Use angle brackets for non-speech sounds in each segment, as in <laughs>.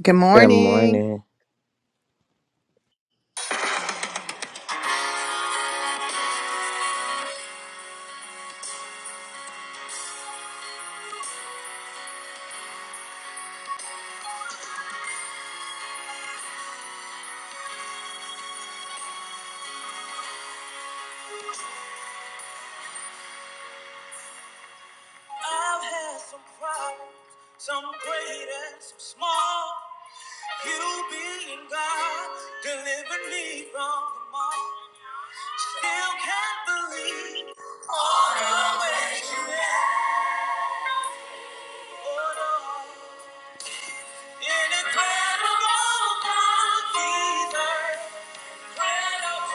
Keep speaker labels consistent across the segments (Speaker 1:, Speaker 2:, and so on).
Speaker 1: Good
Speaker 2: Good
Speaker 1: morning.
Speaker 2: morning.
Speaker 1: I've had some problems, some great and some small. You being God, delivered me from them all. Still can't believe all the ways you have. Incredible God, Jesus. Incredible.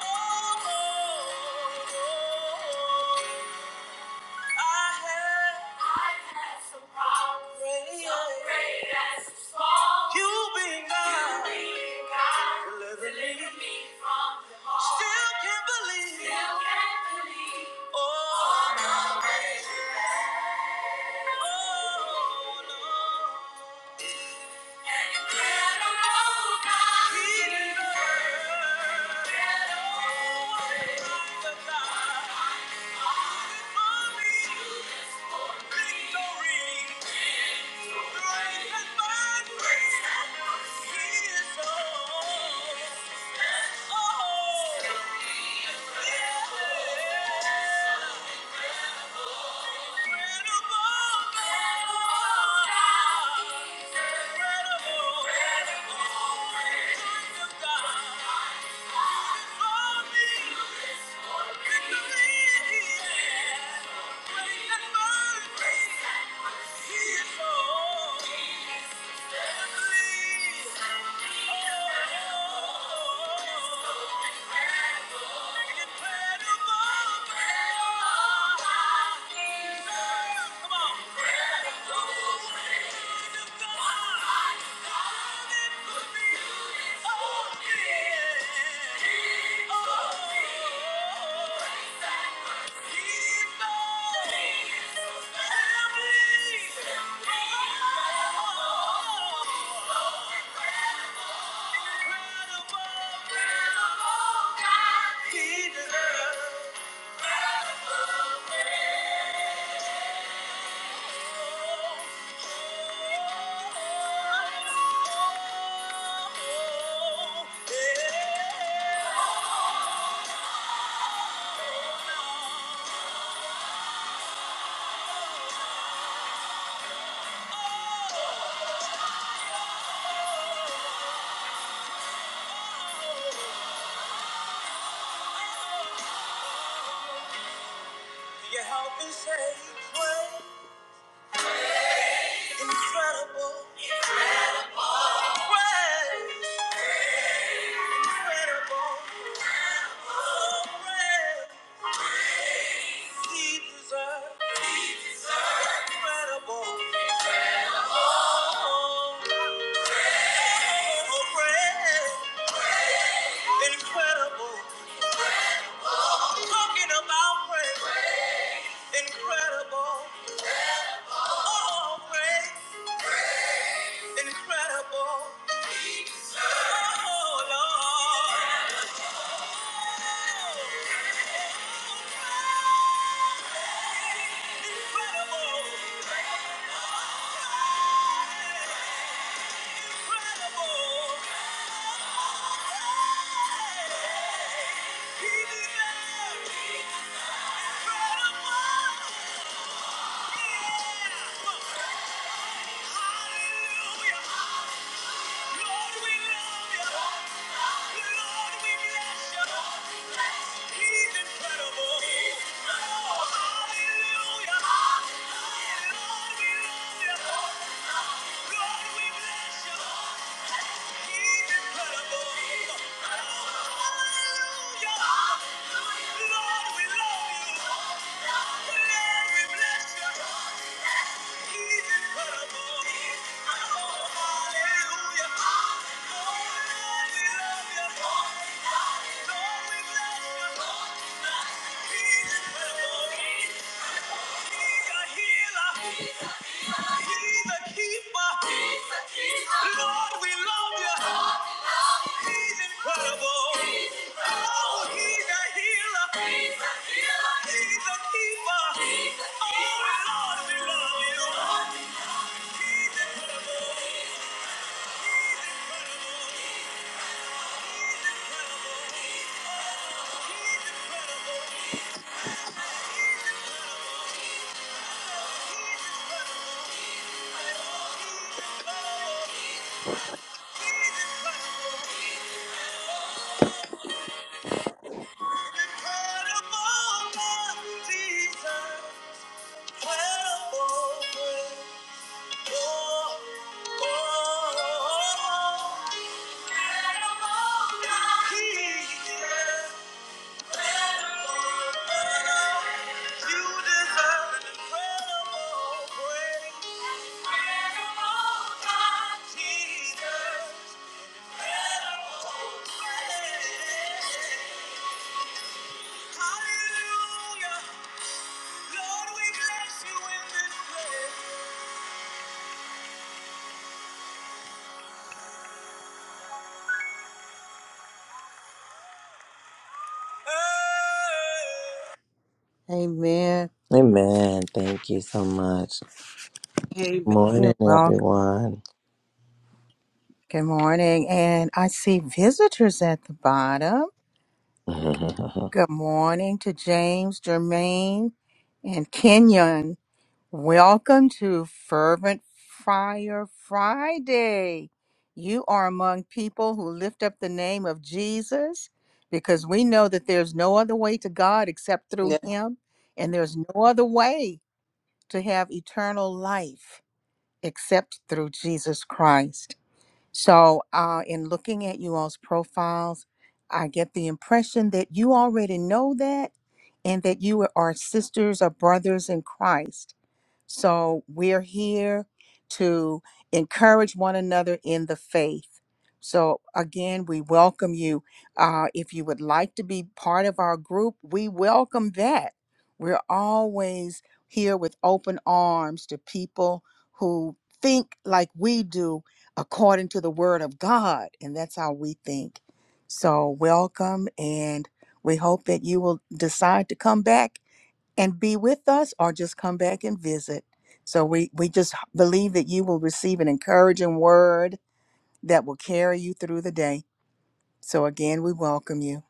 Speaker 1: Oh, Lord. Oh, oh, oh. I had some problems, some great and small. You being God, God, delivered me from them all. Still can't believe, still can't believe. Oh, oh, no, oh, no. Get along, God. He deserves. Get along, God. God. Victory. He is all. Oh! Your help is a great, incredible grace. Incredible grace. He incredible. Oh, praise. Incredible. Talking about praise. Incredible. Oh, praise. Incredible. Oh, Lord. Incredible. Incredible. He deserves incredible. Hallelujah. Lord, we love you. He's incredible. Oh, he's a healer. He's a keeper. He's a keeper. Oh, Lord, we love you. Lord, we- He's incredible. He's Incredible. He's incredible. He's incredible. Amen.
Speaker 2: Amen. Thank you so much.
Speaker 3: Amen.
Speaker 2: Morning,
Speaker 1: You're welcome.
Speaker 2: everyone.
Speaker 1: Good morning. And I see visitors at the bottom.
Speaker 2: <laughs> Amen.
Speaker 1: Good morning to James, Jermaine, and Kenyon. Welcome to Fervent Fire Friday. You are among people who lift up the name of Jesus because we know that there's no other way to God except through
Speaker 3: Yeah.
Speaker 1: Him, and there's no other way to have eternal life except through Jesus Christ. So, uh, in looking at you all's profiles, I get the impression that you already know that and that you are sisters or brothers in Christ. So we're here to encourage one another in the faith. So again, we welcome you. Uh, if you would like to be part of our group, we welcome that. We're always here with open arms to people who think like we do according to the word of God. And that's how we think. So welcome. And we hope that you will decide to come back and be with us or just come back and visit. So we, we just h- believe that you will receive an encouraging word that will carry you through the day. So again, we welcome you.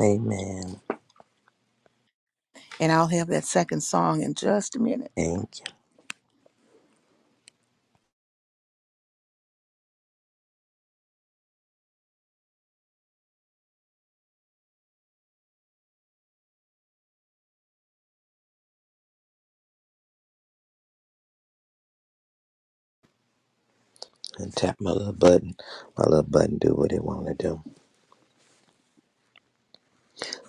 Speaker 2: Thank
Speaker 1: And I'll have that second song in just a minute.
Speaker 2: you. And tap my little button. My little button do what it want to do.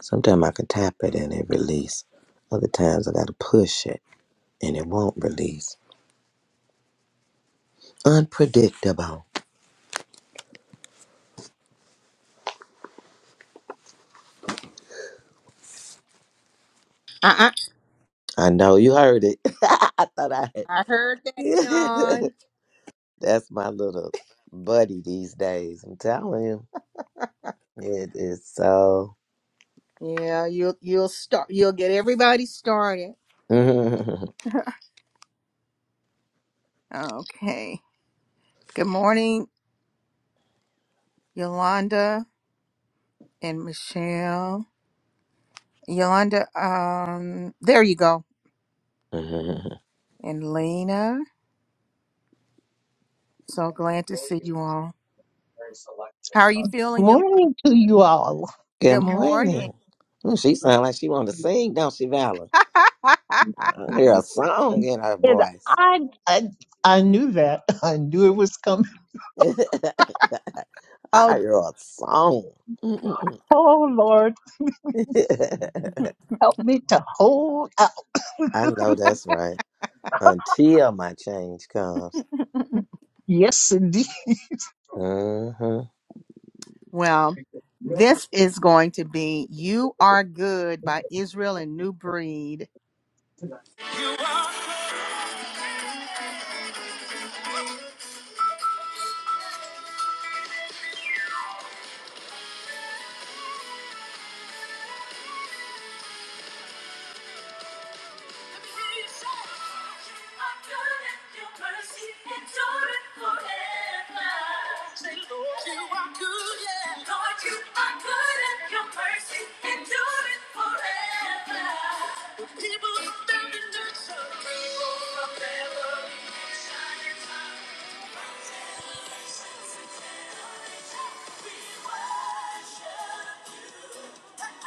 Speaker 2: Sometimes I can tap it and it release. Other times I got to push it and it won't release. Unpredictable.
Speaker 1: Uh-uh.
Speaker 2: I know you heard it. <laughs> I thought I had.
Speaker 1: I heard that
Speaker 2: <laughs>
Speaker 1: yawn.
Speaker 2: That's my little buddy these days. I'm telling you. It is so.
Speaker 1: Yeah, you'll you'll start you'll get everybody started. Okay. Good morning, Yolanda. and Michelle, Yolanda. Um, there you go,
Speaker 2: <laughs>
Speaker 1: and Lena. So glad to see you all. How are you feeling, Yolanda?
Speaker 4: Morning to you all.
Speaker 2: Good
Speaker 1: Good morning.
Speaker 2: morning. Ooh, she sounds like she wanted to sing, don't she, Valor? I hear a song in her
Speaker 4: And
Speaker 2: voice.
Speaker 4: I, I, I knew that. <laughs> I knew it was coming.
Speaker 2: <laughs> I
Speaker 1: Oh,
Speaker 2: hear a song. Mm-mm-mm.
Speaker 4: Oh, Lord,
Speaker 2: <laughs>
Speaker 4: help me to hold out.
Speaker 2: I know that's right. Until my change comes.
Speaker 4: Yes, indeed.
Speaker 2: hmm
Speaker 1: Well, this is going to be "You Are Good" by Israel and New Breed. Let me hear you say, "I could if your mercy endured forever." Say, Lord, you are good, yeah. Lord, you are good and your mercy endured forever. The people of Devon and Surrey, people from Devon, shine your light. We worship you. Hallelujah.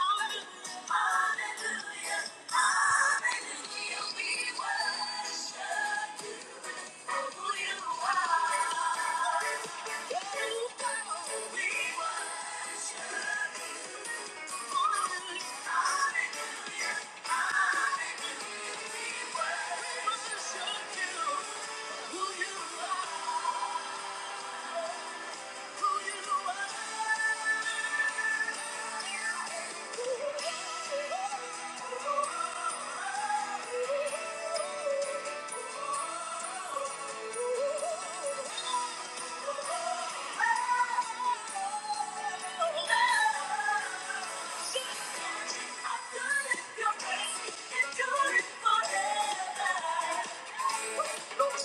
Speaker 1: Lord,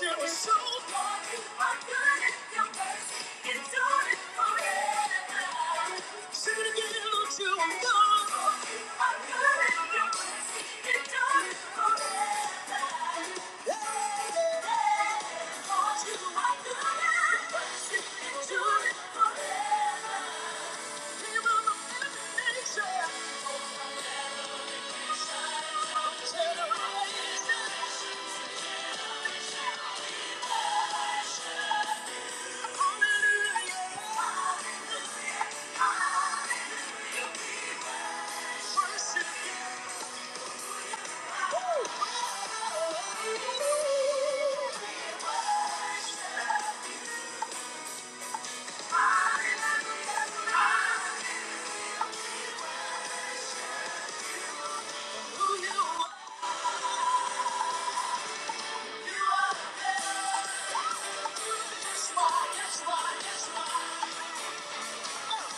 Speaker 1: you were so good, you are good, and your mercy endures Generation. That's why, that's why, that's why. You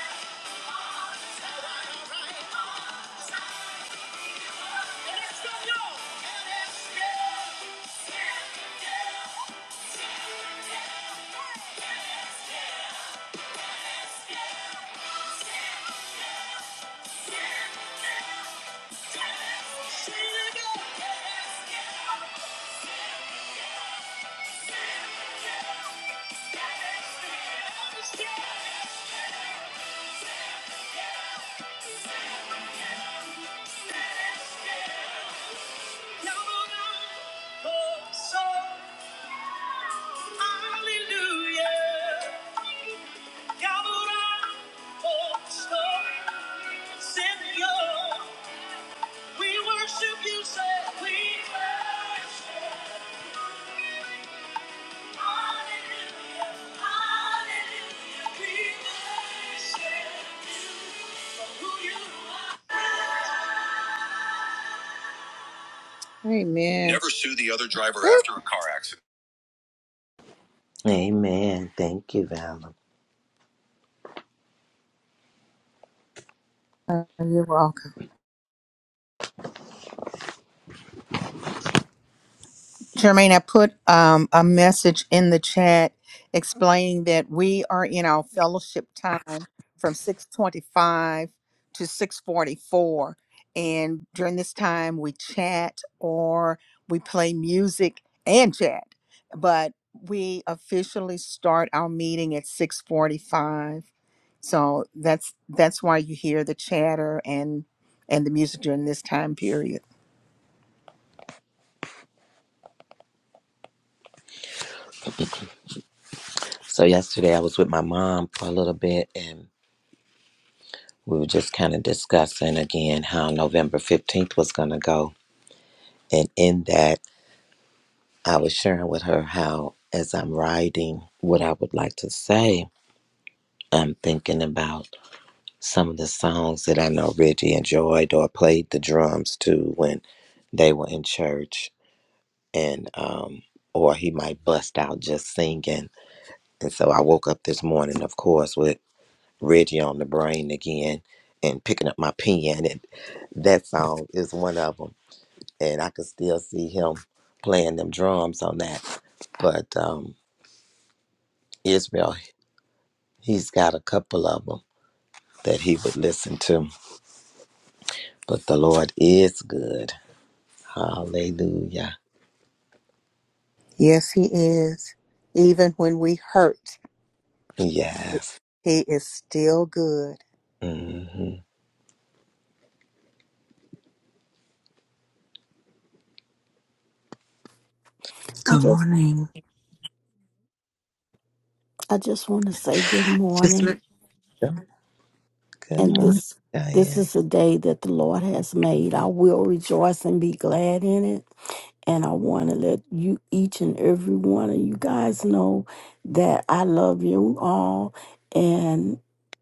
Speaker 1: are Hallelujah. Never sue the other driver after a car accident.
Speaker 2: Amen. Thank you, Valor.
Speaker 1: Uh, you are. Jermaine, I put um, a message in the chat explaining that we are in our fellowship time from 625 to 644. And during this time, we chat or we play music and chat. But we officially start our meeting at 645. So that's that's why you hear the chatter and and the music during this time period.
Speaker 2: So yesterday I was with my mom for a little bit, and we were just kind of discussing again how November fifteenth was going to go, and in that. I was sharing with her how, as I'm writing what I would like to say, I'm thinking about some of the songs that I know Reggie enjoyed or played the drums to when they were in church, and um, or he might bust out just singing. And so I woke up this morning, of course, with Reggie on the brain again, and picking up my pen, and that song is one of them. And I could still see him playing them drums on that, but. Um, Israel. He's got a couple of them that he would listen to. But the Lord is good. Hallelujah.
Speaker 1: Yes, He is. Even when we hurt,
Speaker 2: Yes.
Speaker 1: He is still good.
Speaker 2: hmm
Speaker 5: I
Speaker 6: Good
Speaker 5: just
Speaker 6: morning.
Speaker 5: I just want to say good
Speaker 6: Just
Speaker 5: morning
Speaker 6: let
Speaker 2: Good good
Speaker 5: and
Speaker 2: morning,
Speaker 5: this this
Speaker 2: Diane.
Speaker 5: is a day that the Lord has made. I will rejoice and be glad in it. And I want to let you each and every one of you guys know that I love you all and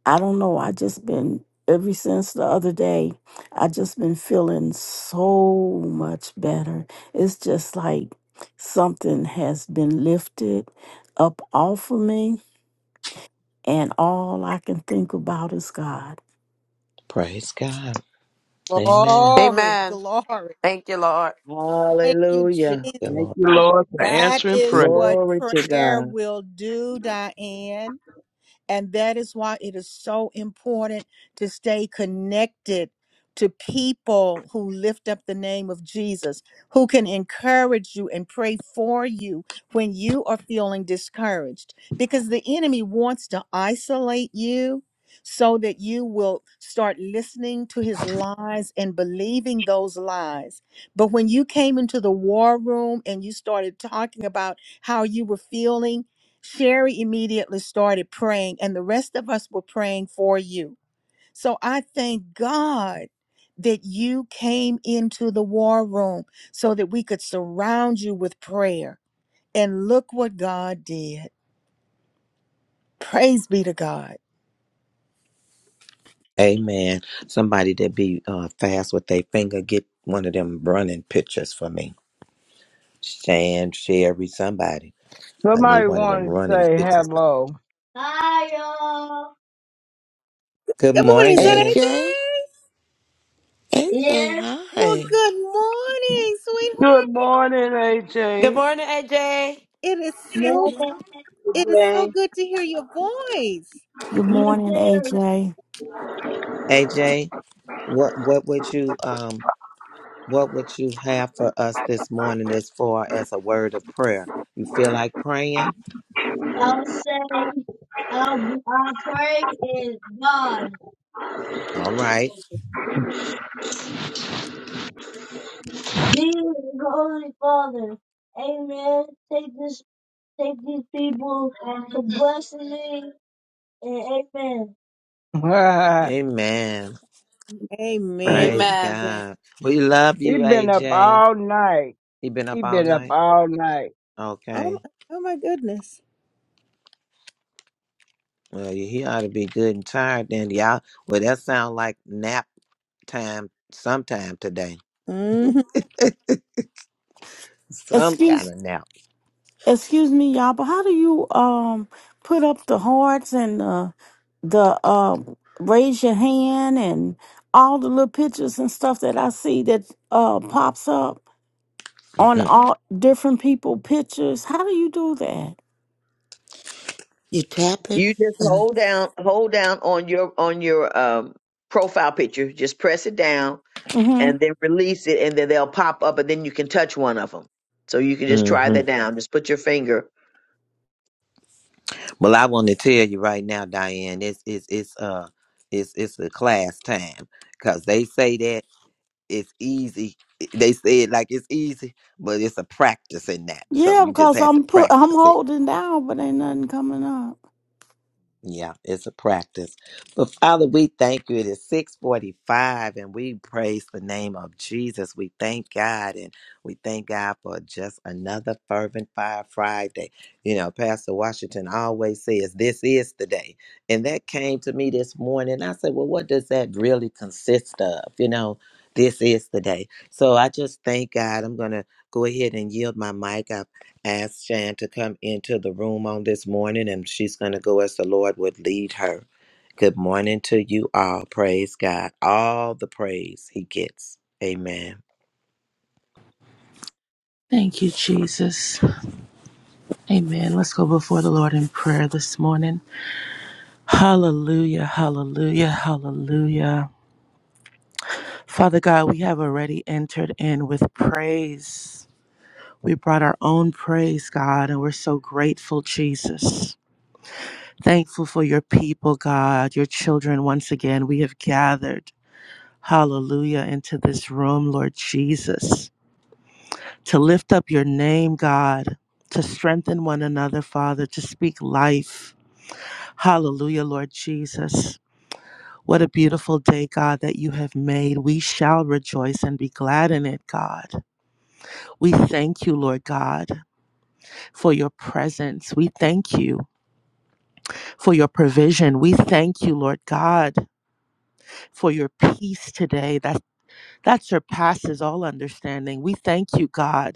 Speaker 5: I don't know, I just been ever since the other day, I just been feeling so much better. It's just like something has been lifted up off of me and all I can think about is God.
Speaker 2: Praise God. Amen.
Speaker 1: Glory,
Speaker 7: Amen.
Speaker 1: glory.
Speaker 7: Thank you, Lord.
Speaker 1: Thank you,
Speaker 8: Hallelujah.
Speaker 1: Jesus.
Speaker 2: Good
Speaker 9: Thank
Speaker 2: Lord.
Speaker 9: you, Lord, for
Speaker 1: That
Speaker 9: answering
Speaker 1: is
Speaker 9: prayer.
Speaker 1: what
Speaker 8: Glory to
Speaker 1: prayer
Speaker 8: God.
Speaker 1: will do, Diane. And that is why it is so important to stay connected to people who lift up the name of Jesus, who can encourage you and pray for you when you are feeling discouraged. Because the enemy wants to isolate you so that you will start listening to his lies and believing those lies. But when you came into the war room and you started talking about how you were feeling, Sherry immediately started praying, and the rest of us were praying for you. So I thank God that you came into the war room so that we could surround you with prayer. And look what God did. Praise be to God.
Speaker 2: Amen. Somebody that be uh, fast with their finger, get one of them running pictures for me. Shan, Sherry, somebody. I need
Speaker 10: Somebody
Speaker 2: one of them
Speaker 10: want to
Speaker 2: running
Speaker 10: say
Speaker 2: pictures.
Speaker 10: hello. Hi, y'all.
Speaker 2: Good
Speaker 1: Good morning, Senator.
Speaker 2: morning,
Speaker 6: AJ, AJ,
Speaker 10: Yes,
Speaker 1: Well,
Speaker 6: hi.
Speaker 1: good morning,
Speaker 9: Good
Speaker 1: sweetheart.
Speaker 9: morning,
Speaker 7: Good
Speaker 9: AJ.
Speaker 7: morning, AJ.
Speaker 1: It is
Speaker 10: more
Speaker 1: so it is
Speaker 11: Amen.
Speaker 1: so good to hear your voice.
Speaker 5: Good
Speaker 10: you
Speaker 5: morning,
Speaker 10: too.
Speaker 5: AJ.
Speaker 2: AJ. What what would you um What would you have for us this morning as far as a word of prayer? You feel like praying?
Speaker 10: I'll say, I'll, I'll pray in God.
Speaker 2: All right.
Speaker 10: Dear Holy Father, Amen. Take this, take these people to bless me, and Amen. <laughs>
Speaker 2: Amen.
Speaker 1: Amen.
Speaker 2: Praise
Speaker 10: he
Speaker 7: Amen.
Speaker 1: Thank-
Speaker 2: God. We love you,
Speaker 10: been up
Speaker 2: AJ.
Speaker 10: all night.
Speaker 2: He been up
Speaker 10: He
Speaker 2: all
Speaker 10: been up
Speaker 2: night?
Speaker 10: all night.
Speaker 1: Oh,
Speaker 2: Okay.
Speaker 1: my- oh my goodness.
Speaker 2: Well, he ought to be good and tired then, y'all. Well, that sound like nap time sometime today.
Speaker 1: hmm
Speaker 2: Some kind
Speaker 5: Excuse
Speaker 2: of nap.
Speaker 5: excuse me, y'all, but how do you um put up the hearts and the the um raise your hand and all the little pictures and stuff that I see that uh pops up on
Speaker 2: <laughs>
Speaker 5: all different people pictures? How do you do that?
Speaker 6: You tap it
Speaker 8: You just
Speaker 6: and.
Speaker 8: hold down, hold down on your on your um profile picture. Just press it down
Speaker 5: Mm-hmm.
Speaker 8: and then release it, and then they'll pop up, and then you can touch one of them. So you can just try
Speaker 2: hmm
Speaker 8: that down. Just put your finger. <laughs>
Speaker 2: Well, I want to tell you right now, Diane, it's it's it's uh it's it's the class time because they say that. it's easy. They say it like it's easy, but it's a practice in that. So
Speaker 5: Yeah,
Speaker 2: you just
Speaker 5: because
Speaker 2: have to
Speaker 5: I'm put I'm
Speaker 2: practice it.
Speaker 5: holding down, but ain't nothing coming up.
Speaker 2: Yeah, it's a practice. But Father, we thank you. It is 645 and we praise the name of Jesus. We thank God and we thank God for just another fervent fire Friday. You know, Pastor Washington always says, this is the day. And that came to me this morning. I said, well, what does that really consist of? You know, this is the day. So I just thank God. I'm going to go ahead and yield my mic asked Shan to come into the room on this morning, and she's going to go as the Lord would lead her. Good morning to you all. Praise God. All the praise he gets. Amen.
Speaker 12: Thank you, Jesus. Amen. Let's go before the Lord in prayer this morning. Hallelujah, hallelujah, hallelujah. Father God, we have already entered in with praise. We brought our own praise, God, and we're so grateful, Jesus. Thankful for your people, God, your children. Once again, we have gathered, hallelujah, into this room, Lord Jesus. to lift up your name, God, to strengthen one another, Father, to speak life. Hallelujah, Lord Jesus. What a beautiful day, God, that you have made. We shall rejoice and be glad in it, God. We thank you, Lord God, for your presence. We thank you for your provision. We thank you, Lord God, for your peace today that, that surpasses all understanding. We thank you, God.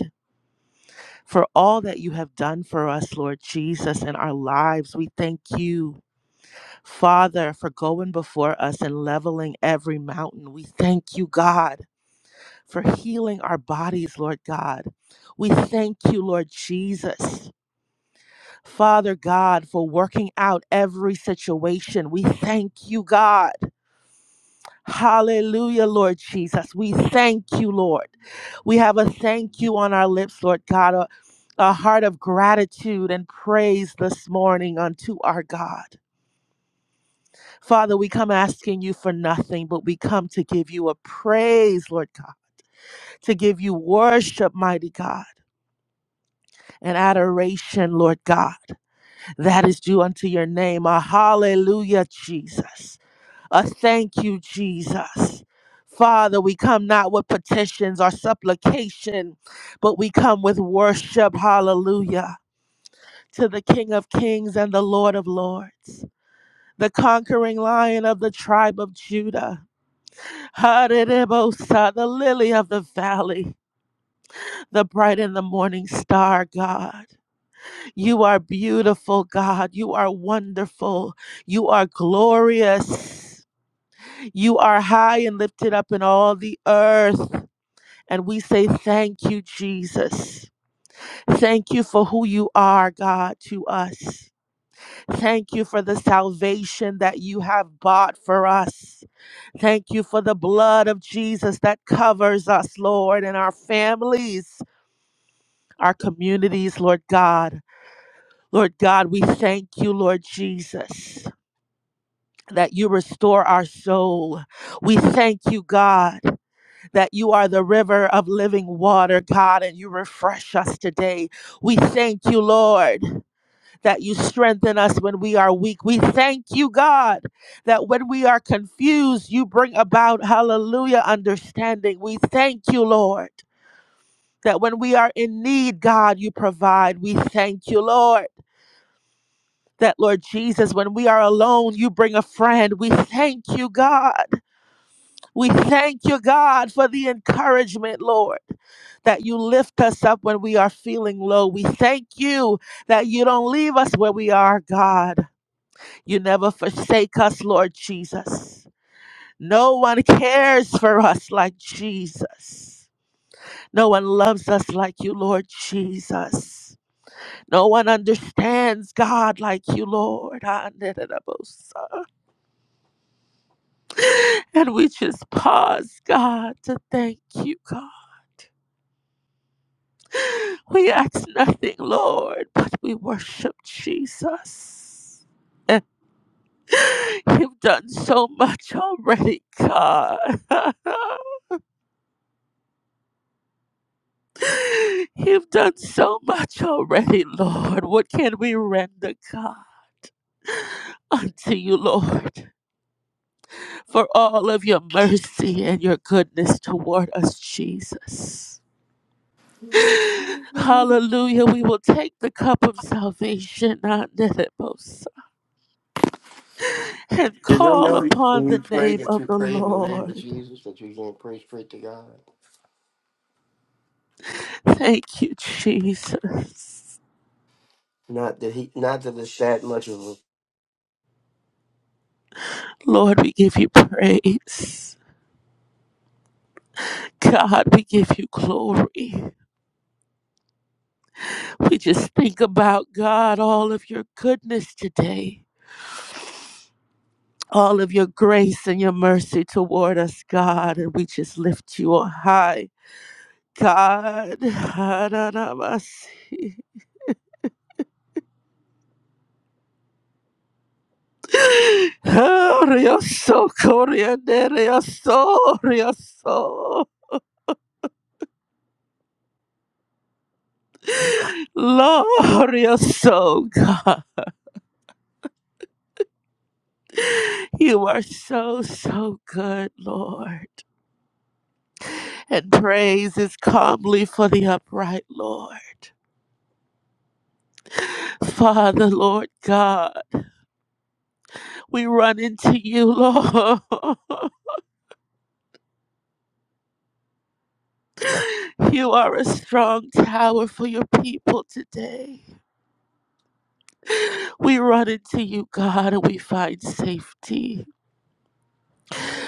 Speaker 12: for all that you have done for us, Lord Jesus, in our lives. We thank you, Father, for going before us and leveling every mountain. We thank you, God, for healing our bodies, Lord God. We thank you, Lord Jesus, Father God, for working out every situation. We thank you, God. Hallelujah, Lord Jesus. We thank you, Lord. We have a thank you on our lips, Lord God, a, a heart of gratitude and praise this morning unto our God. Father, we come asking you for nothing, but we come to give you a praise, Lord God, to give you worship, mighty God, and adoration, Lord God. That is due unto your name. A hallelujah, Jesus. Uh, thank you, Jesus. Father, we come not with petitions or supplication, but we come with worship. Hallelujah. To the King of Kings and the Lord of Lords, the conquering lion of the tribe of Judah. <laughs> Haribosa, the lily of the valley, the bright and the morning star, God. You are beautiful, God. You are wonderful. You are glorious. You are high and lifted up in all the earth. And we say, Thank you, Jesus. Thank you for who you are, God, to us. Thank you for the salvation that you have bought for us. Thank you for the blood of Jesus that covers us, Lord, and our families, our communities, Lord God. Lord God, we thank you, Lord Jesus, that you restore our soul. We thank you, God. that you are the river of living water, God, and you refresh us today. We thank you, Lord, that you strengthen us when we are weak. We thank you, God, that when we are confused, you bring about, hallelujah, understanding. We thank you, Lord, that when we are in need, God, you provide. We thank you, Lord. That Lord Jesus, when we are alone, you bring a friend. We thank you, God We thank you, God, for the encouragement, Lord, that you lift us up when we are feeling low. We thank you that you don't leave us where we are, God. You never forsake us, Lord Jesus. No one cares for us like Jesus. No one loves us like you, Lord Jesus. No one understands God like you, Lord. Ah, da, da, da, bo, so. And we just pause, God, to thank you, God. We ask nothing, Lord, but we worship Jesus. <laughs> Eh, You've done so much already, God. <laughs> You've done so much already, Lord. What can we render, God, unto you, Lord, for all of your mercy and your goodness toward us, Jesus? <gasps> Hallelujah. We will take the cup of salvation. <laughs> and
Speaker 13: Do they
Speaker 12: call
Speaker 13: know
Speaker 12: upon
Speaker 13: when you
Speaker 12: the
Speaker 13: pray
Speaker 12: name
Speaker 13: that
Speaker 12: of
Speaker 13: you
Speaker 12: the
Speaker 13: pray in the name of
Speaker 12: Lord.
Speaker 13: Jesus that you're going to pray straight to God?
Speaker 12: Thank you, Jesus.
Speaker 13: Not that he, not that it's that much of a
Speaker 12: Lord, we give you praise. God, we give you glory. We just think about, God, all of your goodness today, all of your grace and your mercy toward us, God, and we just lift you on high. God, <laughs> oh, Rio so Korea, Rio so, <sighs> Lord, you're so good. You are so, so good, Lord. And praise is calmly for the upright, Lord. Father, Lord God, we run into you, Lord. <laughs> You are a strong tower for your people today. We run into you, God, and we find safety.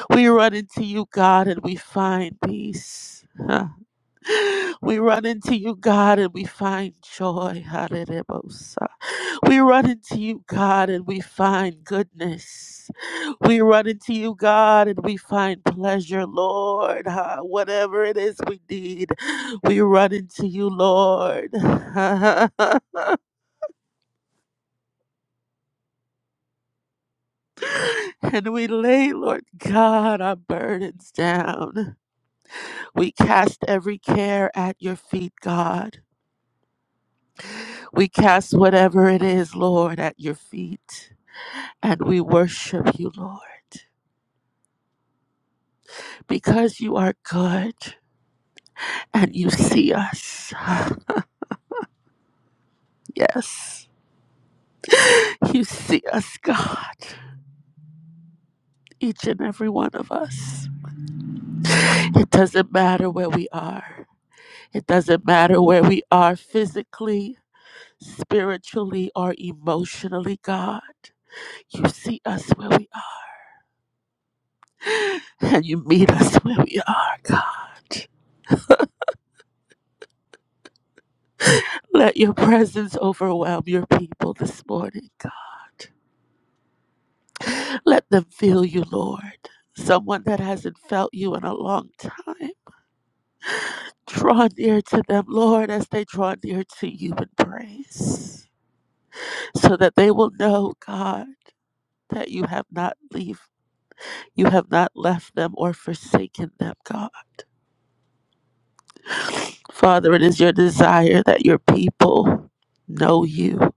Speaker 12: We run into you, God, and we find peace. <laughs> We run into you, God, and we find joy. Hallelujah. We run into you, God, and we find goodness. We run into you, God, and we find pleasure, Lord. Ah, Whatever it is we need, we run into you, Lord. <laughs> and we lay, Lord God, our burdens down. We cast every care at your feet, God. We cast whatever it is, Lord, at your feet. and we worship you, Lord, because you are good and you see us. <sighs> Yes, you see us, God, each and every one of us. It doesn't matter where we are, it doesn't matter where we are physically, spiritually, or emotionally, God. You see us where we are and you meet us where we are, God. Let your presence overwhelm your people this morning, God. Let them feel you, Lord. Someone that hasn't felt you in a long time. Draw near to them, Lord, as they draw near to you in praise, so that they will know, God, that you have not leave, you have not left them or forsaken them, God. Father, it is your desire that your people know you.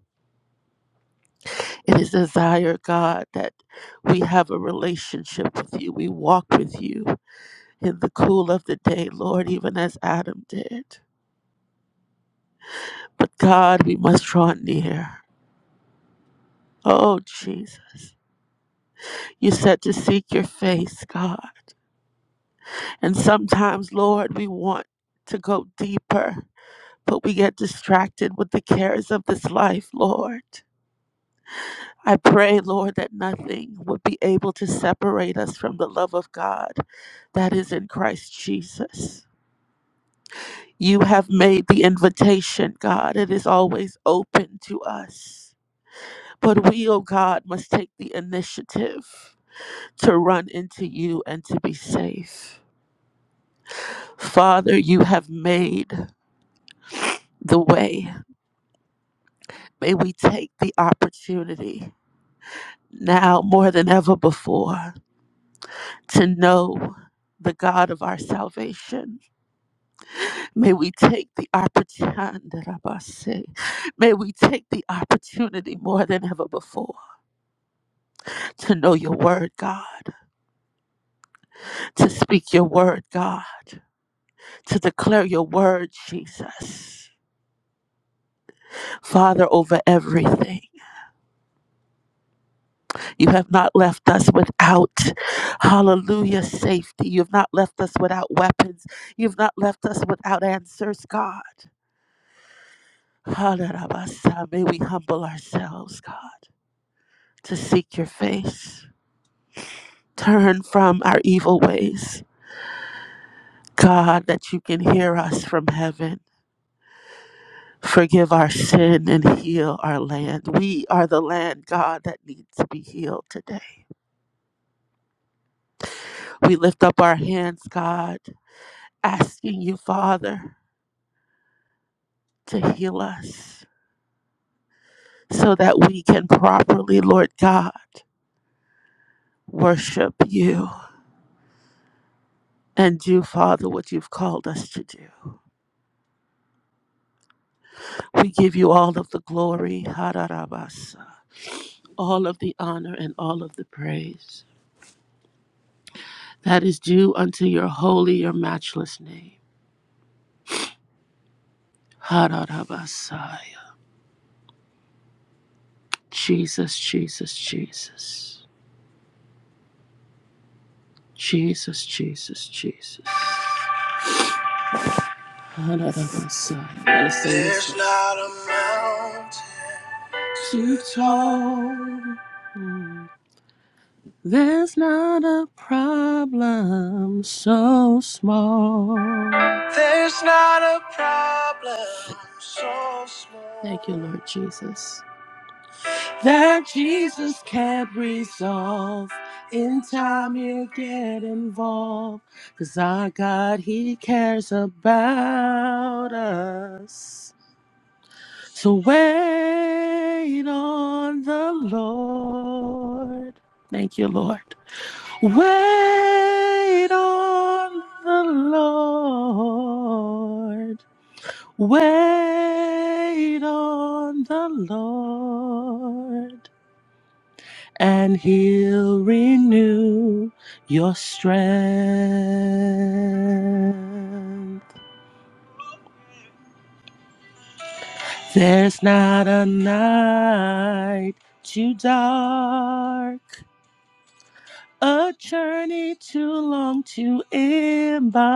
Speaker 12: It is desire, God, that we have a relationship with you. We walk with you. in the cool of the day, Lord, even as Adam did. But God, we must draw near. Oh, Jesus. You said to seek your face, God. And sometimes, Lord, we want to go deeper, but we get distracted with the cares of this life, Lord. I pray, Lord, that nothing would be able to separate us from the love of God that is in Christ Jesus. You have made the invitation, God. It is always open to us. But we, oh God, must take the initiative to run into you and to be safe. Father, you have made the way. May we take the opportunity now more than ever before to know the God of our salvation. May we take the opportunity. May we take the opportunity more than ever before to know your word, God, to speak your word, God. to declare your word, Jesus. Father, over everything. You have not left us without, hallelujah, safety. You have not left us without weapons. You've not left us without answers, God. Hallelujah. May we humble ourselves, God, to seek your face. Turn from our evil ways, God, that you can hear us from heaven. Forgive our sin and heal our land. We are the land, God, that needs to be healed today. We lift up our hands, God, asking you, Father, to heal us so that we can properly, Lord God, worship you and do, Father, what you've called us to do. We give you all of the glory, Hararabasa, all of the honor, and all of the praise that is due unto your holy, your matchless name. Hararabasaya. Jesus, Jesus, Jesus. Jesus, Jesus, Jesus. There's not a mountain too tall. There's not a problem so small. There's not a problem so small. Thank you, Lord Jesus. that Jesus Jesus can't resolve. In time, he'll get involved. Cause our God, he cares about us. So wait on the Lord. Thank you, Lord. Wait on the Lord. Wait on the Lord. And he'll renew your strength. There's not a night too dark. A journey too long to embark.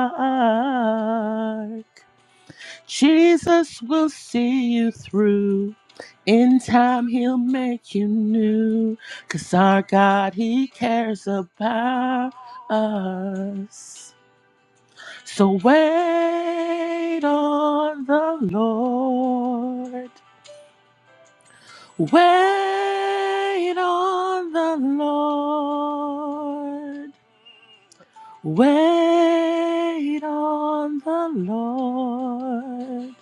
Speaker 12: Jesus will see you through. In time, he'll make you new. 'Cause our God, he cares about us. So wait on the Lord. Wait on the Lord. Wait on the Lord,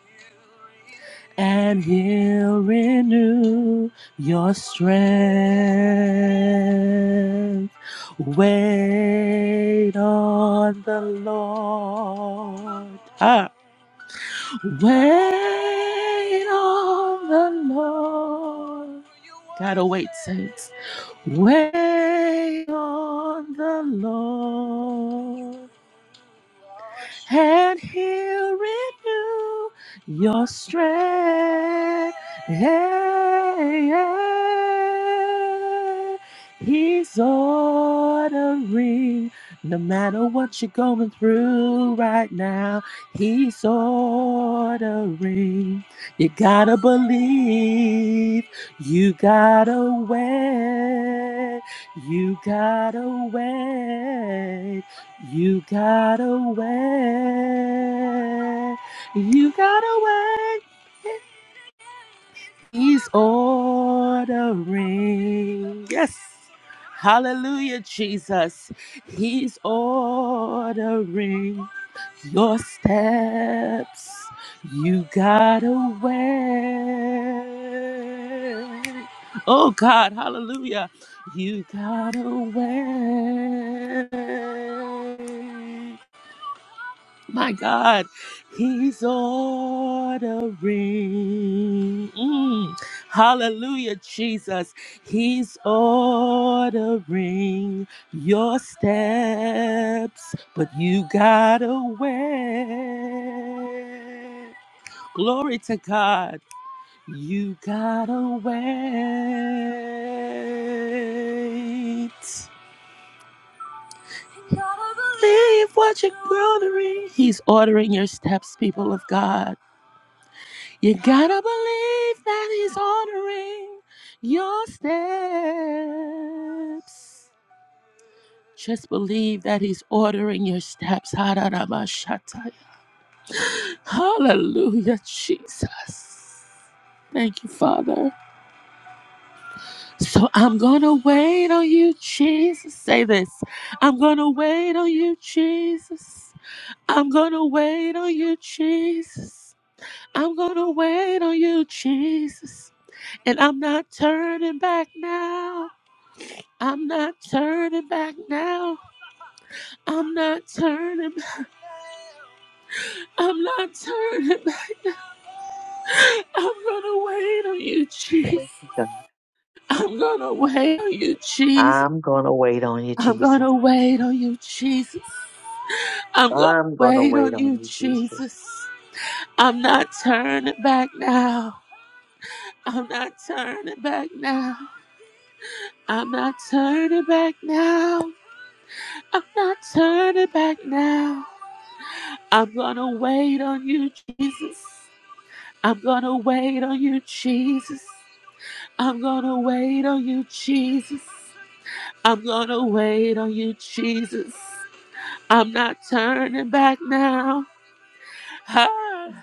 Speaker 12: and He'll renew your strength. Wait on the Lord. Ah. Wait on the Lord. Gotta wait, saints. Wait on the Lord. and he'll renew your strength. He's ordering, no matter what you're going through right now, he's ordering. You gotta believe, you gotta wait, you gotta wait. You got away. You got away. He's ordering. Yes. Hallelujah, Jesus. He's ordering your steps. You got away. Oh, God. Hallelujah. You got away. My God, He's ordering. Mm. Hallelujah, Jesus. He's ordering your steps, but you gotta wait. Glory to God. You gotta wait. Leave what you're ordering. He's ordering your steps, people of God. You gotta believe that he's ordering your steps. Just believe that he's ordering your steps. Ha-da-da-ba-sha-ta. Hallelujah, Jesus. Thank you, Father. So I'm gonna wait on you, Jesus. Say this. I'm gonna wait on you, Jesus. I'm gonna wait on you, Jesus. I'm gonna wait on you, Jesus. And I'm not turning back now. I'm not turning back now. I'm not turning. back. I'm not turning back now. I'm gonna wait on you, Jesus. I'm gonna wait on you, Jesus.
Speaker 8: I'm gonna wait on you,
Speaker 12: I'm
Speaker 8: Jesus.
Speaker 12: gonna wait on you, Jesus. I'm gonna
Speaker 8: I'm gonna
Speaker 12: wait
Speaker 8: wait
Speaker 12: on
Speaker 8: on
Speaker 12: you,
Speaker 8: you, Jesus.
Speaker 12: Jesus. I'm not turning back now. I'm not turning back now. I'm not turning back now. I'm not turning back now. I'm gonna wait on you, Jesus. I'm gonna wait on you, Jesus. I'm gonna wait on you, Jesus. I'm gonna wait on you, Jesus. I'm not turning back now. <laughs>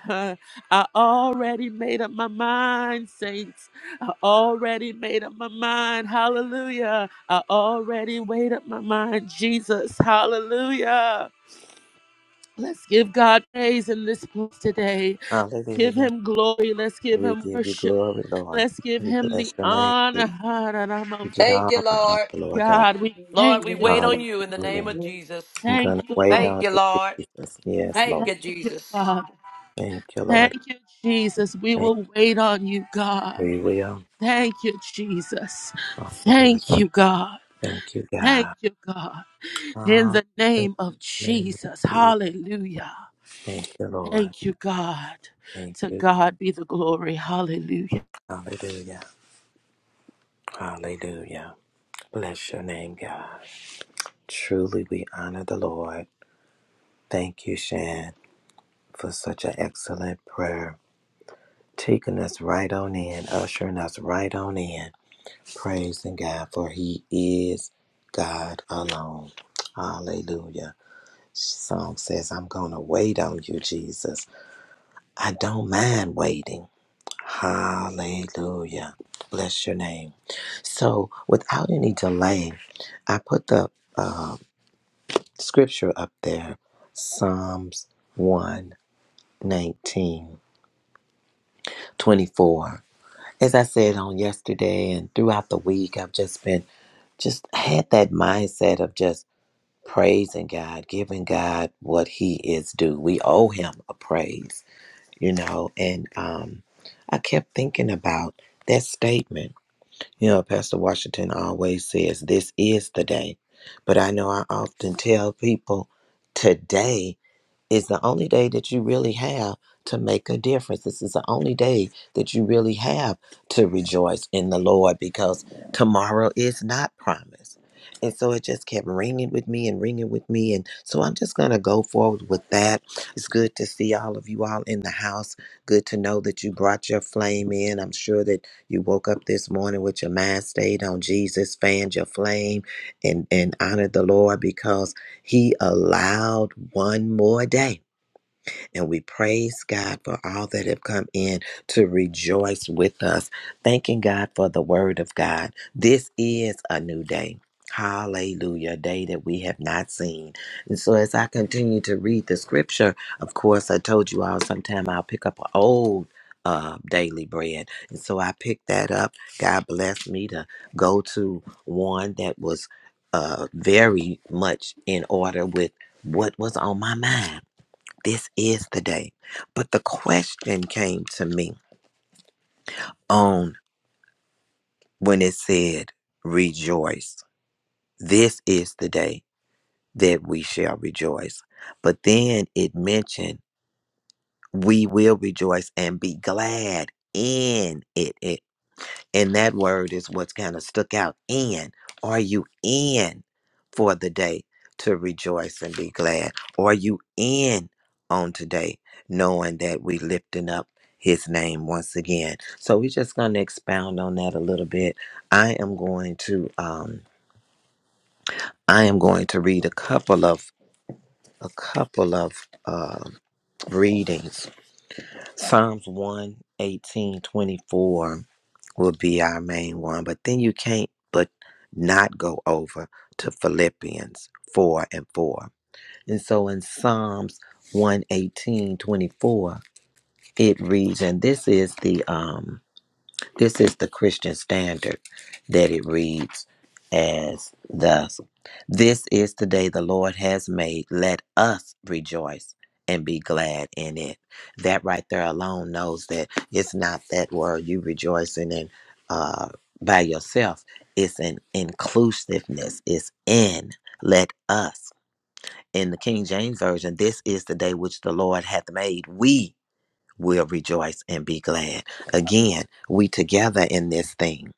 Speaker 12: Ah, I already made up my mind, saints. I already made up my mind. Hallelujah. I already made up my mind, Jesus. Hallelujah. Let's give God praise in this place today. Let's give
Speaker 2: Hallelujah.
Speaker 12: him glory. Let's give
Speaker 2: We
Speaker 12: him
Speaker 2: give you
Speaker 12: worship.
Speaker 2: glory, Lord.
Speaker 12: Let's give
Speaker 2: We
Speaker 12: him the
Speaker 2: bless your name. We
Speaker 12: honor. Ha-ra-ra-mos.
Speaker 2: give it all
Speaker 7: Thank you,
Speaker 2: the honor,
Speaker 7: Lord.
Speaker 2: Lord God.
Speaker 12: God, we
Speaker 7: Lord,
Speaker 12: thank
Speaker 7: we
Speaker 12: you,
Speaker 7: wait on you in the
Speaker 12: Jesus.
Speaker 7: name
Speaker 2: Hallelujah.
Speaker 7: of Jesus.
Speaker 2: I'm
Speaker 12: Thank
Speaker 2: going to
Speaker 12: you,
Speaker 2: wait
Speaker 12: Lord.
Speaker 7: Thank
Speaker 2: on
Speaker 7: you,
Speaker 2: you,
Speaker 7: Lord.
Speaker 2: Jesus. Yes,
Speaker 7: Thank
Speaker 2: Lord.
Speaker 7: you,
Speaker 12: Thank you,
Speaker 7: Jesus.
Speaker 12: Father.
Speaker 2: Thank you, Lord.
Speaker 12: Thank you, Jesus. We
Speaker 2: Thank
Speaker 12: will wait on you, God.
Speaker 2: you. We will.
Speaker 12: Thank you, Jesus.
Speaker 2: Hallelujah.
Speaker 12: Thank you, God.
Speaker 2: Thank you,
Speaker 12: Thank
Speaker 2: God.
Speaker 12: you, God. In
Speaker 2: Hallelujah.
Speaker 12: the
Speaker 2: In
Speaker 12: name of
Speaker 2: the name of
Speaker 12: Jesus.
Speaker 2: Jesus.
Speaker 12: Hallelujah.
Speaker 2: Thank you, Lord.
Speaker 12: Thank you, God.
Speaker 2: Thank
Speaker 12: To
Speaker 2: you.
Speaker 12: God be the glory. Hallelujah.
Speaker 2: Hallelujah. Hallelujah. Bless your name, God. Truly, we honor the Lord. Thank you, Shan, for such an excellent prayer. Taking us right on in, ushering us right on in. Praising God, for He is God alone. Hallelujah. Song says, I'm going to wait on you, Jesus. I don't mind waiting. Hallelujah. Bless your name. So, without any delay, I put the uh, scripture up there Psalms one nineteen twenty four. As I said on yesterday and throughout the week, I've just been, just had that mindset of just praising God, giving God what He is due. We owe Him a praise, you know, and um, I kept thinking about that statement You know, Pastor Washington always says, This is the day. But I know I often tell people, Today is the only day that you really have to make a difference. This is the only day that you really have to rejoice in the Lord because tomorrow is not promised. And so it just kept ringing with me and ringing with me. And so I'm just going to go forward with that. It's good to see all of you all in the house. Good to know that you brought your flame in. I'm sure that you woke up this morning with your mind stayed on Jesus, fanned your flame, and, and honored the Lord because. He allowed one more day. And we praise God for all that have come in to rejoice with us, thanking God for the word of God. This is a new day. Hallelujah, a day that we have not seen. And so, as I continue to read the scripture, of course, I told you all sometime I'll pick up an old uh, daily bread. And so I picked that up. God blessed me to go to one that was uh, very much in order with what was on my mind. This is the day. But the question came to me on when it said, Rejoice. This is the day that we shall rejoice. But then it mentioned, We will rejoice and be glad in it. And that word is what's kind of stuck out. In. Are you in for the day to rejoice and be glad? Are you in on today knowing that we lifting up his name once again? So we're just going to expound on that a little bit. I am going to um I am going to read a couple of a couple of um readings Psalms one 18 24 will be our main one, but then you can't but not go over to Philippians 4 and 4. And so in Psalms one eighteen twenty four it reads, and this is the um this is the Christian standard that it reads as thus This is the day the Lord has made. Let us rejoice and be glad in it. That right there alone knows that it's not that word you rejoicing in uh, by yourself, it's an inclusiveness, it's in. Let us. In the King James Version, this is the day which the Lord hath made. We will rejoice and be glad. Again, we together in this thing.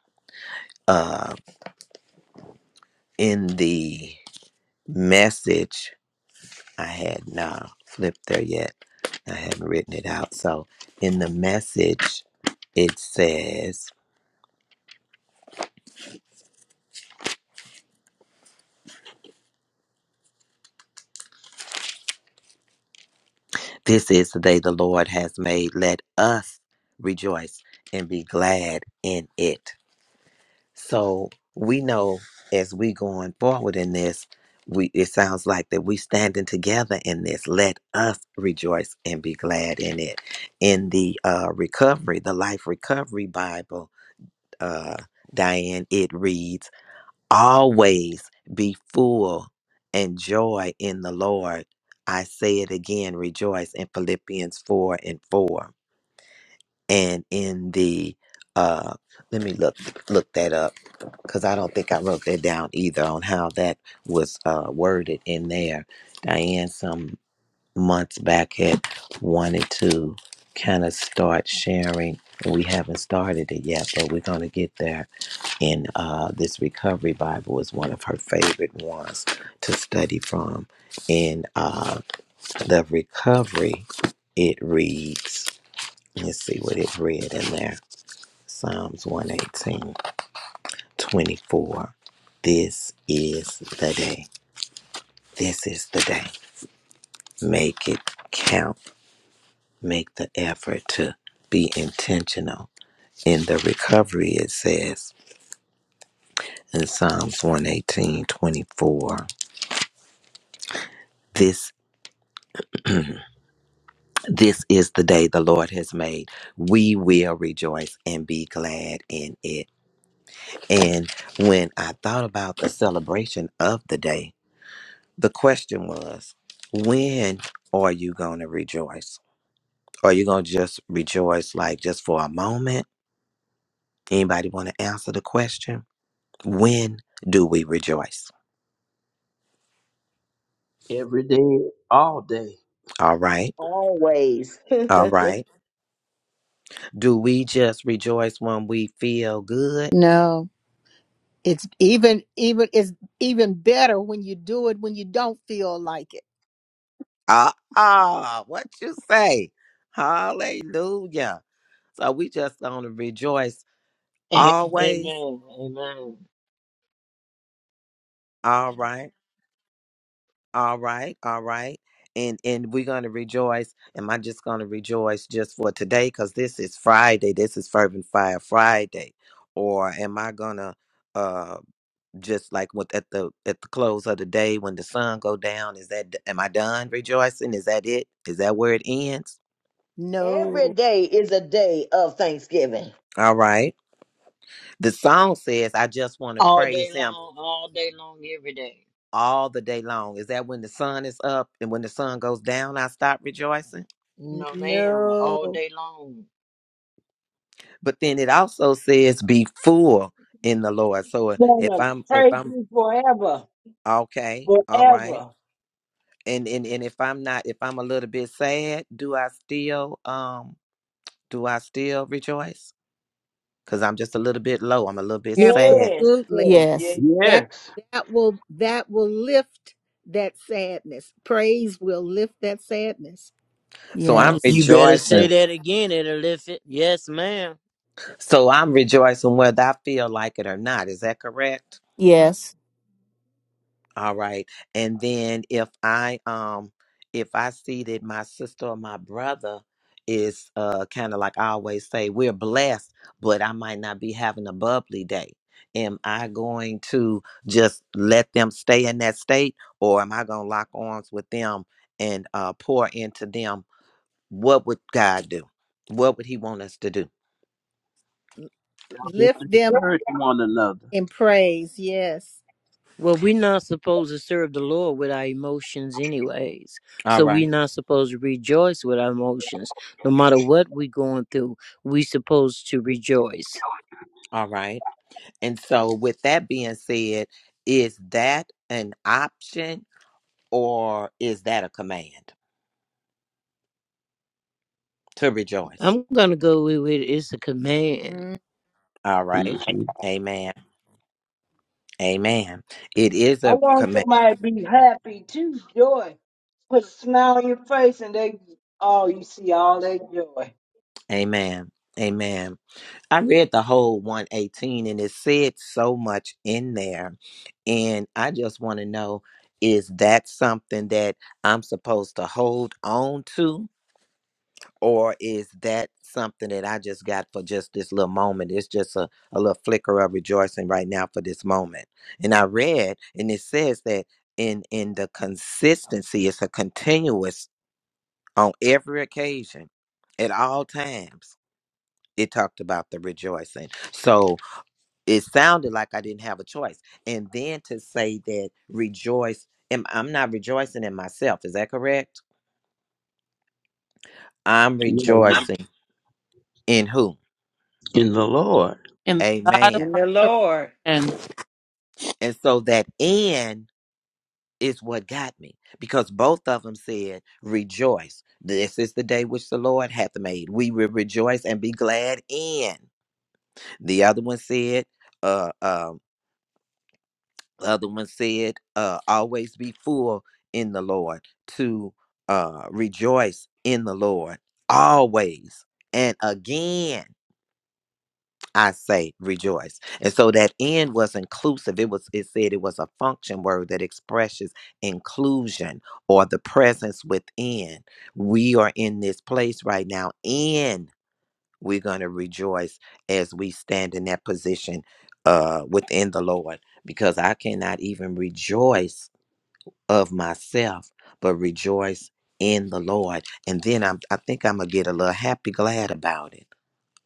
Speaker 2: Uh in the message I had not flipped there yet. I haven't written it out. So in the message it says, This is the day the Lord has made. Let us rejoice and be glad in it. So we know as we going forward in this, we it sounds like that we standing together in this. Let us rejoice and be glad in it. In the uh, recovery, the life recovery Bible, uh, Diane, it reads, "Always be full and joy in the Lord." I say it again, rejoice in Philippians four and four and in the uh let me look look that up because i don't think i wrote that down either on how that was uh worded in there diane some months back had wanted to kind of start sharing and we haven't started it yet but we're going to get there and uh this recovery bible is one of her favorite ones to study from in uh the recovery it reads let's see what it read in there Psalms one eighteen twenty four. This is the day. This is the day. Make it count. Make the effort to be intentional. In the recovery, it says in Psalms one eighteen twenty four. this, this is the day the Lord has made. We will rejoice and be glad in it. And when I thought about the celebration of the day, The question was, when are you going to rejoice? Are you going to just rejoice like just for a moment? Anybody want to answer the question? When do we rejoice?
Speaker 9: Every day, all day.
Speaker 2: All right.
Speaker 8: Always. <laughs>
Speaker 2: All right. Do we just rejoice when we feel good?
Speaker 1: No. It's even even it's even better when you do it when you don't feel like it.
Speaker 2: Ah, ah, what you say? Hallelujah. So we just going to rejoice
Speaker 14: A-
Speaker 2: always.
Speaker 14: Amen. Amen.
Speaker 2: All right. All right, all right. And and we're gonna rejoice. Am I just gonna rejoice just for today? Because this is Friday. This is Fervent Fire Friday. Or am I gonna uh just like with at the at the close of the day when the sun go down? Is that am I done rejoicing? Is that it? Is that where it ends?
Speaker 8: Every
Speaker 1: No,
Speaker 8: day is a day of Thanksgiving.
Speaker 2: All right. The song says, I just want to
Speaker 14: All
Speaker 2: praise
Speaker 14: day
Speaker 2: him
Speaker 14: long, all day long, every day.
Speaker 2: all the day long. Is that when the sun is up and when the sun goes down, I stop rejoicing?
Speaker 14: No, ma'am. All
Speaker 1: no,
Speaker 14: day long.
Speaker 2: but then it also says be full in the lord so uh, if i'm if i'm okay all right and and, and if i'm not if i'm a little bit sad do i still um do i still rejoice because i'm just a little bit low i'm a little bit sad
Speaker 1: absolutely.
Speaker 5: Yes,
Speaker 1: That
Speaker 9: Yes.
Speaker 1: that will that will lift that sadness. Praise will lift that sadness.
Speaker 2: so i'm
Speaker 5: yes,
Speaker 14: You better say
Speaker 2: rejoicing
Speaker 14: that again, it'll lift it. Yes, ma'am.
Speaker 2: so i'm rejoicing whether i feel like it or not is that correct
Speaker 5: yes,
Speaker 2: All right. And then if I um if I see that my sister or my brother is uh kind of like I always say, we're blessed, but I might not be having a bubbly day. Am I going to just let them stay in that state or am I gonna lock arms with them and uh pour into them? What would God do? What would he want us to do?
Speaker 9: Just to
Speaker 1: Lift them
Speaker 9: encourage one another.
Speaker 1: in praise. Yes.
Speaker 14: Well, we're not supposed to serve the Lord with our emotions, anyways.
Speaker 2: All
Speaker 14: So
Speaker 2: right.
Speaker 14: we're not supposed to rejoice with our emotions. No matter what we're going through, we're supposed to rejoice.
Speaker 2: All right. And so with that being said, is that an option? or is that a command to rejoice?
Speaker 14: I'm going to go with it. It's a command.
Speaker 1: Mm.
Speaker 2: All right.
Speaker 9: hmm
Speaker 2: Amen. Amen. It is
Speaker 10: I
Speaker 2: a
Speaker 10: want
Speaker 2: command.
Speaker 10: somebody to be happy too, joy. Put a smile on your face and they oh you see all that joy.
Speaker 2: Amen. Amen. I read the whole 118 and it said so much in there. And I just want to know is that something that I'm supposed to hold on to? or is that something that I just got for just this little moment? It's just a, a little flicker of rejoicing right now for this moment. And I read, and it says that in in the consistency, it's a continuous on every occasion, at all times. It talked about the rejoicing. So it sounded like I didn't have a choice. And then to say that rejoice, am- I'm not rejoicing in myself. Is that correct? I'm
Speaker 9: Yeah, yeah.
Speaker 2: rejoicing in who?
Speaker 9: In the Lord.
Speaker 12: and the God of
Speaker 2: Amen.
Speaker 15: In
Speaker 12: my
Speaker 15: the Lord.
Speaker 12: strength.
Speaker 2: And so that and is what got me because both of them said, Rejoice. This is the day which the Lord hath made. We will rejoice and be glad in. The other one said, uh, uh, the other one said, uh, always be full in the Lord to uh, rejoice in the Lord always and again. I say rejoice. And so that end was inclusive. It was it said it was a function word that expresses inclusion or the presence within. We are in this place right now and we're going to rejoice as we stand in that position uh within the Lord because I cannot even rejoice of myself but rejoice in the Lord. And then I'm I think I'm going to get a little happy glad about it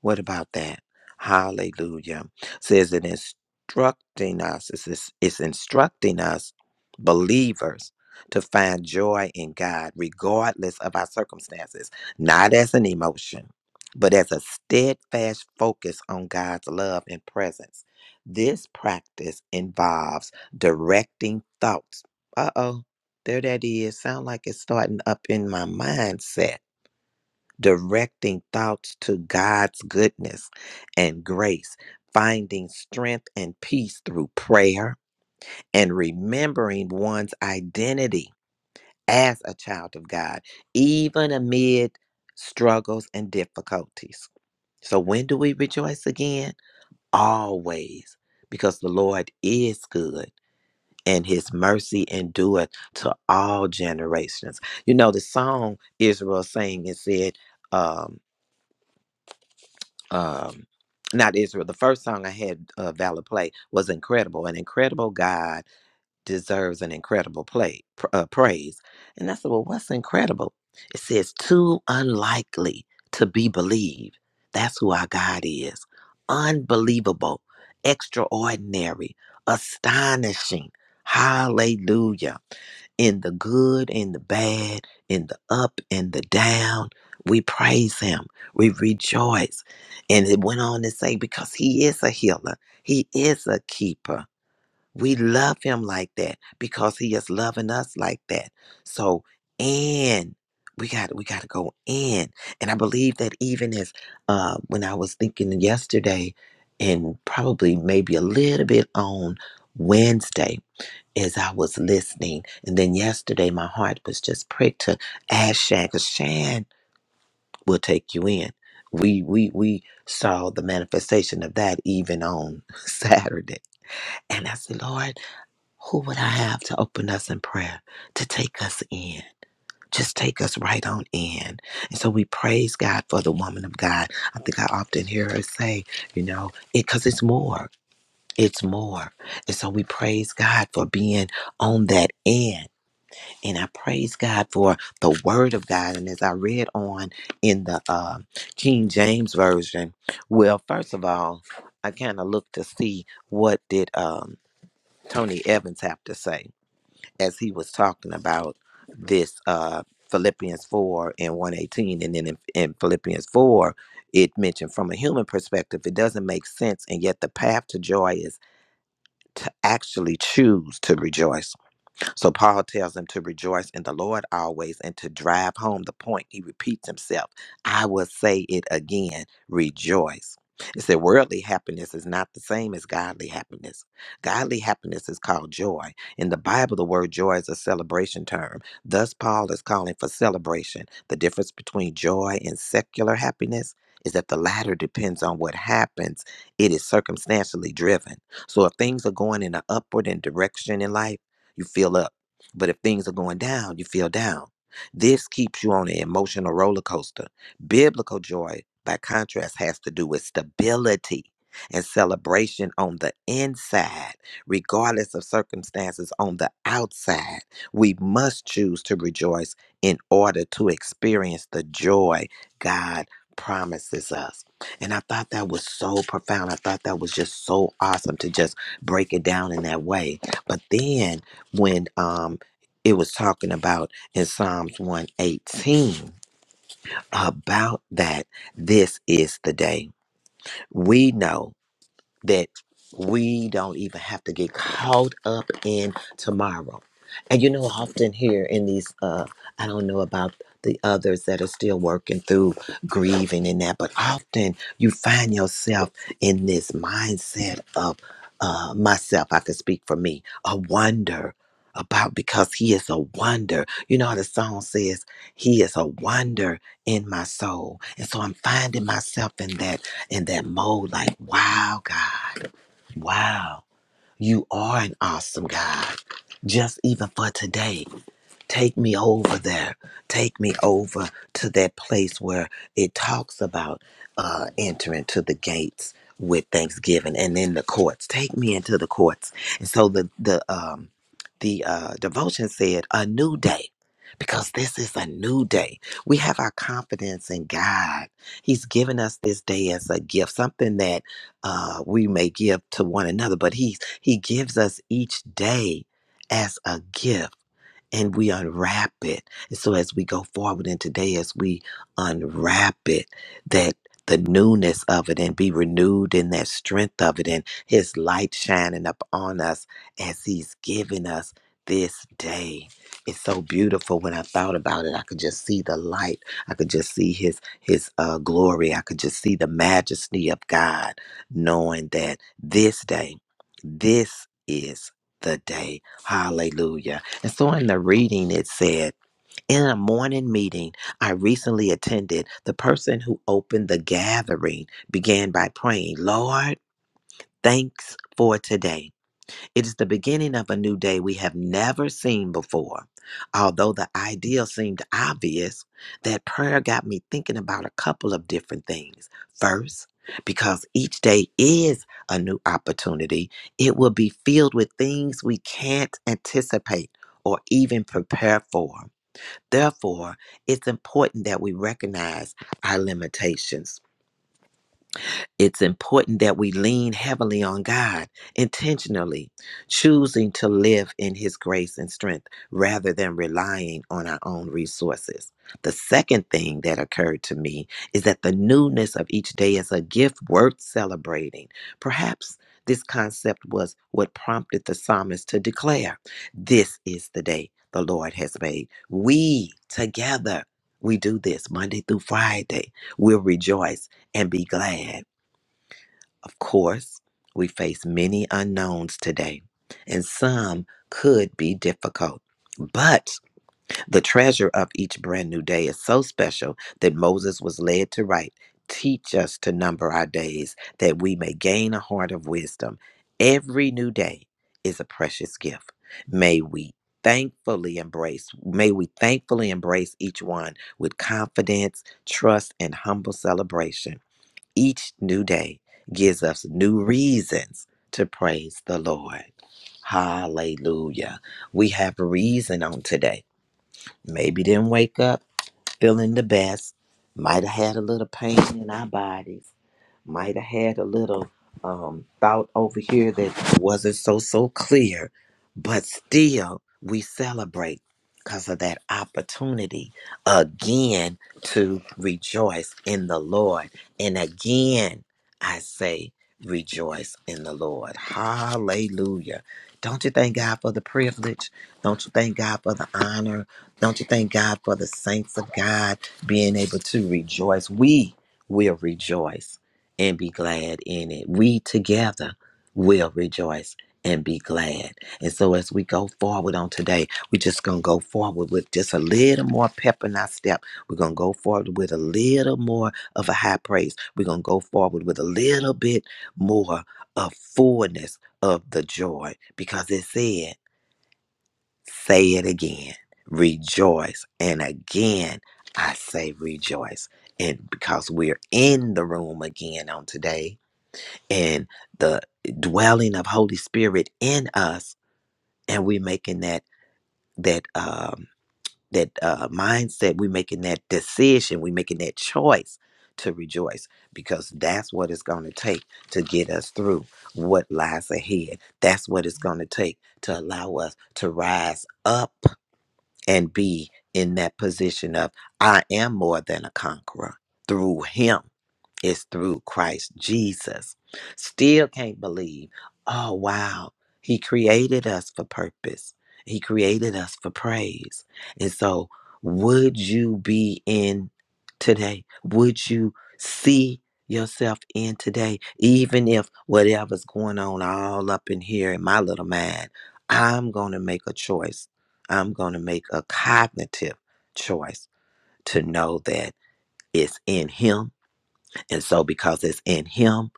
Speaker 2: what about that? Hallelujah. Says it instructing us, it's, it's it's instructing us, believers, to find joy in God, regardless of our circumstances, not as an emotion, but as a steadfast focus on God's love and presence. This practice involves directing thoughts. Uh oh, there that is. Sound like it's starting up in my mindset directing thoughts to God's goodness and grace, finding strength and peace through prayer, and remembering one's identity as a child of God, even amid struggles and difficulties. So, when do we rejoice again? Always, because the Lord is good. And his mercy endureth to all generations. You know, the song Israel sang, it said, um, um not Israel. The first song I had uh, Valor play was incredible. An incredible God deserves an incredible play pr- uh, praise. And I said, well, what's incredible? It says too unlikely to be believed. That's who our God is. Unbelievable, extraordinary, astonishing. Hallelujah in the good, in the bad, in the up and the down. We praise him. We rejoice. And it went on to say, because he is a healer, he is a keeper. We love him like that because he is loving us like that. So, and we got we got to go in. And I believe that even as uh, when I was thinking yesterday, and probably maybe a little bit on Wednesday, as I was listening. And then yesterday, my heart was just pricked to ask Shan, because Shan will take you in. We, we, we saw the manifestation of that even on <laughs> Saturday. And I said, Lord, who would I have to open us in prayer to take us in? Just take us right on in. And so we praise God for the woman of God. I think I often hear her say, you know, because it's more. It's more. And so we praise God for being on that end and I praise God for the word of God. And as I read on in the uh, King James Version, well, first of all, I kind of looked to see what did um, Tony Evans have to say as he was talking about this uh, Philippians 4 and 118. And then in, in Philippians 4, it mentioned from a human perspective, it doesn't make sense. And yet the path to joy is to actually choose to rejoice so Paul tells them to rejoice in the Lord always and to drive home the point. He repeats himself. I will say it again rejoice. It said worldly happiness is not the same as godly happiness. Godly happiness is called joy. In the Bible, the word joy is a celebration term. Thus, Paul is calling for celebration. The difference between joy and secular happiness is that the latter depends on what happens, it is circumstantially driven. So, if things are going in an upward and direction in life, you feel up. But if things are going down, you feel down. This keeps you on an emotional roller coaster. Biblical joy, by contrast, has to do with stability and celebration on the inside, regardless of circumstances on the outside. We must choose to rejoice in order to experience the joy God promises us. And I thought that was so profound. I thought that was just so awesome to just break it down in that way. But then when um it was talking about in Psalms 118 about that this is the day. We know that we don't even have to get caught up in tomorrow. And you know, often here in these, uh, I don't know about the others that are still working through grieving and that, but often you find yourself in this mindset of uh, myself, I can speak for me, a wonder about because he is a wonder. You know how the song says, He is a wonder in my soul. And so I'm finding myself in that in that mode like, wow, God, wow, you are an awesome God. Just even for today. Take me over there. Take me over to that place where it talks about uh, entering to the gates with thanksgiving and in the courts. Take me into the courts. And so the the um the uh, devotion said a new day. Because this is a new day. We have our confidence in God. He's given us this day as a gift, something that uh, we may give to one another, but He He gives us each day as a gift and we unwrap it. And so as we go forward in today, as we unwrap it, that the newness of it and be renewed in that strength of it and his light shining up on us as he's giving us this day. It's so beautiful when I thought about it. I could just see the light. I could just see his his uh, glory. I could just see the majesty of God, knowing that this day, this is the day. Hallelujah and so in the reading, it said, in a morning meeting I recently attended, the person who opened the gathering began by praying, Lord, thanks for today. It is the beginning of a new day we have never seen before. Although the idea seemed obvious, that prayer got me thinking about a couple of different things. First, because each day is a new opportunity, it will be filled with things we can't anticipate or even prepare for. Therefore, it's important that we recognize our limitations it's important that we lean heavily on God intentionally, choosing to live in His grace and strength rather than relying on our own resources. The second thing that occurred to me is that the newness of each day is a gift worth celebrating. Perhaps this concept was what prompted the psalmist to declare, This is the day the Lord has made. We together, we do this Monday through Friday. We'll rejoice and be glad of course, we face many unknowns today, and some could be difficult. But the treasure of each brand new day is so special that Moses was led to write Teach us to number our days that we may gain a heart of wisdom. Every new day is a precious gift. May we thankfully embrace may we thankfully embrace each one with confidence trust and humble celebration each new day gives us new reasons to praise the Lord. Hallelujah. We have reason on today. Maybe didn't wake up feeling the best, might have had a little pain in our bodies might have had a little um, thought over here that wasn't so so clear but still we celebrate because of that opportunity again to rejoice in the lord and again i say rejoice in the lord hallelujah don't you thank god for the privilege don't you thank god for the honor don't you thank god for the saints of god being able to rejoice we will rejoice and be glad in it. We together will rejoice and be glad. And so as we go forward on today, we're just going to go forward with just a little more pep in our step. We're going to go forward with a little more of a high praise. We're going to go forward with a little bit more of fullness of the joy because it said, say it again, rejoice. And again, I say rejoice. And because we're in the room again on today, and the dwelling of Holy Spirit in us, and we're making that that um, that uh, mindset, we're making that decision, we're making that choice to rejoice because that's what it's going to take to get us through what lies ahead. That's what it's going to take to allow us to rise up and be in that position of I am more than a conqueror through Him it's through Christ Jesus. Still can't believe. Oh, wow. He created us for purpose, He created us for praise. And so, would you be in today? Would you see yourself in today? Even if whatever's going on all up in here in my little mind, I'm going to make a choice. I'm going to make a cognitive choice to know that it's in Him and so, because it's in Him,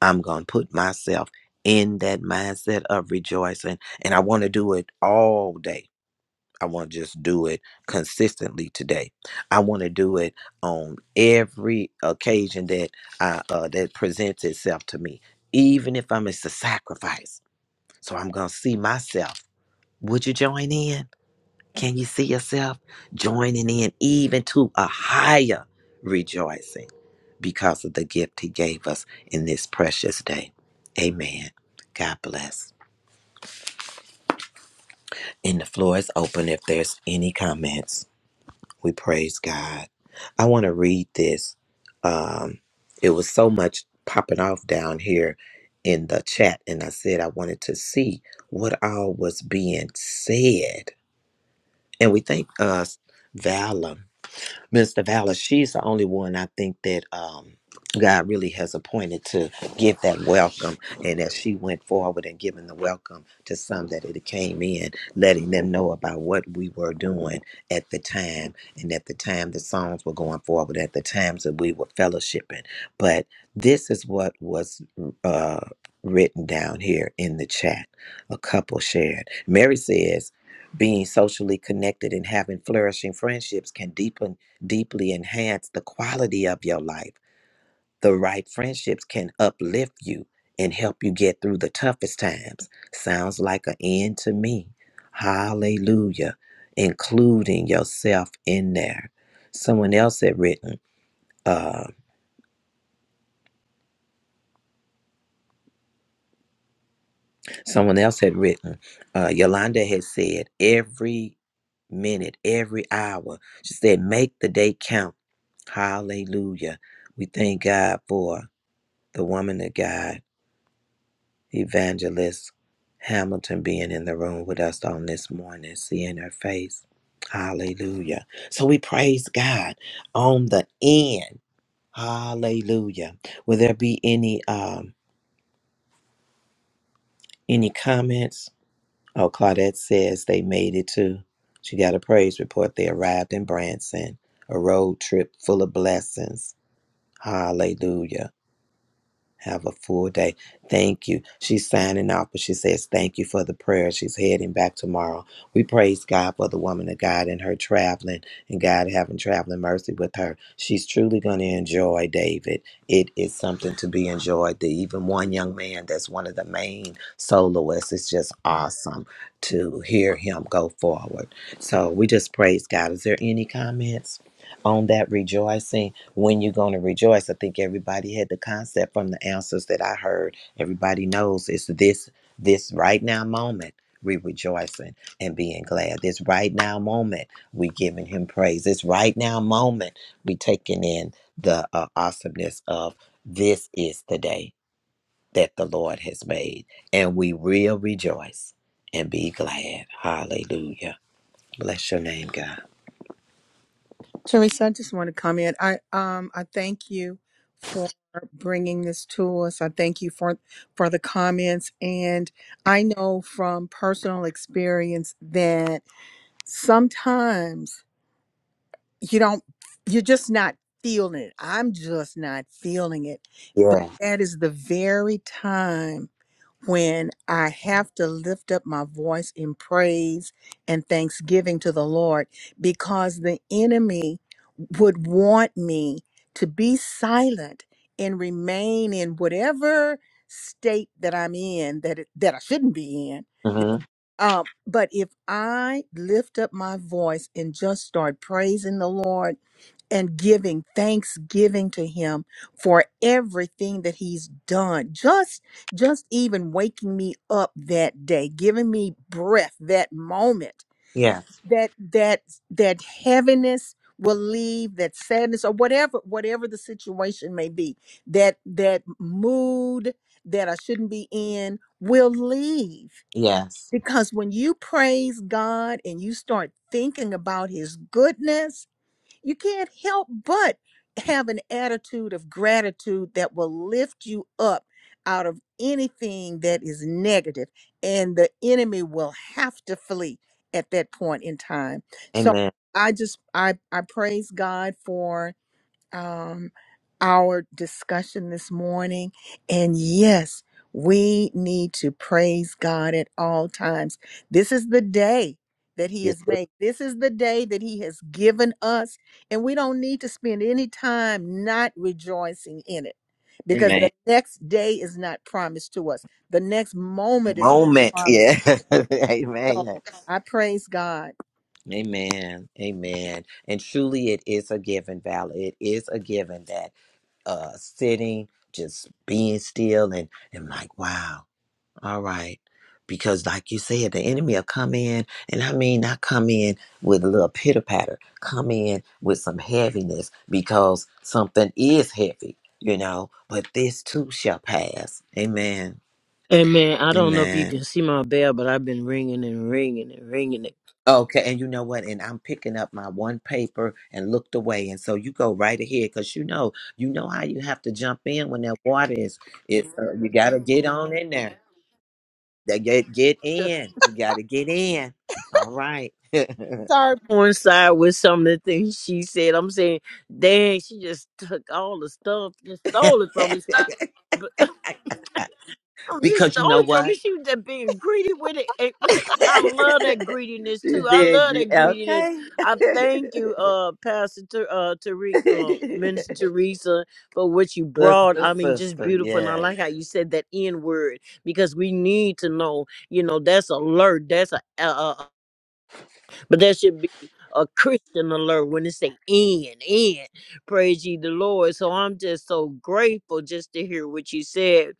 Speaker 2: I'm going to put myself in that mindset of rejoicing. And I want to do it all day. I want to just do it consistently today. I want to do it on every occasion that I, uh, that presents itself to me, even if I'm it's a sacrifice. So I'm going to see myself. Would you join in? Can you see yourself joining in even to a higher rejoicing because of the gift he gave us in this precious day? Amen. God bless. And the floor is open if there's any comments. We praise God. I want to read this. Um, it was so much popping off down here in the chat, and I said I wanted to see what all was being said. And we thank us, Valum Mr. Valor, she's the only one I think that um, God really has appointed to give that welcome. And as she went forward and giving the welcome to some that it came in, letting them know about what we were doing at the time and at the time the songs were going forward, at the times that we were fellowshipping. But this is what was uh, written down here in the chat. A couple shared. Mary says, being socially connected and having flourishing friendships can deepen deeply enhance the quality of your life. The right friendships can uplift you and help you get through the toughest times. Sounds like an end to me. Hallelujah. Including yourself in there. Someone else had written, uh, someone else had written, uh, Yolanda had said, every minute, every hour, she said, make the day count. Hallelujah. We thank God for the woman of God Evangelist Hamilton being in the room with us on this morning, seeing her face. Hallelujah. So we praise God on the end. Hallelujah. Will there be any um any comments? Oh, Claudette says they made it too. She got a praise report. They arrived in Branson, a road trip full of blessings. Hallelujah. Have a full day. Thank you. She's signing off, but she says, Thank you for the prayer. She's heading back tomorrow. We praise God for the woman of God and her traveling and God having traveling mercy with her. She's truly going to enjoy David. It is something to be enjoyed. The even one young man that's one of the main soloists, it's just awesome to hear him go forward. So we just praise God. Is there any comments on that rejoicing? when you're going to rejoice. I think everybody had the concept from the answers that I heard. Everybody knows it's this this right now moment we rejoicing and being glad. This right now moment we giving him praise. This right now moment we taking in the uh, awesomeness of this is the day that the Lord has made, and we will rejoice and be glad. Hallelujah. Bless your name, God.
Speaker 1: Teresa, I just want to comment. I um I thank you for bringing this to us. I thank you for for the comments and I know from personal experience that sometimes you don't you're just not feeling it. I'm just not feeling it. But
Speaker 2: Yeah.
Speaker 1: that is the very time when I have to lift up my voice in praise and thanksgiving to the Lord because the enemy would want me to be silent and remain in whatever state that I'm in that it, that I shouldn't be in. You
Speaker 2: hmm
Speaker 1: know? Um, but if I lift up my voice and just start praising the Lord and giving thanksgiving to him for everything that he's done just just even waking me up that day giving me breath that moment
Speaker 2: Yes.
Speaker 1: that that that heaviness will leave that sadness or whatever whatever the situation may be that that mood that I shouldn't be in will leave
Speaker 2: Yes.
Speaker 1: because when you praise God and you start thinking about his goodness you can't help but have an attitude of gratitude that will lift you up out of anything that is negative and the enemy will have to flee at that point in time so
Speaker 2: Amen.
Speaker 1: i just i i praise god for um, our discussion this morning. And yes, we need to praise God at all times. This is the day that He has made. This is the day that He has given us. And we don't need to spend any time not rejoicing in it because
Speaker 2: Amen.
Speaker 1: the next day is not promised to us, the next moment is not
Speaker 2: Moment.
Speaker 1: promised
Speaker 2: Yeah.
Speaker 1: to us.
Speaker 2: <laughs> Amen.
Speaker 1: So I praise God.
Speaker 2: Amen. Amen. And truly, it is a given, Valor. It is a given that uh sitting, just being still, and and like, wow, all right. Because, like you said, the enemy will come in, and I mean, not come in with a little pitter patter, come in with some heaviness because something is heavy, you know. But this too shall pass. Amen.
Speaker 14: Amen. I don't know if
Speaker 2: Amen.
Speaker 14: you can see my bell, but I've been ringing and ringing and ringing.
Speaker 2: Okay, and you know what? And I'm picking up my one paper and looked away, and so you go right ahead because you know, you know how you have to jump in when that water is. It's uh, you got to get on in there. They Get get in. You got to get in. All right,
Speaker 1: Sorry.
Speaker 14: coincide with some of the things she said. I'm saying, dang, she just took all the stuff, just stole it from me.
Speaker 2: <laughs>
Speaker 14: Stop. <laughs> I'm just
Speaker 2: because you
Speaker 14: stole
Speaker 2: know
Speaker 14: it from me.
Speaker 2: what?
Speaker 14: She was just being greedy with it. And
Speaker 2: <laughs>
Speaker 14: <laughs> I love that greediness
Speaker 2: She's
Speaker 14: too. I
Speaker 2: being
Speaker 14: love
Speaker 2: gre-
Speaker 14: that greediness.
Speaker 2: okay, <laughs>
Speaker 14: I thank you, uh, Pastor Ter- uh, Tari- uh, Minister Teresa, for what you brought.
Speaker 2: sister,
Speaker 14: I mean, just
Speaker 2: sister.
Speaker 14: beautiful. And I
Speaker 2: Yes.
Speaker 14: like how you said that N word because we need to know. You know, that's alert. That's a, but there should be a Christian alert when it say in, in. Praise ye the Lord. So I'm just so grateful just to hear what you said.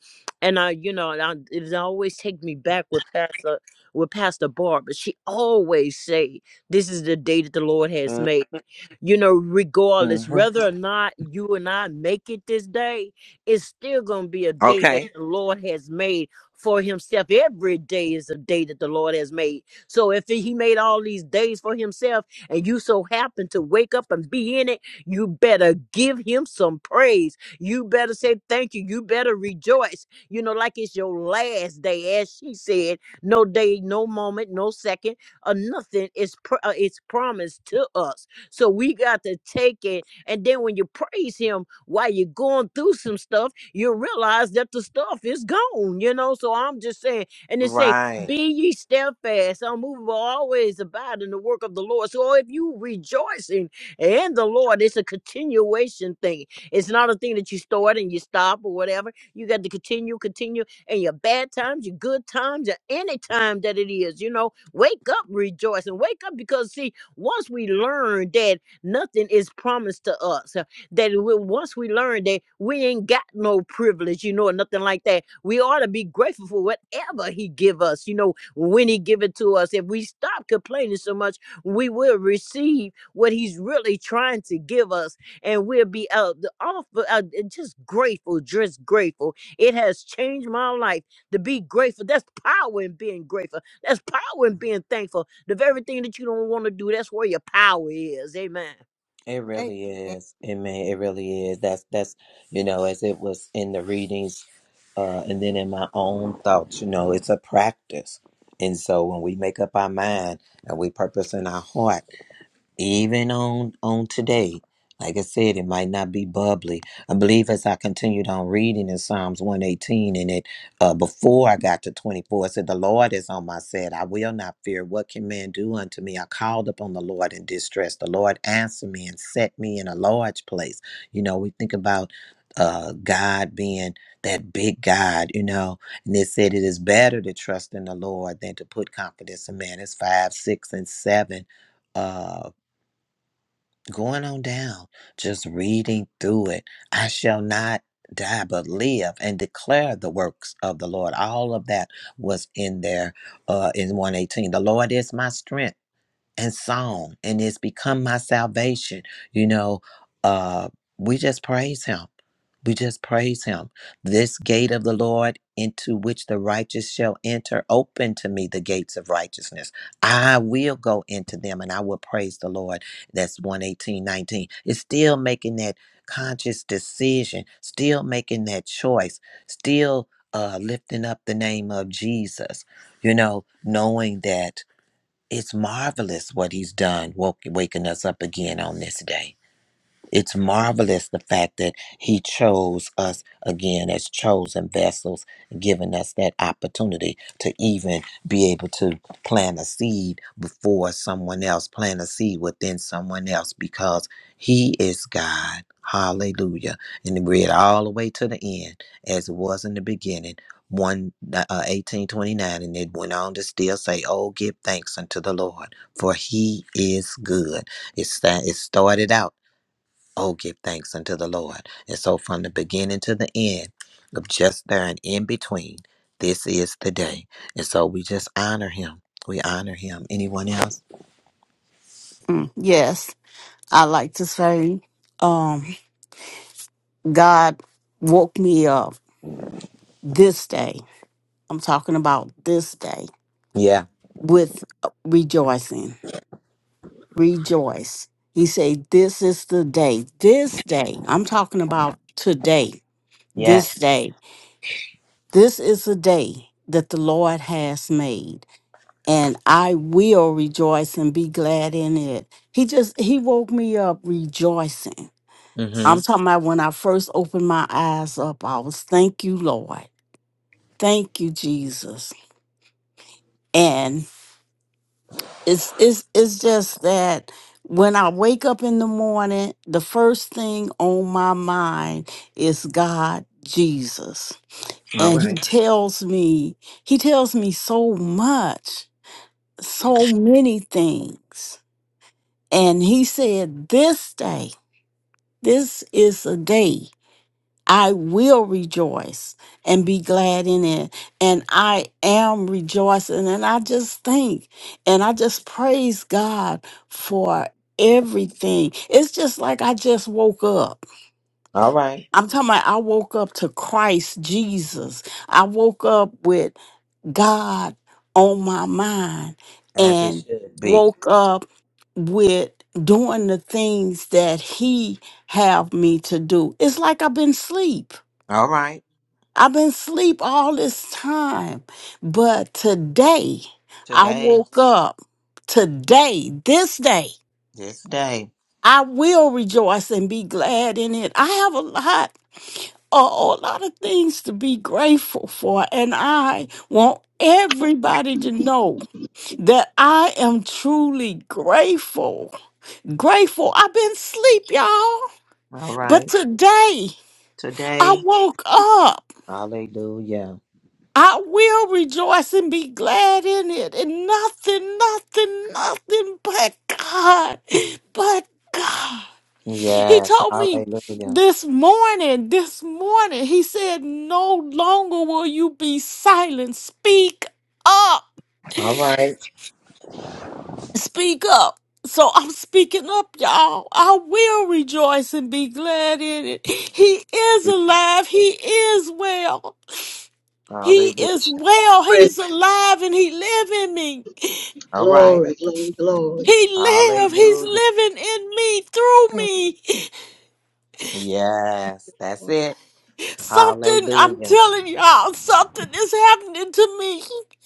Speaker 14: And I, you know, and I, it always take me back with Pastor with Pastor Barbara. She always say, This is the day that the Lord has made. You know, regardless,
Speaker 2: hmm
Speaker 14: whether or not you and I make it this day, it's still gonna be a day that
Speaker 2: Okay.
Speaker 14: the Lord has made for himself. Every day is a day that the Lord has made so if he made all these days for himself and you so happen to wake up and be in it, you better give him some praise. You better say thank you. You better rejoice. You know, like it's your last day, as she said. No day, no moment, no second, or nothing is pr- uh, it's promised to us. So we got to take it. And then when you praise him while you're going through some stuff, you realize that the stuff is gone. You know, so I'm just saying. And they say
Speaker 2: Right.
Speaker 14: be ye steadfast, unmovable, always abide in the work of the Lord. So if you rejoicing in the Lord, it's a continuation thing. It's not a thing that you start and you stop or whatever. You got to continue, continue. And your bad times, your good times, at any time that it is, you know, wake up rejoicing. Wake up because see, once we learn that nothing is promised to us that we, once we learn that we ain't got no privilege, you know, or nothing like that, we ought to be grateful for whatever he give us, you know, when he give it to us. If we stop complaining so much, we will receive what he's really trying to give us, and we'll be uh, the offer, uh, uh, just grateful, just grateful. It has changed my life to be grateful. That's power in being grateful. That's power in being thankful. The very thing that you don't want to do, that's where your power is. Amen.
Speaker 2: It
Speaker 1: Thank
Speaker 2: really is. It may, it really is. That's that's you know, as it was in the readings, uh, and then in my own thoughts, you know, it's a practice. And so when we make up our mind and we purpose in our heart, even on on today like i said it might not be bubbly i believe as i continued on reading in psalms 118 and it uh before i got to 24 it said the lord is on my side i will not fear what can man do unto me i called upon the lord in distress the lord answered me and set me in a large place you know we think about uh god being that big god you know and it said it is better to trust in the lord than to put confidence in man it's five six and seven uh, going on down, just reading through it. I shall not die but live and declare the works of the Lord. All of that was in there uh, in 118. The Lord is my strength and song and it's become my salvation you know uh we just praise him we just praise him this gate of the lord into which the righteous shall enter open to me the gates of righteousness i will go into them and i will praise the lord that's one, eighteen, nineteen. 19 it's still making that conscious decision still making that choice still uh lifting up the name of jesus you know knowing that it's marvelous what he's done, woke, waking us up again on this day. It's marvelous the fact that He chose us again as chosen vessels, giving us that opportunity to even be able to plant a seed before someone else, plant a seed within someone else, because He is God. Hallelujah. And read all the way to the end, as it was in the beginning. 1 uh, 1829 and it went on to still say oh give thanks unto the lord for he is good it, sta- it started out Oh, give thanks unto the Lord. And so, from the beginning to the end, of just there and in between, this is the day. And so, we just honor him. We honor him. Anyone else?
Speaker 5: mm, yes. I like to say, um, God woke me up this day. I'm talking about this day
Speaker 2: Yeah.
Speaker 5: with uh, rejoicing. Rejoice. He said, This is the day. This day. I'm talking about today. This
Speaker 2: Yes.
Speaker 5: day. This is the day that the Lord has made. And I will rejoice and be glad in it. He just, he woke me up rejoicing I'm
Speaker 2: Mm-hmm.
Speaker 5: talking about when I first opened my eyes up, I was thank you, Lord. Thank you, Jesus. And it's it's it's just that when I wake up in the morning, the first thing on my mind is God, Jesus.
Speaker 2: All
Speaker 5: And he
Speaker 2: right.
Speaker 5: tells me, he tells me so much, so many things. And he said, This day, this is a day. I will rejoice and be glad in it. And I am rejoicing. And I just think and I just praise God for everything. It's just like I just woke up.
Speaker 2: All right.
Speaker 5: I'm talking about I woke up to Christ Jesus. I woke up with God on my mind
Speaker 2: As it
Speaker 5: and
Speaker 2: should be.
Speaker 5: woke up with doing the things that he have me to do. It's like I've been asleep
Speaker 2: All right.
Speaker 5: I've been asleep all this time, but today I
Speaker 2: Today,
Speaker 5: woke up. Today, this day,
Speaker 2: this day.
Speaker 5: I will rejoice and be glad in it. I have a lot, a whole lot of things to be grateful for, and I want everybody to know that I am truly grateful. Grateful. I've been asleep, y'all,
Speaker 2: All
Speaker 5: but
Speaker 2: right.
Speaker 5: today I
Speaker 2: Today.
Speaker 5: woke up.
Speaker 2: Hallelujah.
Speaker 5: I will rejoice and be glad in it. And nothing, nothing, nothing but God, but God. He
Speaker 2: Yes.
Speaker 5: told me
Speaker 2: Hallelujah.
Speaker 5: this morning, this morning, he said, No longer will you be silent. Speak up.
Speaker 2: All right.
Speaker 5: Speak up. So I'm speaking up, y'all. I will rejoice and be glad in it. He is alive. He is well. He
Speaker 2: Hallelujah.
Speaker 5: is well. He's alive and he live in me.
Speaker 2: All right.
Speaker 8: Glory, glory, glory.
Speaker 5: He live. He's
Speaker 2: Hallelujah.
Speaker 5: living in me, through
Speaker 1: you.
Speaker 5: me.
Speaker 2: Yes. That's it.
Speaker 5: Something, I'm
Speaker 2: Hallelujah.
Speaker 5: telling y'all, something is happening to me.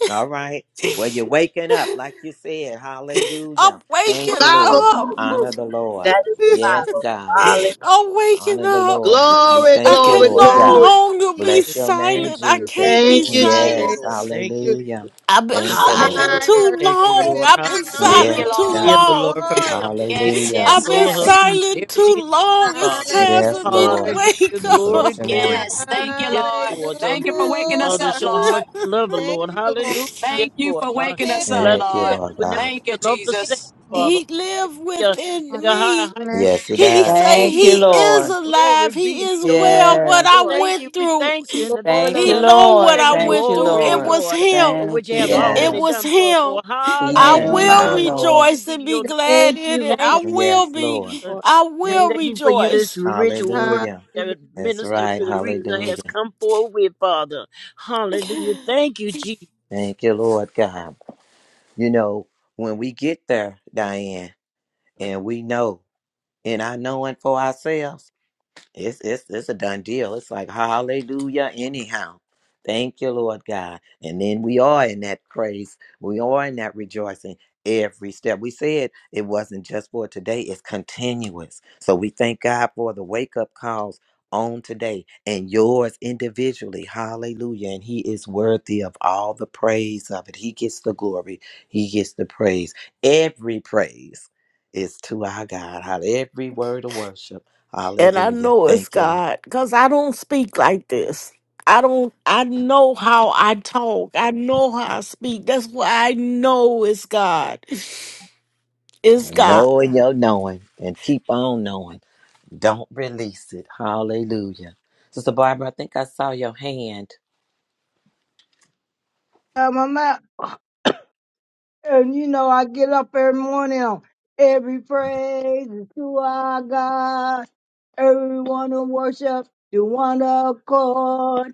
Speaker 2: All right. Well, you're waking up, like you said. Hallelujah.
Speaker 5: I'm
Speaker 2: Thank
Speaker 5: waking
Speaker 2: you, Lord.
Speaker 5: up.
Speaker 8: Revival.
Speaker 2: Honor the Lord.
Speaker 8: That is
Speaker 2: Yes,
Speaker 8: revival.
Speaker 2: God.
Speaker 8: Hallelujah.
Speaker 5: I'm waking
Speaker 2: Honor the
Speaker 5: up.
Speaker 2: Lord. We
Speaker 8: Glory,
Speaker 5: I
Speaker 2: thank you,
Speaker 8: glory,
Speaker 5: can
Speaker 2: Lord
Speaker 5: no
Speaker 8: glory.
Speaker 2: God.
Speaker 5: longer be
Speaker 14: Hallelujah.
Speaker 2: Bless your name,
Speaker 1: thank
Speaker 5: silent. I
Speaker 1: you.
Speaker 2: Jesus.
Speaker 14: Thank
Speaker 5: can't
Speaker 14: you,
Speaker 5: be
Speaker 14: Lord.
Speaker 8: Thank you,
Speaker 2: Yes.
Speaker 1: Thank
Speaker 5: silent.
Speaker 14: Lord.
Speaker 8: Jesus.
Speaker 14: Thank you,
Speaker 1: you.
Speaker 14: Lord.
Speaker 2: Hallelujah.
Speaker 5: I've been
Speaker 2: Thank
Speaker 14: Cover
Speaker 2: you,
Speaker 14: her,
Speaker 2: Lord.
Speaker 5: silent
Speaker 14: Lord.
Speaker 8: Hallelujah.
Speaker 1: Fire,
Speaker 5: too
Speaker 14: Protect
Speaker 1: shut
Speaker 14: her,
Speaker 1: up
Speaker 5: long.
Speaker 1: in
Speaker 14: Lord.
Speaker 5: I've
Speaker 1: my
Speaker 5: been
Speaker 7: Thank
Speaker 14: Hallelujah.
Speaker 2: Yes,
Speaker 7: you,
Speaker 5: silent
Speaker 1: bones.
Speaker 5: too
Speaker 7: Lord.
Speaker 14: Heal
Speaker 2: God.
Speaker 14: her,
Speaker 5: long.
Speaker 14: Lord, from the top
Speaker 1: Glory.
Speaker 14: of her head
Speaker 7: Yes,
Speaker 14: to the
Speaker 2: Hallelujah.
Speaker 5: I've
Speaker 7: yes,
Speaker 14: sole
Speaker 5: been
Speaker 14: of
Speaker 7: yes,
Speaker 14: her feet.
Speaker 5: silent too
Speaker 14: Everything,
Speaker 5: long. It's time
Speaker 2: Yes,
Speaker 5: for me to
Speaker 1: Hallelujah.
Speaker 2: Lord.
Speaker 14: Hallelujah.
Speaker 5: wake
Speaker 2: We
Speaker 14: Glory,
Speaker 2: bless your
Speaker 5: up.
Speaker 14: glory.
Speaker 2: name.
Speaker 7: yes.
Speaker 14: Hallelujah.
Speaker 7: Thank you,
Speaker 14: Yes,
Speaker 7: Lord.
Speaker 14: Lord. Um,
Speaker 7: Thank you for waking us
Speaker 14: Father,
Speaker 7: up,
Speaker 1: Hallelujah.
Speaker 14: show how
Speaker 7: Lord.
Speaker 14: much
Speaker 5: <laughs>
Speaker 14: you love her,
Speaker 1: Thank
Speaker 14: Lord.
Speaker 1: you, Lord.
Speaker 14: Hallelujah.
Speaker 1: God.
Speaker 14: Yes,
Speaker 7: Thank you
Speaker 14: Lord.
Speaker 7: for
Speaker 14: Uh,
Speaker 7: waking us,
Speaker 1: Thank
Speaker 14: let
Speaker 7: up,
Speaker 14: her
Speaker 2: Thank
Speaker 14: know
Speaker 2: you,
Speaker 1: you.
Speaker 14: that you
Speaker 2: Lord
Speaker 7: Lord.
Speaker 14: will never
Speaker 2: God.
Speaker 14: leave
Speaker 7: Thank you,
Speaker 14: her nor forsake
Speaker 1: Thank you,
Speaker 7: Jesus.
Speaker 14: her,
Speaker 1: Lord.
Speaker 14: Father.
Speaker 5: he live
Speaker 14: Hallelujah. Take
Speaker 5: within
Speaker 1: Father,
Speaker 14: her
Speaker 1: we
Speaker 5: me.
Speaker 14: higher heights
Speaker 1: bless
Speaker 14: and
Speaker 1: you.
Speaker 14: deeper
Speaker 2: Yes, it
Speaker 5: He
Speaker 14: depths,
Speaker 2: does.
Speaker 14: you,
Speaker 5: say
Speaker 15: Thank
Speaker 1: Thank
Speaker 15: you,
Speaker 5: he
Speaker 14: Lord. Uh,
Speaker 5: is
Speaker 15: Lord.
Speaker 14: glory
Speaker 5: alive. He
Speaker 14: be to
Speaker 1: you,
Speaker 5: is
Speaker 14: your name,
Speaker 5: well.
Speaker 1: Thank
Speaker 5: What
Speaker 14: Father.
Speaker 1: you,
Speaker 5: I
Speaker 15: Yes.
Speaker 1: Lord.
Speaker 14: Thank you.
Speaker 5: went
Speaker 14: We
Speaker 5: through,
Speaker 14: thank you in
Speaker 1: Lord,
Speaker 14: advance.
Speaker 15: Thank
Speaker 1: Lord,
Speaker 5: he
Speaker 15: you,
Speaker 14: Uh,
Speaker 1: Lord.
Speaker 5: know
Speaker 14: we
Speaker 5: what
Speaker 15: Lord.
Speaker 5: I
Speaker 14: thanking you
Speaker 15: Thank
Speaker 5: went
Speaker 15: you,
Speaker 5: through.
Speaker 14: already,
Speaker 5: It
Speaker 15: Lord.
Speaker 5: was
Speaker 14: Lord, uh,
Speaker 5: him.
Speaker 14: for what
Speaker 15: Thank
Speaker 14: you
Speaker 15: you,
Speaker 14: have
Speaker 1: Thank,
Speaker 5: It
Speaker 14: already
Speaker 15: Lord.
Speaker 2: Yes.
Speaker 5: was
Speaker 14: done for her,
Speaker 5: him.
Speaker 14: Lord.
Speaker 1: thank
Speaker 5: I
Speaker 1: you,
Speaker 2: Keeping
Speaker 15: Thank
Speaker 1: Lord.
Speaker 5: will
Speaker 15: you,
Speaker 14: Hallelujah.
Speaker 2: power.
Speaker 15: Lord.
Speaker 14: Glory
Speaker 5: rejoice
Speaker 14: be to
Speaker 5: and be
Speaker 14: your name.
Speaker 5: glad
Speaker 1: Thank
Speaker 5: in
Speaker 1: you,
Speaker 5: it. I
Speaker 14: Thank
Speaker 1: Lord.
Speaker 14: you.
Speaker 2: Yes,
Speaker 5: will
Speaker 2: Lord.
Speaker 5: be.
Speaker 1: Lord.
Speaker 5: I
Speaker 14: We
Speaker 1: Thank you.
Speaker 5: will
Speaker 14: thank you for you this
Speaker 5: rejoice.
Speaker 14: rich word
Speaker 2: Hallelujah.
Speaker 14: that
Speaker 1: Hallelujah.
Speaker 2: That's
Speaker 14: Minister
Speaker 2: right.
Speaker 14: Teresa has
Speaker 2: Hallelujah.
Speaker 14: come forward with, Father. Hallelujah. Thank you, Jesus.
Speaker 2: Thank you, Lord God. You know, when we get there, Diane, and we know, and I knowing for ourselves. It's it's it's a done deal. It's like hallelujah anyhow. Thank you, Lord God. And then we are in that praise. We are in that rejoicing every step. We said it wasn't just for today, it's continuous. So we thank God for the wake-up calls on today and yours individually. Hallelujah. And he is worthy of all the praise of it. He gets the glory. He gets the praise. Every praise is to our God. Hall- Every word of worship.
Speaker 5: And I
Speaker 2: Hallelujah.
Speaker 5: know it's
Speaker 2: Thank you, Lord.
Speaker 5: God because I don't speak like this. I don't, I know how I talk. I know how I speak. That's why I know it's God. It's
Speaker 2: Hallelujah.
Speaker 5: God.
Speaker 2: Knowing your knowing and keep on knowing. Don't release it. Hallelujah. Sister Barbara, I think I saw your hand.
Speaker 10: Um, I'm out and you know I get up every morning on every praise is to our God, everyone who worship the one accord.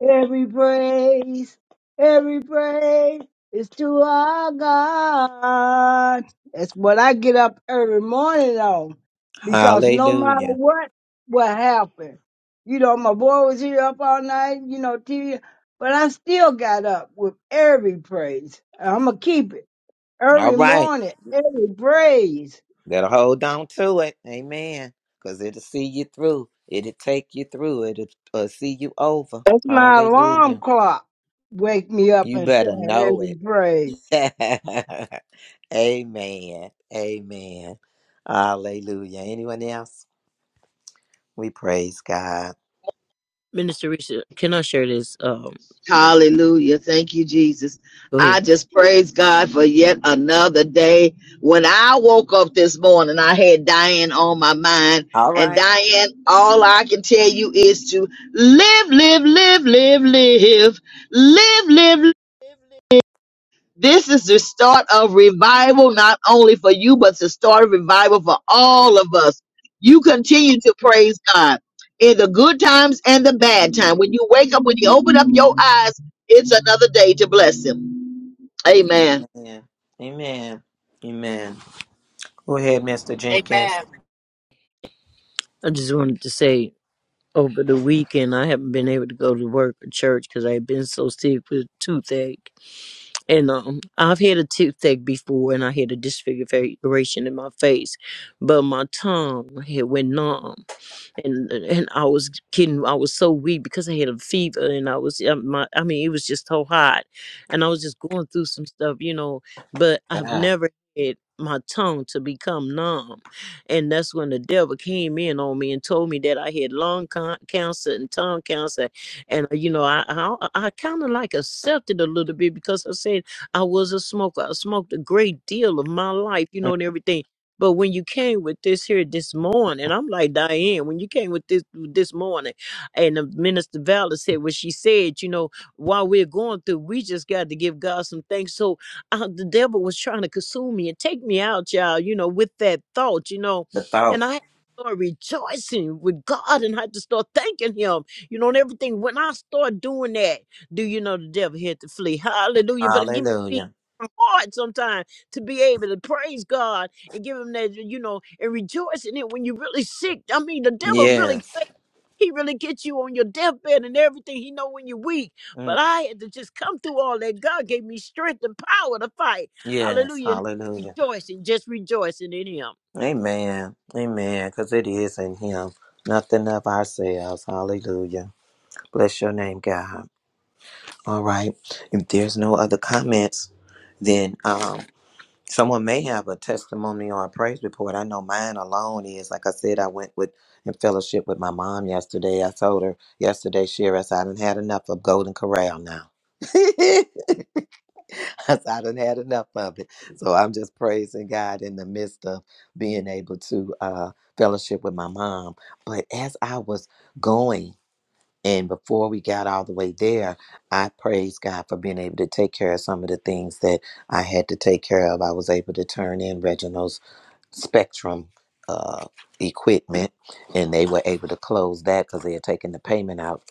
Speaker 10: Every praise, every praise is to our God. That's what I get up every morning on, because no matter
Speaker 2: Hallelujah.
Speaker 10: what will happen, you know, my boy was here up all night, you know, TV, but I still got up with every praise. I'm gonna keep it
Speaker 2: All
Speaker 10: every
Speaker 2: right.
Speaker 10: morning, every praise.
Speaker 2: Better hold on to it. Amen. Because it'll see you through. It'll take you through. It'll uh, see you over.
Speaker 10: That's my alarm
Speaker 2: Hallelujah.
Speaker 10: clock. Wake me up
Speaker 2: You
Speaker 10: and
Speaker 2: better
Speaker 10: sing
Speaker 2: know
Speaker 10: every
Speaker 2: it.
Speaker 10: praise.
Speaker 2: <laughs> Amen. Amen. Hallelujah. Anyone else? We praise God.
Speaker 14: Minister Teresa, can I share this? Um,
Speaker 8: Hallelujah. Thank you, Jesus.
Speaker 14: go ahead.
Speaker 8: I just praise God for yet another day. When I woke up this morning, I had Diane on my mind.
Speaker 2: All
Speaker 8: And
Speaker 2: right.
Speaker 8: Diane, all I can tell you is to live, live, live, live, live, live, live, live. live. This is the start of revival, not only for you, but the start of revival for all of us. You continue to praise God in the good times and the bad time. When you wake up, when you open up your eyes, it's another day to bless Him. Amen.
Speaker 2: Amen. Amen. Amen. Go ahead, Mr. Jenkins.
Speaker 7: Amen.
Speaker 14: I just wanted to say over the weekend I haven't been able to go to work or church because I've been so sick with toothache. And um, I've had a toothache before, and I had a disfiguration in my face, but my tongue had went numb. and and I was kidding. I was so weak because I had a fever and I was uh, my I mean it was just so hot and I was just going through some stuff you know but I've
Speaker 2: God,
Speaker 14: never had my tongue to become numb and that's when the devil came in on me and told me that I had lung con- cancer and tongue cancer and uh, you know I I, I kind of like accepted a little bit because I said I was a smoker I smoked a great deal of my life you know
Speaker 2: Mm,
Speaker 14: and everything but when you came with this here this morning, I'm like Diane. When you came with this this morning, and the minister Valor said what she said, you know, while we're going through, we just got to give God some thanks. So uh, the devil was trying to consume me and take me out, y'all. You know, with that thought, you know,
Speaker 2: The thought.
Speaker 14: and I. had to start Rejoicing with God and I had to start thanking Him, you know, and everything. When I start doing that, do you know the devil had to flee? Hallelujah! But it give me
Speaker 2: Hallelujah.
Speaker 14: hard sometimes to be able to praise God and give him that, you know, and rejoice in it when you're really sick. I mean, the devil really,
Speaker 2: Yes.
Speaker 14: he really gets you on your deathbed and everything. He know when you're weak.
Speaker 2: Mm,
Speaker 14: But I had to just come through all that. God gave me strength and power to fight.
Speaker 2: Yes.
Speaker 14: Hallelujah. And
Speaker 2: Hallelujah.
Speaker 14: rejoice and just rejoicing in him.
Speaker 2: Amen. Amen. Because it is in Him. Nothing of ourselves. Hallelujah. Bless your name, God. All right. If there's no other comments, then um, Someone may have a testimony or a praise report. I know mine alone is like I said, I went with in fellowship with my mom yesterday. I told her yesterday, Shira, I said, I done had enough of Golden Corral now. <laughs> I said, I done had enough of it. So I'm just praising God in the midst of being able to uh, fellowship with my mom. But as I was going, and before we got all the way there, I praised God for being able to take care of some of the things that I had to take care of. I was able to turn in Reginald's Spectrum uh, equipment, and they were able to close that because they had taken the payment out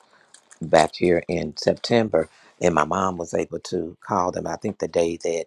Speaker 2: back here in September. And my mom was able to call them, I think, the day that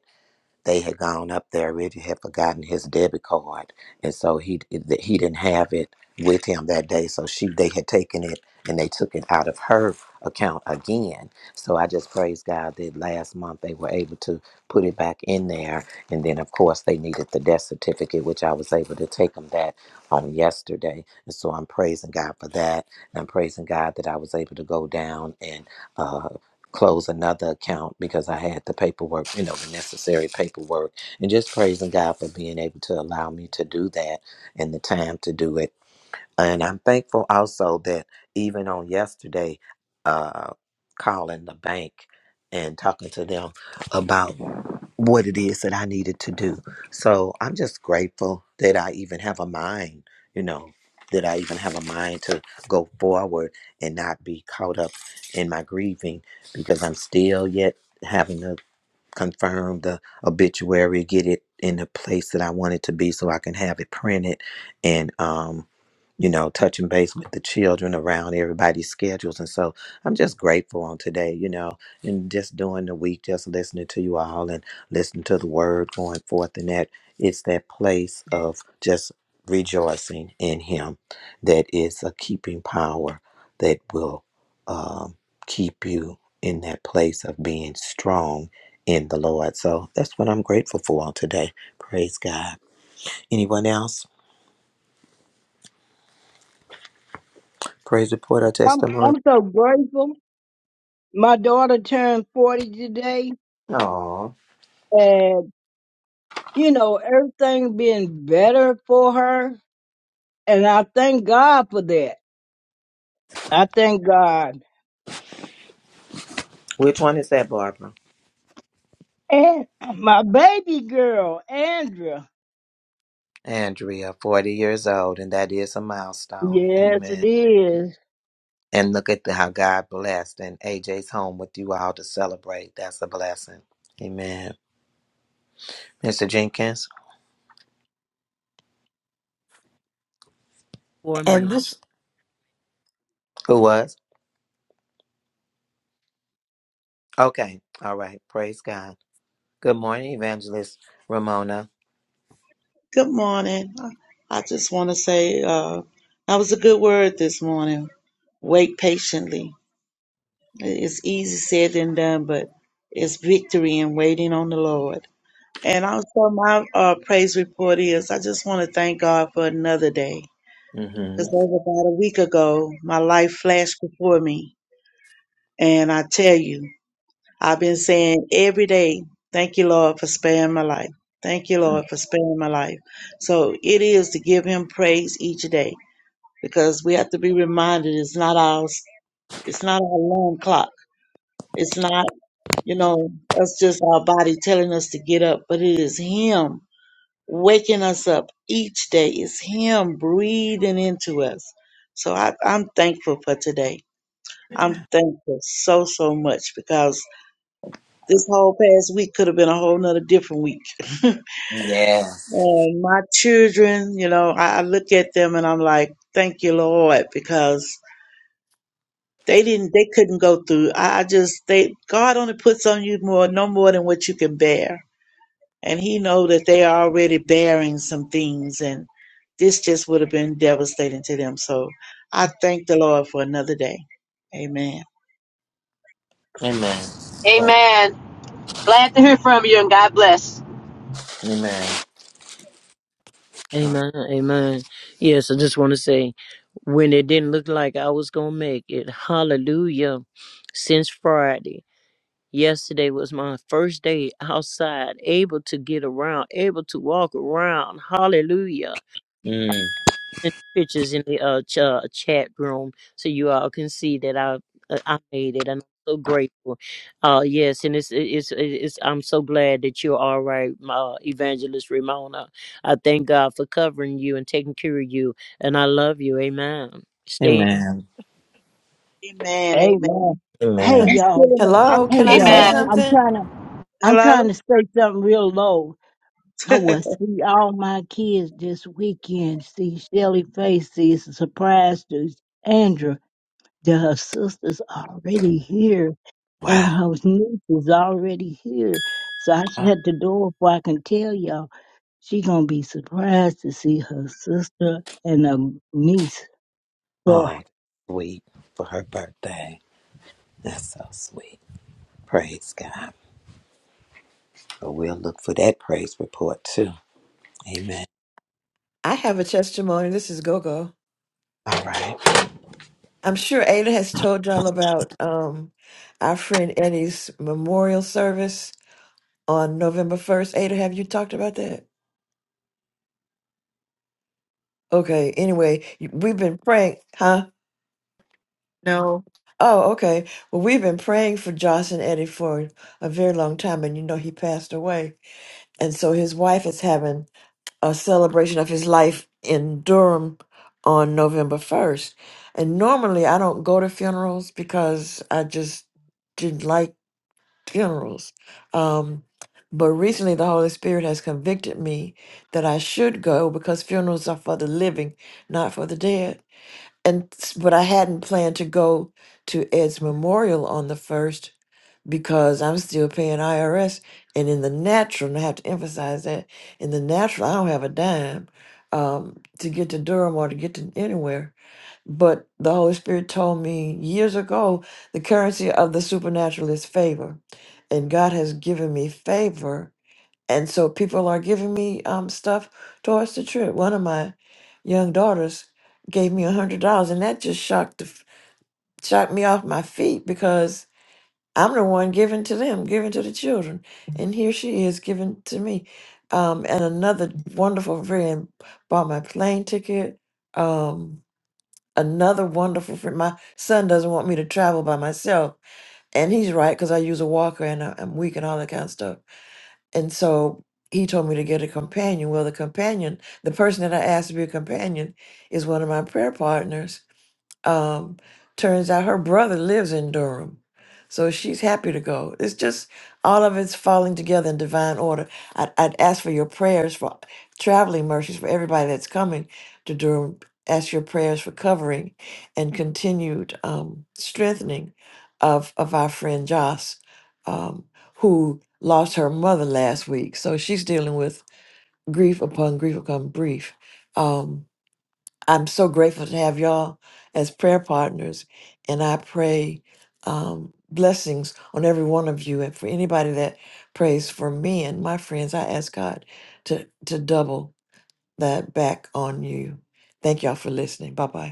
Speaker 2: they had gone up there Richard had forgotten his debit card and so he he didn't have it with him that day so she they had taken it and they took it out of her account again so i just praise god that last month they were able to put it back in there and then of course they needed the death certificate which i was able to take them that on yesterday and so i'm praising god for that and i'm praising god that i was able to go down and uh, close another account because I had the paperwork, you know, the necessary paperwork, and just praising God for being able to allow me to do that and the time to do it. And I'm thankful also that even on yesterday, uh, calling the bank and talking to them about what it is that I needed to do. So I'm just grateful that I even have a mind, you know, that I even have a mind to go forward and not be caught up in my grieving because I'm still yet having to confirm the obituary, get it in the place that I want it to be so I can have it printed and um, you know, touching base with the children around everybody's schedules. And so I'm just grateful on today, you know, and just during the week, just listening to you all and listening to the word going forth and that it's that place of just rejoicing in him that is a keeping power that will um, keep you in that place of being strong in the Lord. So that's what I'm grateful for on today. Praise God. Anyone else? Praise report or
Speaker 10: I'm
Speaker 2: testimony?
Speaker 10: I'm so grateful. My daughter turned 40 today,
Speaker 2: Oh,
Speaker 10: and you know, everything being better for her. And I thank God for that. I thank God.
Speaker 2: which one is that, Barbara?
Speaker 10: And my baby girl, Andrea.
Speaker 2: Andrea, 40 years old, and that is a milestone.
Speaker 10: Yes,
Speaker 2: Amen.
Speaker 10: it is.
Speaker 2: And look at the, how God blessed and AJ's home with you all to celebrate. That's a blessing. Amen. Mr. Jenkins,
Speaker 14: For
Speaker 16: And
Speaker 14: me.
Speaker 16: this,
Speaker 2: who was? Okay. All right. Praise God. Good morning, Evangelist Ramona.
Speaker 17: Good morning. I just want to say uh, that was a good word this morning. Wait patiently. It's easy said than done, but it's victory in waiting on the Lord. And also, my uh, praise report is I just want to thank God for another day.
Speaker 2: Mm-hmm.
Speaker 17: Because over about a week ago, my life flashed before me. And I tell you. I've been saying every day, thank you, Lord, for sparing my life. Thank you, Lord, for sparing my life. So it is to give him praise each day because we have to be reminded it's not our it's not our alarm clock. It's not, you know, us just our body telling us to get up, but it is him waking us up each day. It's him breathing into us. So I, I'm thankful for today. I'm thankful so, so much because This whole past week could have been a whole nother different week. <laughs>
Speaker 2: Mm-hmm. Yes.
Speaker 17: And my children, you know, I, I look at them and I'm like, thank you, Lord, because they didn't, they couldn't go through. I, I just, they, God only puts on you more, no more than what you can bear. And he know that they are already bearing some things and this just would have been devastating to them. So I thank the Lord for another day. Amen.
Speaker 2: Amen. Praise-
Speaker 7: Amen. Glad to hear from you and God bless.
Speaker 2: Amen.
Speaker 14: Amen. Amen. Yes, I just want to say when it didn't look like I was going to make it, hallelujah, since Friday. Yesterday was my first day outside, able to get around, able to walk around. Hallelujah.
Speaker 2: Mm.
Speaker 14: And pictures in the uh, ch- uh, chat room so you all can see that I uh, I made it and I'm so grateful. Uh yes, and it's it's it's I'm so glad that you're all right, my evangelist Ramona. I thank God for covering you and taking care of you and I love you. Amen. Stay
Speaker 2: Amen.
Speaker 17: Amen.
Speaker 10: Amen.
Speaker 17: Amen.
Speaker 10: Hey,
Speaker 17: And
Speaker 16: uh,
Speaker 2: Amen.
Speaker 17: I'm still
Speaker 10: y'all.
Speaker 17: in the,
Speaker 16: hello,
Speaker 17: I'm
Speaker 16: can
Speaker 10: Hey,
Speaker 17: still
Speaker 16: I
Speaker 17: in
Speaker 16: say
Speaker 10: y'all.
Speaker 17: the,
Speaker 7: Amen.
Speaker 10: I'm
Speaker 16: something?
Speaker 10: trying to, I'm
Speaker 17: hello?
Speaker 10: trying to say something real low. I will see all my kids this weekend. See Shelly Face, see Surprise to Andrew. that her sister's already here and
Speaker 2: Wow.
Speaker 10: her niece is already here. So I
Speaker 2: Oh,
Speaker 10: shut the door before I can tell y'all. She gonna be surprised to see her sister and her niece. Well,
Speaker 2: that's sweet for her birthday. That's so sweet. Praise God. But we'll look for that praise report too. Amen.
Speaker 16: I have a testimony. This is Gogo.
Speaker 2: All right.
Speaker 16: I'm sure Ada has told y'all about um, our friend Eddie's memorial service on November 1st. Ada, have you talked about that? Okay, anyway, you- we've been praying, huh?
Speaker 15: No.
Speaker 16: Oh, okay. Well, we've been praying for Josh and Eddie for a very long time, and you know he passed away. And so his wife is having a celebration of his life in Durham on November 1st. And normally I don't go to funerals because I just didn't like funerals. Um, but recently the Holy Spirit has convicted me that I should go because funerals are for the living, not for the dead. And s- but I hadn't planned to go to Ed's memorial on the 1st because I'm still paying IRS. And in the natural, and I have to emphasize that, in the natural, I don't have a dime um, to get to Durham or to get to anywhere. But the Holy Spirit told me years ago the currency of the supernatural is favor. And God has given me favor. And so people are giving me um, stuff towards the trip. One of my young daughters gave me a $100, and that just shocked, the f- shocked me off my feet because. I'm the one giving to them, giving to the children. And here she is giving to me. Um, and another wonderful friend bought my plane ticket. Um, another wonderful friend. My son doesn't want me to travel by myself. And he's right because I use a walker and I- I'm weak and all that kind of stuff. And so he told me to get a companion. Well, the companion, the person that I asked to be a companion, is one of my prayer partners um, turns out her brother lives in Durham. So she's happy to go. It's just all of it's falling together in divine order. I'd, I'd ask for your prayers for traveling mercies for everybody that's coming to Durham. Ask your prayers for covering and continued um, strengthening of, of our friend Joss, um, who lost her mother last week. So she's dealing with grief upon grief upon grief. Um. I'm so grateful to have y'all as prayer partners, and I pray um, blessings on every one of you. And for anybody that prays for me and my friends, I ask God to to double that back on you. Thank y'all for listening. Bye bye.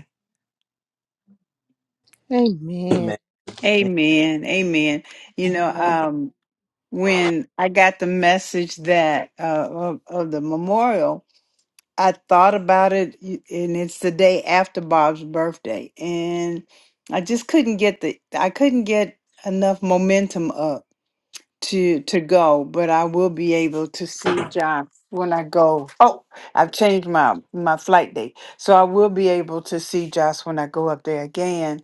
Speaker 1: Amen.
Speaker 2: Amen.
Speaker 15: Amen. Amen. You know,
Speaker 17: <laughs>
Speaker 15: um, when I got the message that uh, of, of the memorial, I thought about it, y- and it's the day after Bob's birthday, and I just couldn't get the I couldn't get enough momentum up. to to go, but I will be able to see John when I go. Oh, I've changed my my flight date, so I will be able to see Josh when I go up there again.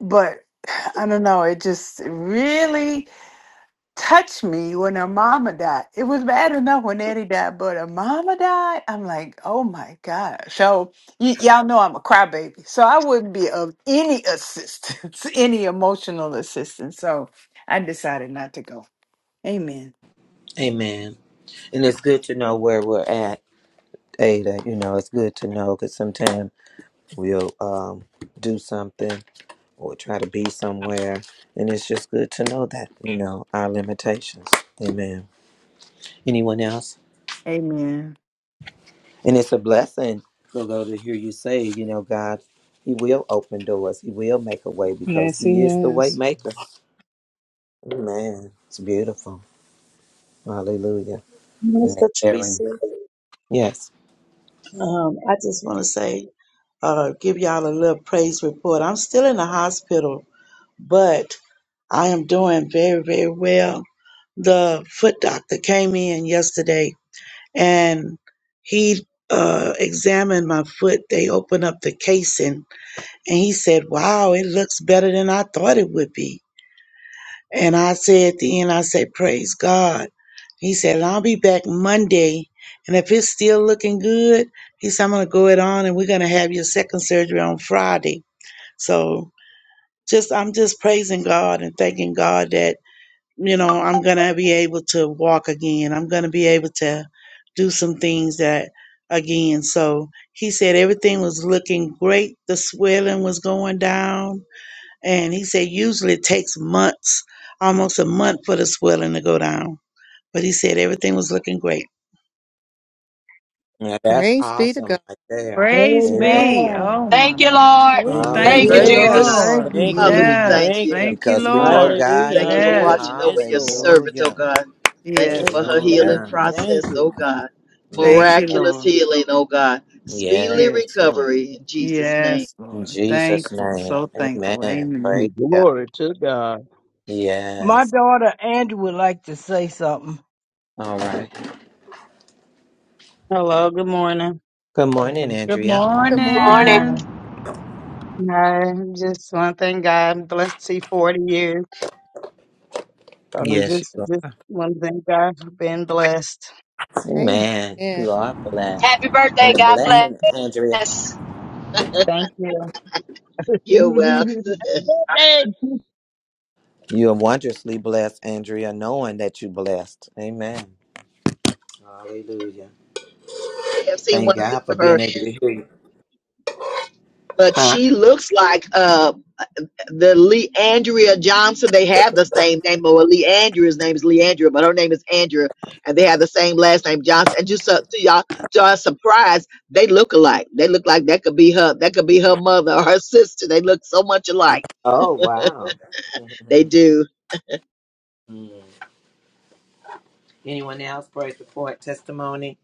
Speaker 15: But <sighs> I don't know. It just really touched me when her mama died. It was bad enough when Eddie died, but her mama died. I'm like, oh my god. So y- y'all know I'm a crybaby, so I wouldn't be of any assistance, <laughs> any emotional assistance. So I decided not to go. Amen.
Speaker 2: Amen. And it's good to know where we're at, Ada. You know, it's good to know because sometimes we'll um, do something or try to be somewhere. And it's just good to know that, you know, our limitations. Amen. Anyone else?
Speaker 15: Amen.
Speaker 2: And it's a blessing, Lolo, to hear you say, you know, God, He will open doors. He will make a way because
Speaker 3: Yes, he
Speaker 2: He is the way
Speaker 3: is.
Speaker 2: maker. Man, it's beautiful. Hallelujah. And that
Speaker 17: Minister
Speaker 2: caring.
Speaker 17: Teresa,
Speaker 2: Yes.
Speaker 17: um, I just want to say, uh, give y'all a little praise report. I'm still in the hospital, but I am doing very, very well. The foot doctor came in yesterday and he uh, examined my foot. They opened up the casing and he said, Wow, it looks better than I thought it would be. And I said at the end, I said, Praise God. He said, and I'll be back Monday. And if it's still looking good, he said, I'm going to go it on and we're going to have your second surgery on Friday. So just, I'm just praising God and thanking God that, you know, I'm going to be able to walk again. I'm going to be able to do some things that again. So he said everything was looking great. The swelling was going down and he said usually it takes months, almost a month for the swelling to go down. But he said everything was looking great.
Speaker 2: Now that's
Speaker 1: Praise be to
Speaker 2: awesome
Speaker 1: God.
Speaker 2: right there.
Speaker 15: Praise
Speaker 2: Amen.
Speaker 15: be.
Speaker 10: amen.
Speaker 15: Oh
Speaker 7: Thank you,
Speaker 15: my.
Speaker 7: Lord.
Speaker 15: Oh,
Speaker 14: Amen.
Speaker 15: thank
Speaker 7: Thank you,
Speaker 15: you,
Speaker 8: Praise
Speaker 14: Thank you,
Speaker 10: Yeah,
Speaker 2: Hallelujah.
Speaker 14: Jesus.
Speaker 7: Jesus.
Speaker 10: thank
Speaker 15: Lord.
Speaker 10: you,
Speaker 14: Thank you,
Speaker 8: Father,
Speaker 14: Lord.
Speaker 8: we
Speaker 10: Jesus.
Speaker 15: Yes.
Speaker 8: thank
Speaker 14: Thank
Speaker 8: you.
Speaker 14: you.
Speaker 15: Thank you,
Speaker 2: Because we know
Speaker 15: Lord.
Speaker 8: We
Speaker 2: God
Speaker 14: Hallelujah.
Speaker 8: thank you for
Speaker 2: is.
Speaker 15: Yes.
Speaker 14: Hallelujah.
Speaker 8: watching over
Speaker 14: Yes,
Speaker 8: your
Speaker 14: Lord.
Speaker 8: servant, oh
Speaker 2: Hallelujah.
Speaker 8: God. Thank you
Speaker 15: Yes,
Speaker 8: for
Speaker 14: Thank
Speaker 2: Yes,
Speaker 8: her
Speaker 14: you.
Speaker 15: Lord.
Speaker 8: healing
Speaker 14: Thank
Speaker 2: God.
Speaker 14: you. Thank
Speaker 8: process, oh
Speaker 14: you.
Speaker 8: God.
Speaker 15: Thank
Speaker 2: Yes,
Speaker 15: you,
Speaker 2: God.
Speaker 8: Miraculous
Speaker 15: Lord.
Speaker 8: healing, oh God.
Speaker 2: Yeah.
Speaker 8: Speedily
Speaker 15: Yes, Lord.
Speaker 8: recovery in Jesus' name.
Speaker 15: Yes,
Speaker 2: In
Speaker 15: Lord.
Speaker 2: Jesus'
Speaker 15: Thankful.
Speaker 2: name.
Speaker 15: So thankful.
Speaker 2: Amen. Praise
Speaker 15: Amen.
Speaker 2: God.
Speaker 9: Glory to God.
Speaker 10: My
Speaker 2: Yes.
Speaker 10: daughter Andrew would like to say something.
Speaker 2: All right.
Speaker 10: Hello, good morning.
Speaker 2: Good
Speaker 10: Hi.
Speaker 2: morning,
Speaker 15: Good
Speaker 2: Andrea.
Speaker 1: Good
Speaker 7: Good
Speaker 1: morning.
Speaker 7: morning.
Speaker 15: morning.
Speaker 10: Hi. Just want to thank God. I'm blessed to see 40 years. So
Speaker 2: Yes,
Speaker 10: just
Speaker 2: you are.
Speaker 10: just want to thank God for being blessed.
Speaker 2: Amen.
Speaker 1: Oh,
Speaker 2: You are blessed.
Speaker 7: Happy
Speaker 2: And
Speaker 7: birthday.
Speaker 2: the
Speaker 7: God bless.
Speaker 10: Thank,
Speaker 2: blessing, Andrea,
Speaker 7: Yes.
Speaker 10: thank you.
Speaker 8: You're welcome.
Speaker 10: <laughs>
Speaker 8: <laughs>
Speaker 9: Hey,
Speaker 2: you are wondrously blessed, Andrea, knowing that you blessed. Amen. Hallelujah.
Speaker 8: have seen one
Speaker 2: Thank
Speaker 8: picture
Speaker 2: God for
Speaker 8: of
Speaker 2: being
Speaker 8: her,
Speaker 2: able to hear you.
Speaker 8: but
Speaker 2: Huh?
Speaker 8: she looks like uh the Lee Andrea Johnson. They have the same name, or Lee Andrea's name is Lee Andrea, but her name is Andrea, and they have the same last name Johnson. And just uh, to y'all, to our surprise, they look alike. They look like that could be her. That could be her mother or her sister. They look so much alike.
Speaker 2: Oh, wow. <laughs>
Speaker 8: They do.
Speaker 2: Mm. Anyone else? Praise report, testimony.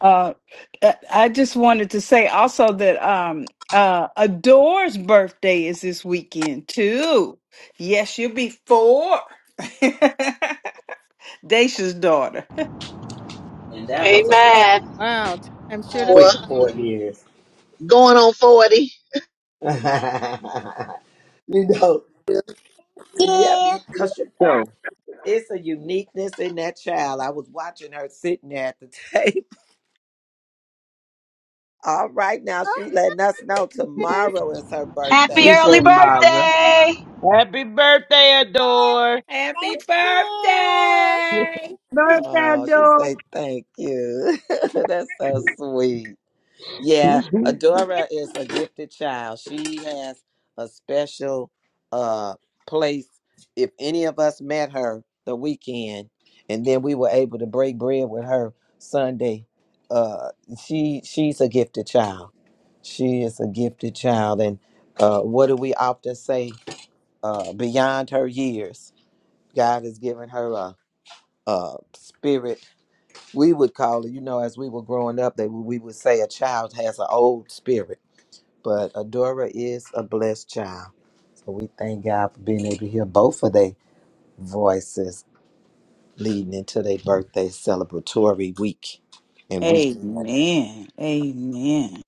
Speaker 15: Uh, I I just wanted to say also that um, uh, Adore's birthday is this weekend too. Yes, you'll be four. <laughs> Dacia's daughter.
Speaker 2: And that was a
Speaker 7: Amen.
Speaker 1: wow. Time sure does.
Speaker 8: Or
Speaker 2: quick four years.
Speaker 8: going on forty.
Speaker 2: <laughs> you know,
Speaker 18: you.
Speaker 2: yeah, because you,
Speaker 9: so,
Speaker 2: it's a uniqueness in that child. I was watching her sitting there at the <laughs> table. All right, now
Speaker 1: come.
Speaker 2: she's letting us know tomorrow is her
Speaker 7: Happy
Speaker 9: she
Speaker 2: birthday.
Speaker 7: early
Speaker 9: said, Myra,
Speaker 7: birthday!
Speaker 9: happy birthday,
Speaker 18: Thank
Speaker 9: Adore.
Speaker 15: Happy
Speaker 18: you.
Speaker 15: birthday!
Speaker 10: Birthday
Speaker 2: Oh, she
Speaker 10: dog.
Speaker 2: say thank you. <laughs> That's so sweet. Yeah,
Speaker 9: <laughs>
Speaker 2: Adora is a gifted child. She has a special uh place. If any of us met her the weekend, and then we were able to break bread with her Sunday, uh, she she's a gifted child. She is a gifted child, and uh, what do we often say? uh, beyond her years. God has given her a, a spirit. We would call it, you know, as we were growing up, that we would say a child has an old spirit. But Adora is a blessed child. So we thank God for being able to hear both of their voices leading into their birthday celebratory week and weekend.
Speaker 15: Amen. Amen.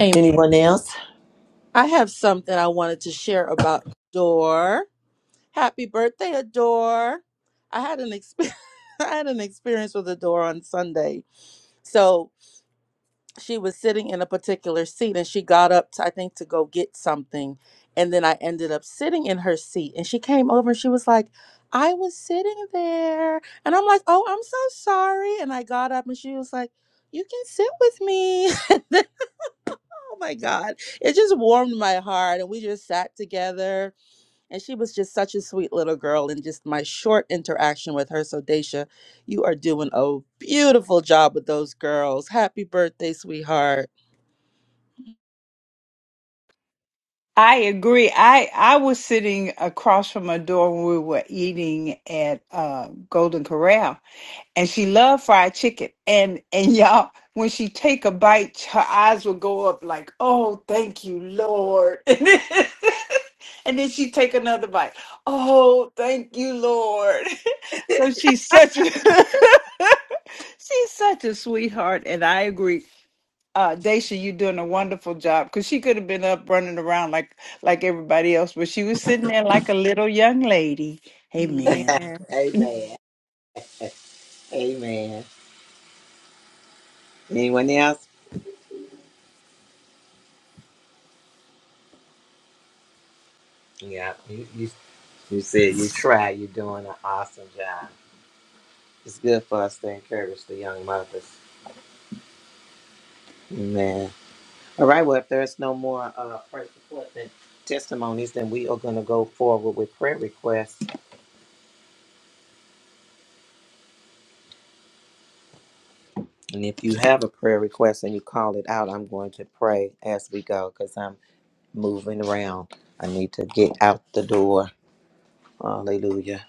Speaker 12: Amen.
Speaker 2: Anyone else?
Speaker 12: I have something I wanted to share about Adore. Happy birthday, Adore. I had an experience. <laughs> I had an experience with Adore on Sunday. So she was sitting in a particular seat and she got up, to, I think, to go get something. And then I ended up sitting in her seat and she came over and she was like, I was sitting there. And I'm like, oh, I'm so sorry. And I got up and she was like, you can sit with me. <laughs> oh my God. It just warmed my heart. And we just sat together. And she was just such a sweet little girl. And just my short interaction with her. So, Daisha, you are doing a beautiful job with those girls. Happy birthday, sweetheart.
Speaker 15: I agree. I I was sitting across from her door when we were eating at uh, Golden Corral, and she loved fried chicken. And and y'all, when she take a bite, her eyes would go up like, "Oh, thank you, Lord." <laughs> And then, and then she take another bite. Oh, thank you, Lord. <laughs> So she's such. a. <laughs> She's such a sweetheart, and I agree. Uh, Daisha, you're doing a wonderful job because she could have been up running around like like everybody else, but she was sitting there like a little young lady. Amen.
Speaker 1: Amen.
Speaker 2: <laughs> Amen. Amen. Anyone else? Yeah, you, you, you said you tried. You're doing an awesome job. It's good for us to encourage the young mothers. Amen. All right, well, if there's no more uh, praise reports and testimonies, then we are going to go forward with prayer requests. And if you have a prayer request and you call it out, I'm going to pray as we go because I'm moving around. I need to get out the door. Hallelujah.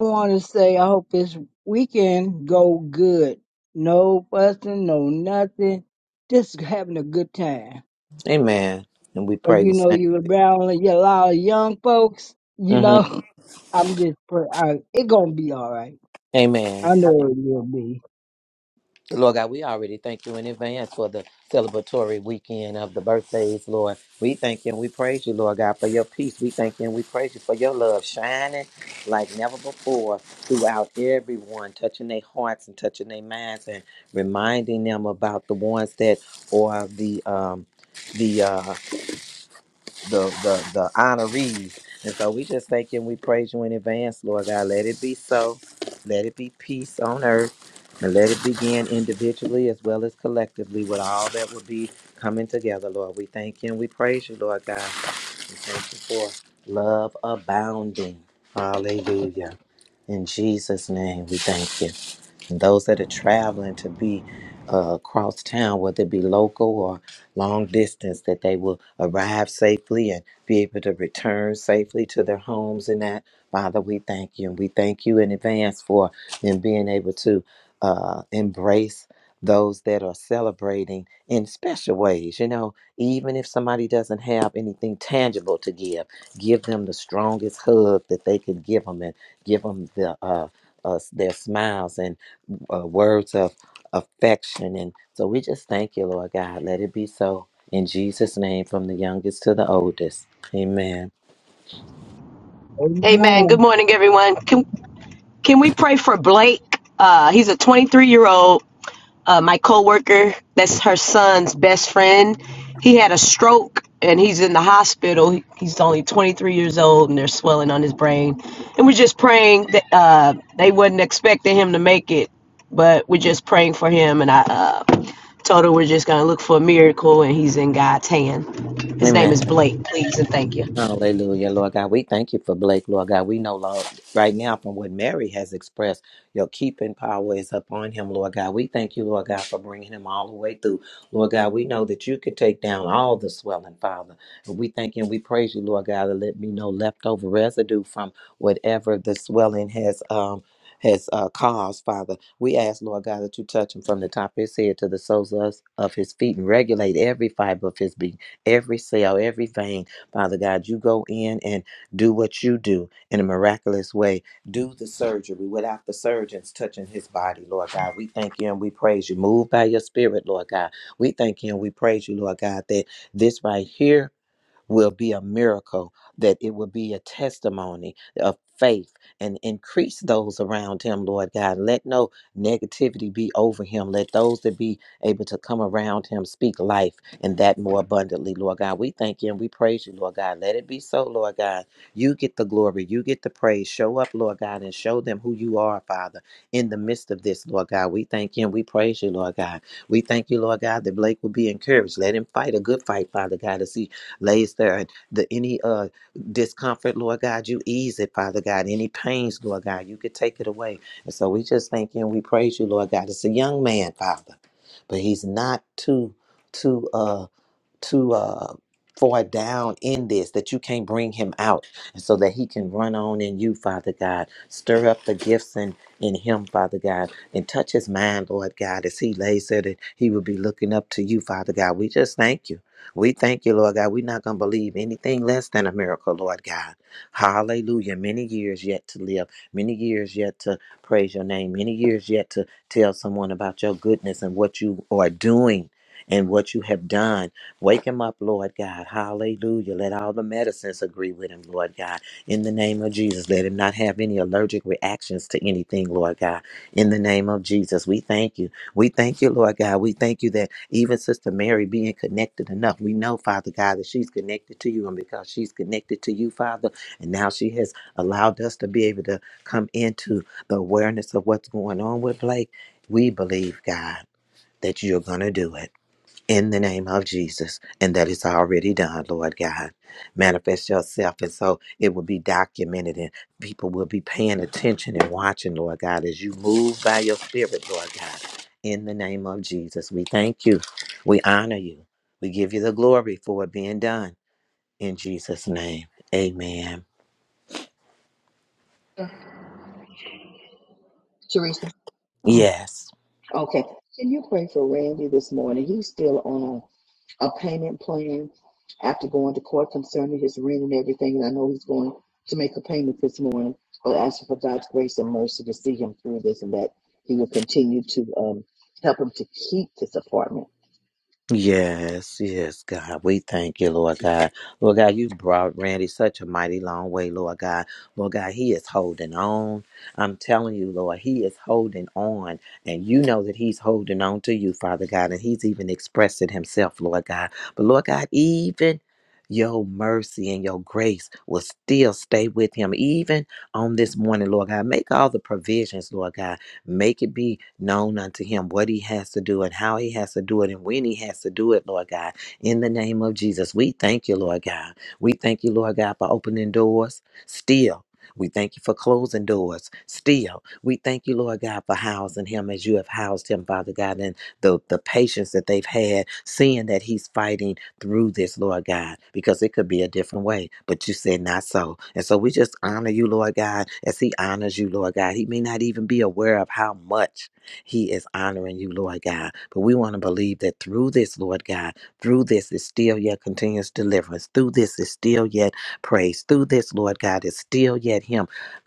Speaker 10: I want to say I hope this weekend go good. No fussing, no nothing. Just having a good time.
Speaker 2: Amen. And we
Speaker 10: Or
Speaker 2: pray
Speaker 10: you
Speaker 2: the
Speaker 10: know,
Speaker 2: same.
Speaker 10: you around you a lot of young folks. You
Speaker 2: hmm
Speaker 10: know, <laughs> I'm just pray. I, it gonna be all right.
Speaker 2: Amen.
Speaker 10: I know it will be.
Speaker 2: Lord God, we already thank you in advance for the celebratory weekend of the birthdays, Lord. We thank you and we praise you, Lord God, for your peace. We thank you and we praise you for your love shining like never before throughout everyone, touching their hearts and touching their minds and reminding them about the ones that or the um the uh the the the honorees. And so we just thank you and we praise you in advance, Lord God. Let it be so. Let it be peace on earth. And let it begin individually as well as collectively with all that will be coming together, Lord. We thank you and we praise you, Lord God. We thank you for love abounding. Hallelujah. In Jesus' name, we thank you. And those that are traveling to be uh, across town, whether it be local or long distance, that they will arrive safely and be able to return safely to their homes. And that, Father, we thank you. And we thank you in advance for them being able to uh, embrace those that are celebrating in special ways. You know, even if somebody doesn't have anything tangible to give, give them the strongest hug that they could give them and give them the, uh, uh, their smiles and uh, words of affection. And so we just thank you, Lord God. Let it be so in Jesus' name, from the youngest to the oldest. Amen.
Speaker 7: Amen. Good
Speaker 10: Amen.
Speaker 7: morning, everyone. Can can we pray for Blake? Uh, he's a 23 year old. uh, my coworker, that's her son's best friend, he had a stroke and he's in the hospital. He- He's only 23 years old and there's swelling on his brain. And we're just praying that uh, they wasn't expecting him to make it, but we're just praying for him. And I uh, told her we're just going to look for a miracle and he's in God's hand. His name
Speaker 2: Amen.
Speaker 7: is Blake, please, and thank you.
Speaker 2: Hallelujah, Lord God. We thank you for Blake, Lord God. We know, Lord, right now from what Mary has expressed, your keeping power is upon him, Lord God. We thank you, Lord God, for bringing him all the way through. Lord God, we know that you could take down all the swelling, Father. And we thank you and we praise you, Lord God, to let me know leftover residue from whatever the swelling has um has uh, caused, Father. We ask, Lord God, that you touch him from the top of his head to the soles of of his feet and regulate every fiber of his being, every cell, every vein, Father God, you go in and do what you do in a miraculous way. Do the surgery without the surgeons touching his body, Lord God. We thank you and we praise you. Move by your spirit, Lord God. We thank you and we praise you, Lord God, that this right here will be a miracle, that it will be a testimony of faith and increase those around him, Lord God. Let no negativity be over him. Let those that be able to come around him speak life and that more abundantly, Lord God. We thank you and we praise you, Lord God. Let it be so, Lord God. You get the glory, you get the praise. Show up, Lord God, and show them who you are, Father, in the midst of this, Lord God. We thank you and we praise you, Lord God. We thank you, Lord God, that Blake will be encouraged. Let him fight a good fight, Father God, as he lays there. And the any uh discomfort, Lord God, you ease it, Father God. Any pains, Lord God, you could take it away. And so we just thank you and we praise you, Lord God. It's a young man, Father, but he's not too too. uh too uh far down in this that you can't bring him out and so that he can run on in you father god stir up the gifts in in him father god and touch his mind lord god as he lays there that he will be looking up to you father god we just thank you we thank you lord god we're not going to believe anything less than a miracle lord god hallelujah many years yet to live many years yet to praise your name many years yet to tell someone about your goodness and what you are doing and what you have done Wake him up, Lord God. Hallelujah. Let all the medicines agree with him, Lord God. In the name of Jesus, let him not have any allergic reactions to anything, Lord God. In the name of Jesus, we thank you. We thank you, Lord God. We thank you that even Sister Mary being connected enough, we know, Father God, that she's connected to you. And because she's connected to you, Father, and now she has allowed us to be able to come into the awareness of what's going on with Blake, we believe, God, that you're going to do it in the name of Jesus, and that it's already done, Lord God. Manifest yourself, and so it will be documented, and people will be paying attention and watching, Lord God, as you move by your spirit, Lord God. In the name of Jesus, we thank you. We honor you. We give you the glory for it being done. In Jesus' name, amen.
Speaker 8: Teresa.
Speaker 5: Oh,
Speaker 2: Yes.
Speaker 8: Okay. Can you pray for Randy this morning? He's still on. a payment plan after going to court concerning his rent and everything. And I know he's going to make a payment this morning, but asking for God's grace and mercy to see him through this and that he will continue to um, help him to keep this apartment.
Speaker 2: Yes, yes, God. We thank you,
Speaker 8: Thank
Speaker 2: Lord
Speaker 8: you.
Speaker 2: God. Lord God, you brought Randy such a mighty long way, Lord God. Lord God, he is holding on. I'm telling you, Lord, he is holding on. And you know that he's holding on to you, Father God. And he's even expressed it himself, Lord God. But Lord God, even your mercy and your grace will still stay with him, even on this morning, Lord God. Make all the provisions, Lord God. Make it be known unto him what he has to do and how he has to do it and when he has to do it, Lord God. In the name of Jesus, we thank you, Lord God. We thank you, Lord God, for opening doors still. We thank you for closing doors still. We thank you, Lord God, for housing him as you have housed him, Father God, and the, the patience that they've had, seeing that he's fighting through this, Lord God, because it could be a different way, but you said not so. And so we just honor you, Lord God, as He honors you, Lord God. He may not even be aware of how much He is honoring you, Lord God, but we want to believe that through this, Lord God, through this is still yet continuous deliverance. Through this is still yet praise. Through this, Lord God, is still yet Him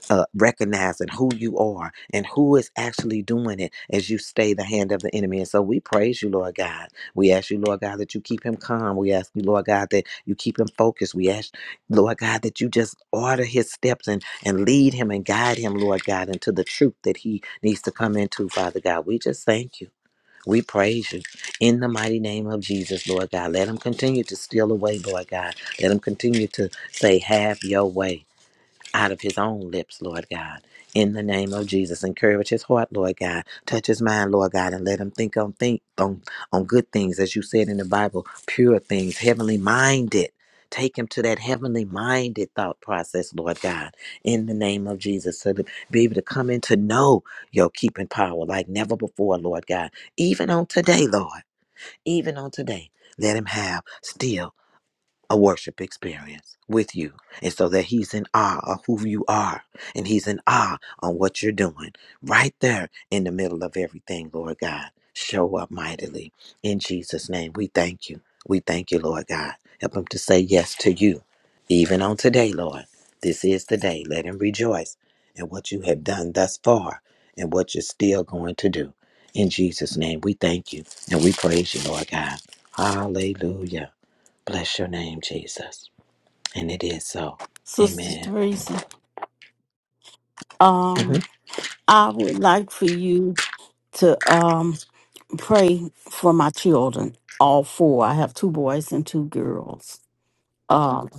Speaker 2: uh, recognizing who you are and who is actually doing it as you stay the hand of the enemy. And so we praise you, Lord God. We ask you, Lord God, that you keep him calm. We ask you, Lord God, that you keep him focused. We ask, Lord God, that you just order his steps and, and lead him and guide him, Lord God, into the truth that he needs to come into, Father God. We just thank you. We praise you in the mighty name of Jesus, Lord God. Let him continue to steal away, Lord God. Let him continue to say, Have your way out of his own lips, Lord God. In the name of Jesus, encourage his heart, Lord God. Touch his mind, Lord God, and let him think on think on, on good things, as you said in the Bible, pure things, heavenly minded. Take him to that heavenly minded thought process, Lord God, in the name of Jesus, so to be able to come in to know your keeping power like never before, Lord God. Even on today, Lord, even on today, let him have still a worship experience with you. And so that he's in awe of who you are and he's in awe on what you're doing right there in the middle of everything, Lord God. Show up mightily. In Jesus' name, we thank you. We thank you, Lord God. Help him to say yes to you, even on today, Lord. This is the day. Let him rejoice in what you have done thus far and what you're still going to do. In Jesus' name, we thank you and we praise you, Lord God. Hallelujah. Bless your name, Jesus. And it is so.
Speaker 5: Sister
Speaker 2: Amen.
Speaker 5: Teresa. um,
Speaker 2: Mhm.
Speaker 5: I would like for you to um pray for my children, all four. I have two boys and two girls. Um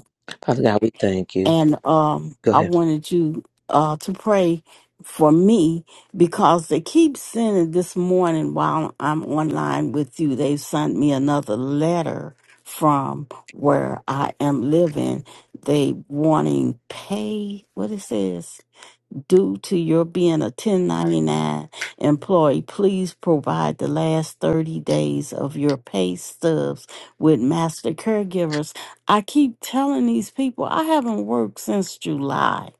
Speaker 2: Father God, we thank you.
Speaker 5: and um
Speaker 2: Go
Speaker 5: I
Speaker 2: ahead.
Speaker 5: wanted you uh to pray for me because they keep sending this morning while I'm online with you, they've sent me another letter from where I am living. They wanting pay what it says due to your being a 1099 employee, please provide the last 30 days of your pay stubs with master caregivers. I keep telling these people I haven't worked since July.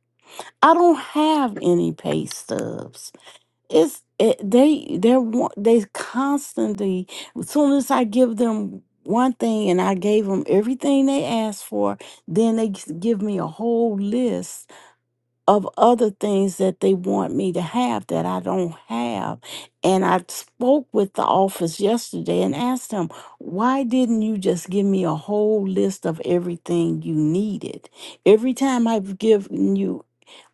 Speaker 5: I don't have any pay stubs. It's it, they they're wa- they constantly as soon as I give them one thing and I gave them everything they asked for, then they g- give me a whole list of other things that they want me to have that I don't have. And I spoke with the office yesterday and asked them, why didn't you just give me a whole list of everything you needed? Every time I've given you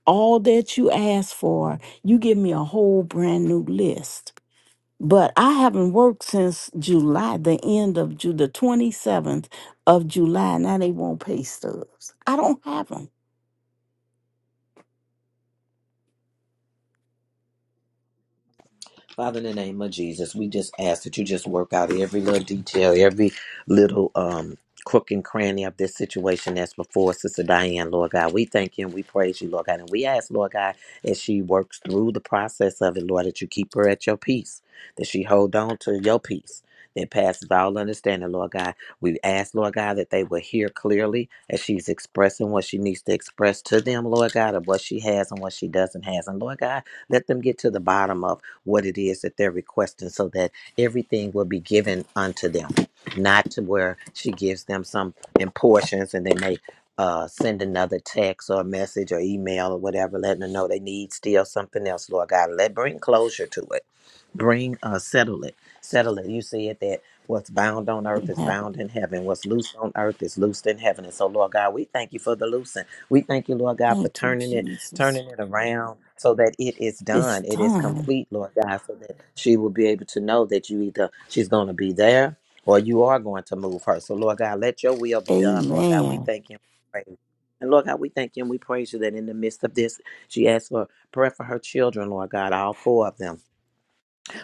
Speaker 5: all that you asked for, you give me a whole brand new list. But I haven't worked since July, the end of Ju- the 27th of July. Now they won't pay stubs. I don't have them.
Speaker 2: Father, in the name of Jesus, we just ask that you just work out every little detail, every little um crook and cranny of this situation that's before Sister Diane, Lord God. We thank you and we praise you, Lord God. And we ask, Lord God, as she works through the process of it, Lord, that you keep her at your peace, that she hold on to your peace. That passes all understanding, Lord God. We ask, Lord God, that they will hear clearly as she's expressing what she needs to express to them, Lord God, of what she has and what she doesn't have, And Lord God, let them get to the bottom of what it is that they're requesting so that everything will be given unto them, not to where she gives them some in portions and they may uh, send another text or a message or email or whatever, letting them know they need still something else, Lord God. Let bring closure to it bring uh settle it settle it you said that what's bound on earth
Speaker 5: Didn't
Speaker 2: is
Speaker 5: have 'em.
Speaker 2: bound in heaven what's loosed on earth is loosed in heaven and so lord god we thank you for the loosing we thank you lord god for
Speaker 5: Thank you,
Speaker 2: turning it
Speaker 5: Jesus.
Speaker 2: turning it around so that it is
Speaker 5: It's
Speaker 2: done it is
Speaker 5: done.
Speaker 2: complete lord god so that she will be able to know that you either she's going to be there or you are going to move her so lord god let your will be done lord god we
Speaker 5: Amen.
Speaker 2: thank you and praise you. And Lord God, we thank you and we praise you that in the midst of this, she asked for prayer for her children, Lord God, all four of them.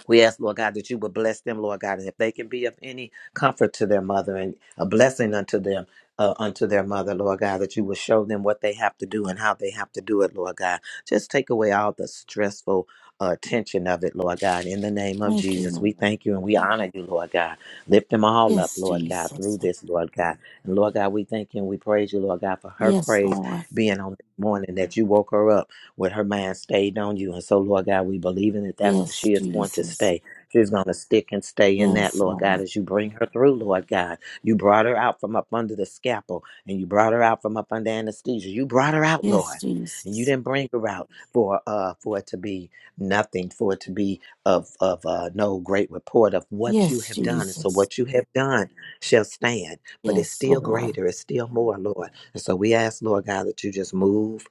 Speaker 2: We ask, Lord God, that you would bless them, Lord God, and if they can be of any comfort to their mother and a blessing unto them, uh, unto their mother, Lord God, that you will show them what they have to do and how they have to do it, Lord God. Just take away all the stressful uh, tension of it, Lord God. In the name of
Speaker 5: Thank you,
Speaker 2: Jesus, we
Speaker 5: Lord.
Speaker 2: thank you and we honor you, Lord God. Lift them all up,
Speaker 5: Yes,
Speaker 2: Lord God, through
Speaker 5: Jesus.
Speaker 2: this, Lord God. And Lord God, we thank you and we praise you, Lord God, for her
Speaker 5: Yes,
Speaker 2: praise
Speaker 5: Lord.
Speaker 2: being on this morning that you woke her up with her mind stayed on you. And so, Lord God, we believe in it. That's where
Speaker 5: Yes,
Speaker 2: she is going to
Speaker 5: Jesus.
Speaker 2: stay. She's going to stick and stay in that,
Speaker 5: Yes,
Speaker 2: Lord God,
Speaker 5: Lord.
Speaker 2: as you bring her through, Lord God. You brought her out from up under the scalpel and you brought her out from up under anesthesia. You brought her out,
Speaker 5: Yes,
Speaker 2: Lord. And you
Speaker 5: Jesus.
Speaker 2: didn't bring her out for uh for it to be nothing, for it to be of of uh, no great report of what you
Speaker 5: Yes,
Speaker 2: have done. And so
Speaker 5: Jesus.
Speaker 2: what you have done shall stand, but it's
Speaker 5: Yes,
Speaker 2: still
Speaker 5: Lord.
Speaker 2: greater, it's still more, Lord. And so we ask, Lord God, that you just move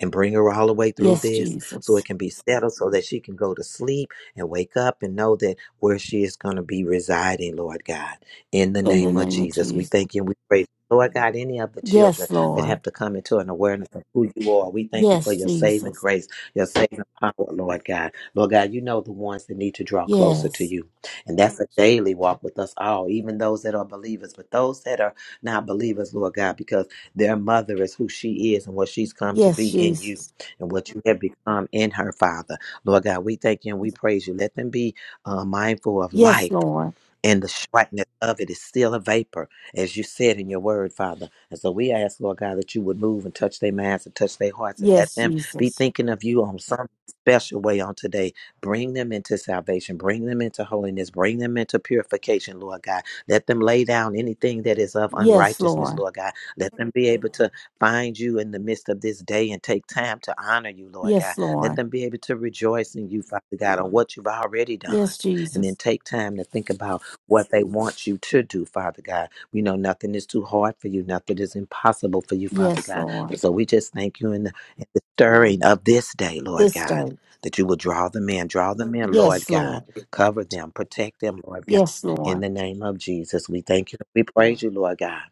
Speaker 2: and bring her all the way through
Speaker 5: Yes,
Speaker 2: this so
Speaker 5: Jesus.
Speaker 2: it can be settled so that she can go to sleep and wake up and know that where she is going to be residing, Lord God. In the
Speaker 5: In the
Speaker 2: name of
Speaker 5: name of
Speaker 2: Jesus, we
Speaker 5: Jesus.
Speaker 2: thank you and we praise. you. Lord God, any of the children
Speaker 5: Yes,
Speaker 2: that have
Speaker 5: Lord.
Speaker 2: to come into an awareness of who you are, we thank you for
Speaker 5: Yes,
Speaker 2: your saving
Speaker 5: Jesus.
Speaker 2: grace, your saving power, Lord God. Lord God, you know the ones that need to draw closer to
Speaker 5: Yes.
Speaker 2: you. And that's a daily walk with us all, even those that are believers, but those that are not believers, Lord God, because their mother is who she is and what she's come to be
Speaker 5: Yes,
Speaker 2: in you
Speaker 5: Jesus.
Speaker 2: and what you have become in her, Father. Lord God, we thank you and we praise you. Let them be uh, mindful of
Speaker 5: Yes,
Speaker 2: life
Speaker 5: Lord.
Speaker 2: and the brightness of it is still a vapor, as you said in your word, Father. And so we ask, Lord God, that you would move and touch their minds and touch their hearts and let
Speaker 5: Yes,
Speaker 2: them be
Speaker 5: Jesus.
Speaker 2: thinking of you on some special way on today. Bring them into salvation, bring them into holiness, bring them into purification, Lord God. Let them lay down anything that is of
Speaker 5: Yes,
Speaker 2: unrighteousness,
Speaker 5: Lord.
Speaker 2: Lord God. Let them be able to find you in the midst of this day and take time to honor you, Lord God.
Speaker 5: Yes,
Speaker 2: Let
Speaker 5: Lord.
Speaker 2: them be able to rejoice in you, Father God, on what you've already done.
Speaker 5: Yes,
Speaker 2: And then
Speaker 5: Jesus.
Speaker 2: take time to think about what they want you to do, Father God. We know nothing is too hard for you, nothing is impossible for you, Father
Speaker 5: Yes,
Speaker 2: God.
Speaker 5: Lord.
Speaker 2: And so we just thank you in the, in the stirring of this day, Lord
Speaker 5: This
Speaker 2: God,
Speaker 5: day.
Speaker 2: that you will draw them in, draw them in, Lord
Speaker 5: Yes,
Speaker 2: God.
Speaker 5: Lord.
Speaker 2: Cover them, protect them, Lord God.
Speaker 5: Yes,
Speaker 2: In
Speaker 5: Lord.
Speaker 2: the name of Jesus, we thank you. We praise you, Lord God.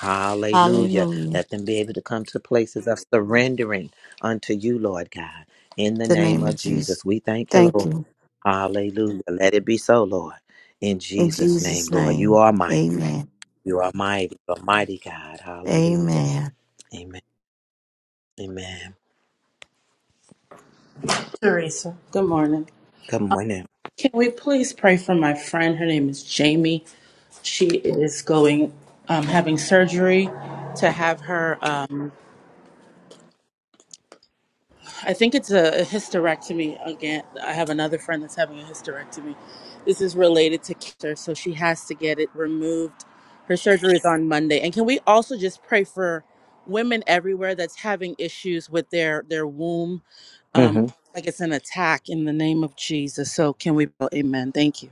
Speaker 2: Hallelujah.
Speaker 5: Hallelujah.
Speaker 2: Let them be able to come to places of surrendering unto you, Lord God. In the
Speaker 5: The
Speaker 2: name
Speaker 5: name of
Speaker 2: of
Speaker 5: Jesus.
Speaker 2: Jesus, we thank you, Lord.
Speaker 5: Thank you.
Speaker 2: Hallelujah. Let it be so, Lord. In
Speaker 5: In
Speaker 2: Jesus' name,
Speaker 5: Jesus'
Speaker 2: Lord. You
Speaker 5: name.
Speaker 2: are mighty.
Speaker 5: Amen.
Speaker 2: You are mighty. You are mighty God. Hallelujah.
Speaker 5: Amen.
Speaker 2: Amen. Amen.
Speaker 12: Teresa, good morning.
Speaker 2: Good morning.
Speaker 12: Can we please pray for my friend? Her name is Jamie. She is going, um, having surgery to have her. Um, I think it's a, a hysterectomy again. I have another friend that's having a hysterectomy. This is related to cancer, so she has to get it removed. Her surgery is on Monday. And can we also just pray for women everywhere that's having issues with their their womb? Um, like it's an attack in the name of Jesus. So can we? Amen. Thank you.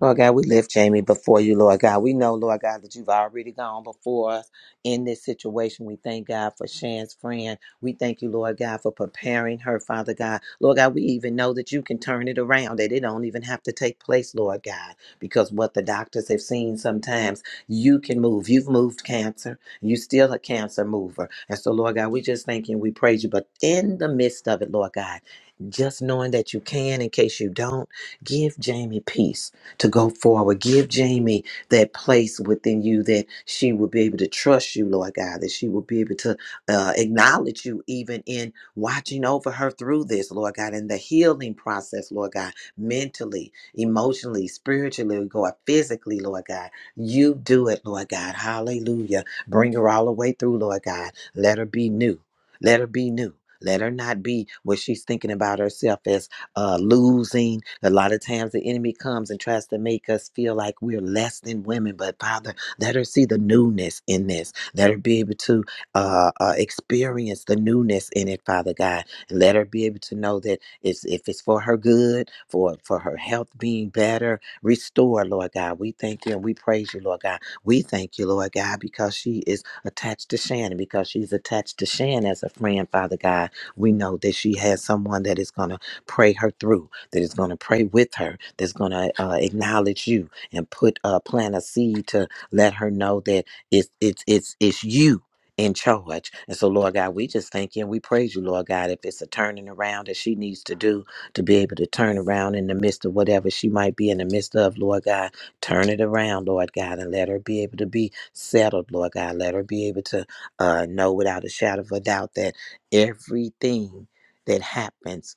Speaker 2: Lord God, we lift Jamie before you, Lord God. We know, Lord God, that you've already gone before us in this situation. We thank God for Shan's friend. We thank you, Lord God, for preparing her, Father God. Lord God, we even know that you can turn it around, that it don't even have to take place, Lord God, because what the doctors have seen sometimes, you can move. You've moved cancer. You still a cancer mover. And so, Lord God, we just thank you and we praise you. But in the midst of it, Lord God, just knowing that you can in case you don't, give Jamie peace to go forward. Give Jamie that place within you that she will be able to trust you, Lord God, that she will be able to uh, acknowledge you even in watching over her through this, Lord God, in the healing process, Lord God, mentally, emotionally, spiritually, God, physically, Lord God. You do it, Lord God. Hallelujah. Bring her all the way through, Lord God. Let her be new. Let her be new. Let her not be what she's thinking about herself as uh, losing. A lot of times the enemy comes and tries to make us feel like we're less than women. But Father, let her see the newness in this. Let her be able to uh, uh, experience the newness in it, Father God. And let her be able to know that it's, if it's for her good, for, for her health being better, restore, Lord God. We thank you and we praise you, Lord God. We thank you, Lord God, because she is attached to Shannon, because she's attached to Shan as a friend, Father God. We know that she has someone that is going to pray her through, that is going to pray with her, that's going to uh, acknowledge you and put uh, plant a seed to let her know that it's it's it's it's you in charge. And so, Lord God, we just thank you and we praise you, Lord God, if it's a turning around that she needs to do to be able to turn around in the midst of whatever she might be in the midst of, Lord God, turn it around, Lord God, and let her be able to be settled, Lord God. Let her be able to uh, know without a shadow of a doubt that everything that happens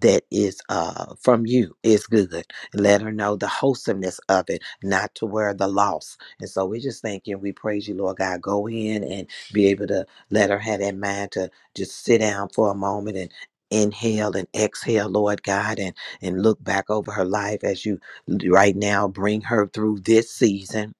Speaker 2: that is uh, from you is good. Let her know the wholesomeness of it, not to wear the loss. And so we just thank you and we praise you, Lord God. Go in and be able to let her have that mind to just sit down for a moment and inhale and exhale lord god and and look back over her life as you right now bring her through this season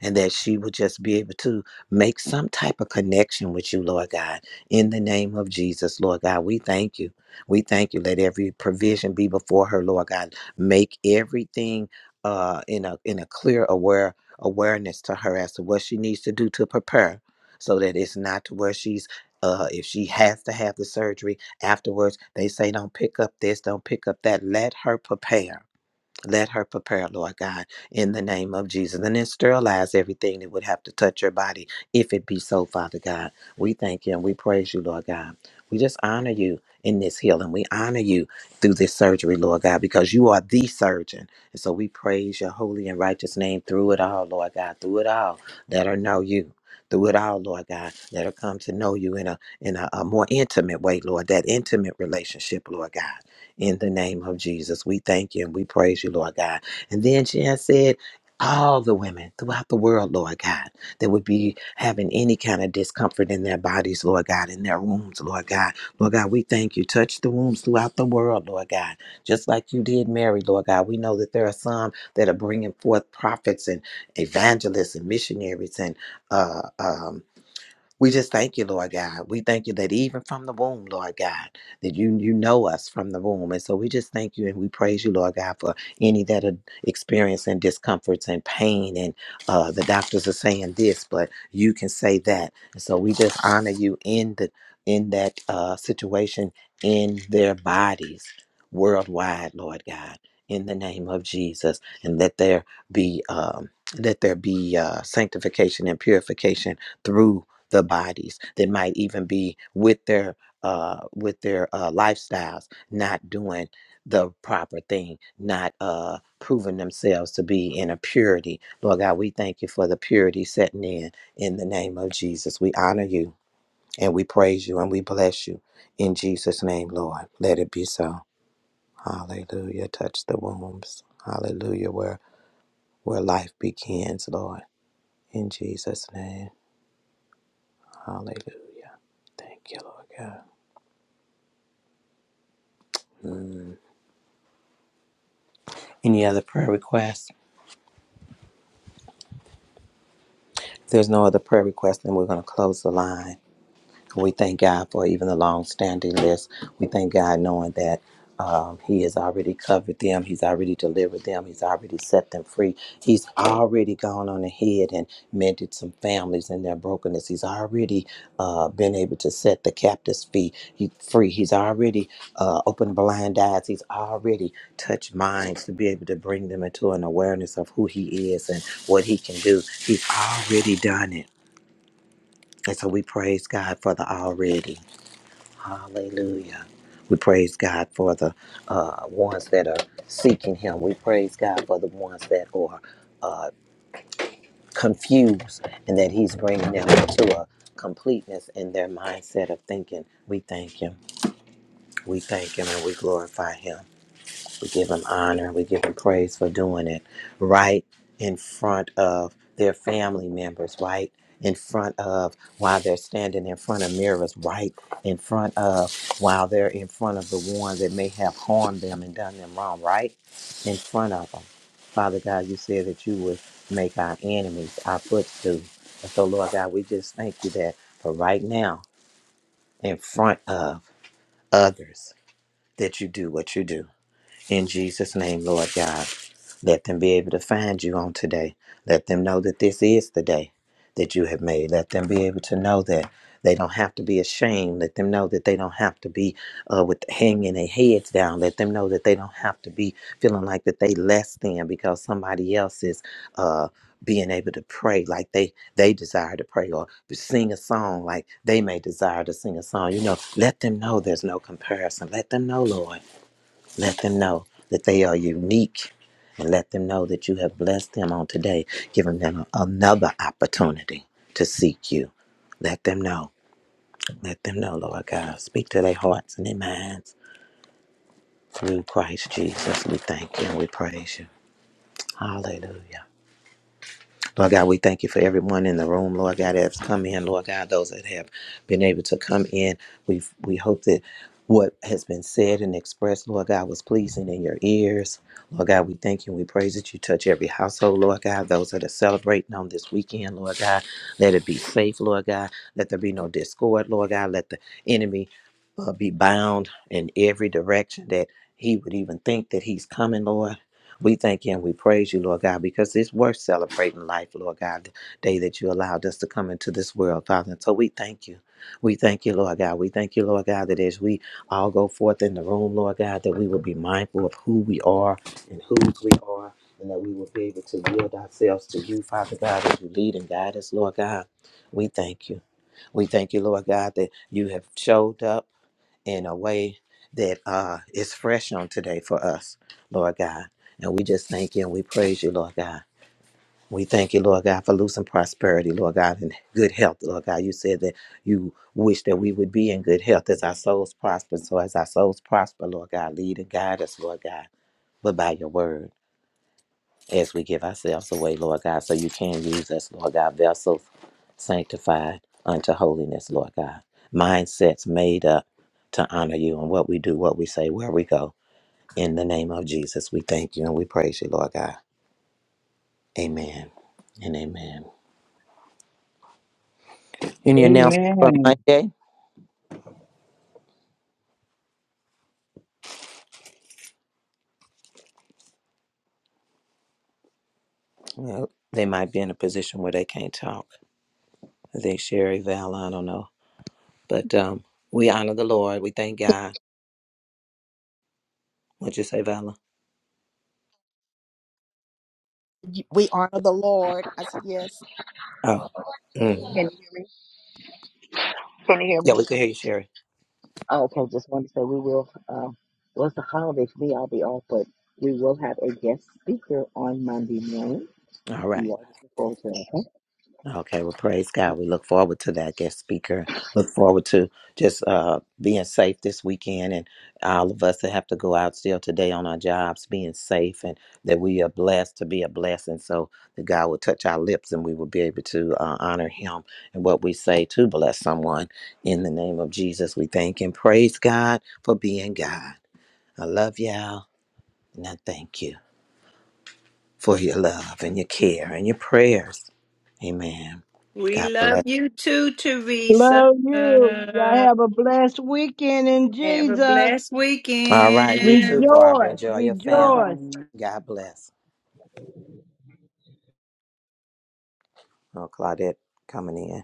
Speaker 2: and that she would just be able to make some type of connection with you, Lord God. In the name of Jesus, Lord God, we thank you. We thank you. Let every provision be before her, Lord God. Make everything uh, in a in a clear aware awareness to her as to what she needs to do to prepare, so that it's not to where she's. Uh, if she has to have the surgery afterwards, they say don't pick up this, don't pick up that. Let her prepare let her prepare, Lord God, in the name of Jesus. And then sterilize everything that would have to touch her body if it be so, Father God. We thank you and we praise you, Lord God. We just honor you in this healing. We honor you through this surgery, Lord God, because you are the surgeon. And so we praise your holy and righteous name through it all, Lord God. Through it all, let her know you. Through it all, Lord God, let her come to know you in a in a, a more intimate way, Lord. That intimate relationship, Lord God in the name of Jesus. We thank you and we praise you, Lord God. And then she has said, all the women throughout the world, Lord God, that would be having any kind of discomfort in their bodies, Lord God, in their wombs, Lord God. Lord God, we thank you. Touch the wombs throughout the world, Lord God, just like you did Mary, Lord God. We know that there are some that are bringing forth prophets and evangelists and missionaries and uh, um, we just thank you, Lord God. We thank you that even from the womb, Lord God, that you you know us from the womb. And so we just thank you and we praise you, Lord God, for any that are experiencing discomforts and pain. And uh, the doctors are saying this, but you can say that. And so we just honor you in the in that uh, situation in their bodies worldwide, Lord God, in the name of Jesus, and let there be um, let there be uh, sanctification and purification through the bodies that might even be with their uh with their uh lifestyles not doing the proper thing not uh proving themselves to be in a purity lord god we thank you for the purity setting in in the name of jesus we honor you and we praise you and we bless you in jesus name lord let it be so hallelujah touch the wombs hallelujah where where life begins lord in jesus name hallelujah thank you lord god Any other prayer requests? If there's no other prayer requests, then we're going to close the line. We thank God for even the long-standing list. We thank God knowing that um, He has already covered them. He's already delivered them. He's already set them free. He's already gone on ahead and mended some families in their brokenness. He's already uh, been able to set the captives free. He, free. He's already uh, opened blind eyes. He's already touched minds to be able to bring them into an awareness of who He is and what He can do. He's already done it. And so we praise God for the already. Hallelujah. We praise God for the uh, ones that are seeking Him. We praise God for the ones that are uh, confused and that He's bringing them to a completeness in their mindset of thinking. We thank Him. We thank Him and we glorify Him. We give them honor. We give them praise for doing it right in front of their family members, right in front of while they're standing in front of mirrors, right in front of while they're in front of the ones that may have harmed them and done them wrong, right in front of them. Father God, you said that you would make our enemies our footstool. And so, Lord God, we just thank you that for right now, in front of others, that you do what you do. In Jesus' name, Lord God, let them be able to find you on today. Let them know that this is the day that you have made. Let them be able to know that they don't have to be ashamed. Let them know that they don't have to be uh, with hanging their heads down. Let them know that they don't have to be feeling like that they less than because somebody else is uh, being able to pray like they they desire to pray or sing a song like they may desire to sing a song. You know, let them know there's no comparison. Let them know, Lord. Let them know that they are unique and let them know that you have blessed them on today, giving them another opportunity to seek you. Let them know. Let them know, Lord God. Speak to their hearts and their minds through Christ Jesus. We thank you and we praise you. Hallelujah. Lord God, we thank you for everyone in the room, Lord God, that's come in, Lord God, those that have been able to come in. We we hope that what has been said and expressed, Lord God, was pleasing in your ears. Lord God, we thank you and we praise that you touch every household, Lord God. Those that are celebrating on this weekend, Lord God, let it be safe, Lord God. Let there be no discord, Lord God. Let the enemy uh, be bound in every direction that he would even think that he's coming, Lord. We thank you and we praise you, Lord God, because it's worth celebrating life, Lord God, the day that you allowed us to come into this world, Father. And so we thank you. We thank you, Lord God. We thank you, Lord God, that as we all go forth in the room, Lord God, that we will be mindful of who we are and whose we are, and that we will be able to yield ourselves to you, Father God, as you lead and guide us, Lord God. We thank you. We thank you, Lord God, that you have showed up in a way that uh, is fresh on today for us, Lord God. And we just thank you and we praise you, Lord God. We thank you, Lord God, for losing prosperity, Lord God, and good health, Lord God. You said that you wish that we would be in good health as our souls prosper. So as our souls prosper, Lord God, lead and guide us, Lord God, but by your word as we give ourselves away, Lord God, so you can use us, Lord God, vessels sanctified unto holiness, Lord God. Mindsets made up to honor you and what we do, what we say, where we go. In the name of Jesus, we thank you and we praise you, Lord God. Amen and amen. Any announcement for
Speaker 10: Amen.
Speaker 2: Monday? Well, they might be in a position where they can't talk. I think Sherry, Val, I don't know. But um, we honor the Lord. We thank God. What'd you say, Vala?
Speaker 1: We honor the Lord. I said, Yes.
Speaker 2: Oh, mm.
Speaker 8: Can you hear me? Can you hear
Speaker 2: yeah,
Speaker 8: me?
Speaker 2: we can hear you, Sherry.
Speaker 8: Oh, okay, just wanted to say we will, um, well, it's the holiday for me. I'll be off, but we will have a guest speaker on Monday morning.
Speaker 2: All right.
Speaker 8: You all just look forward to it,
Speaker 2: Okay, well, praise
Speaker 8: okay?
Speaker 2: God. We look forward to that guest speaker. Look forward to just uh, being safe this weekend and all of us that have to go out still today on our jobs, being safe and that we are blessed to be a blessing. So that God will touch our lips and we will be able to uh, honor Him and what we say to bless someone. In the name of Jesus, we thank and praise God for being God. I love y'all and I thank you for your love and your care and your prayers. Amen.
Speaker 15: We
Speaker 2: God bless.
Speaker 15: love you too, Teresa.
Speaker 10: Love you. Y'all have a blessed weekend in
Speaker 15: Have a
Speaker 10: Jesus.
Speaker 15: blessed
Speaker 2: All right, you too,
Speaker 15: weekend.
Speaker 2: Barbara.
Speaker 10: Rejoice.
Speaker 2: Enjoy your
Speaker 15: Bye
Speaker 2: family.
Speaker 10: Rejoice.
Speaker 15: bye.
Speaker 2: God bless. Oh, Claudette coming in.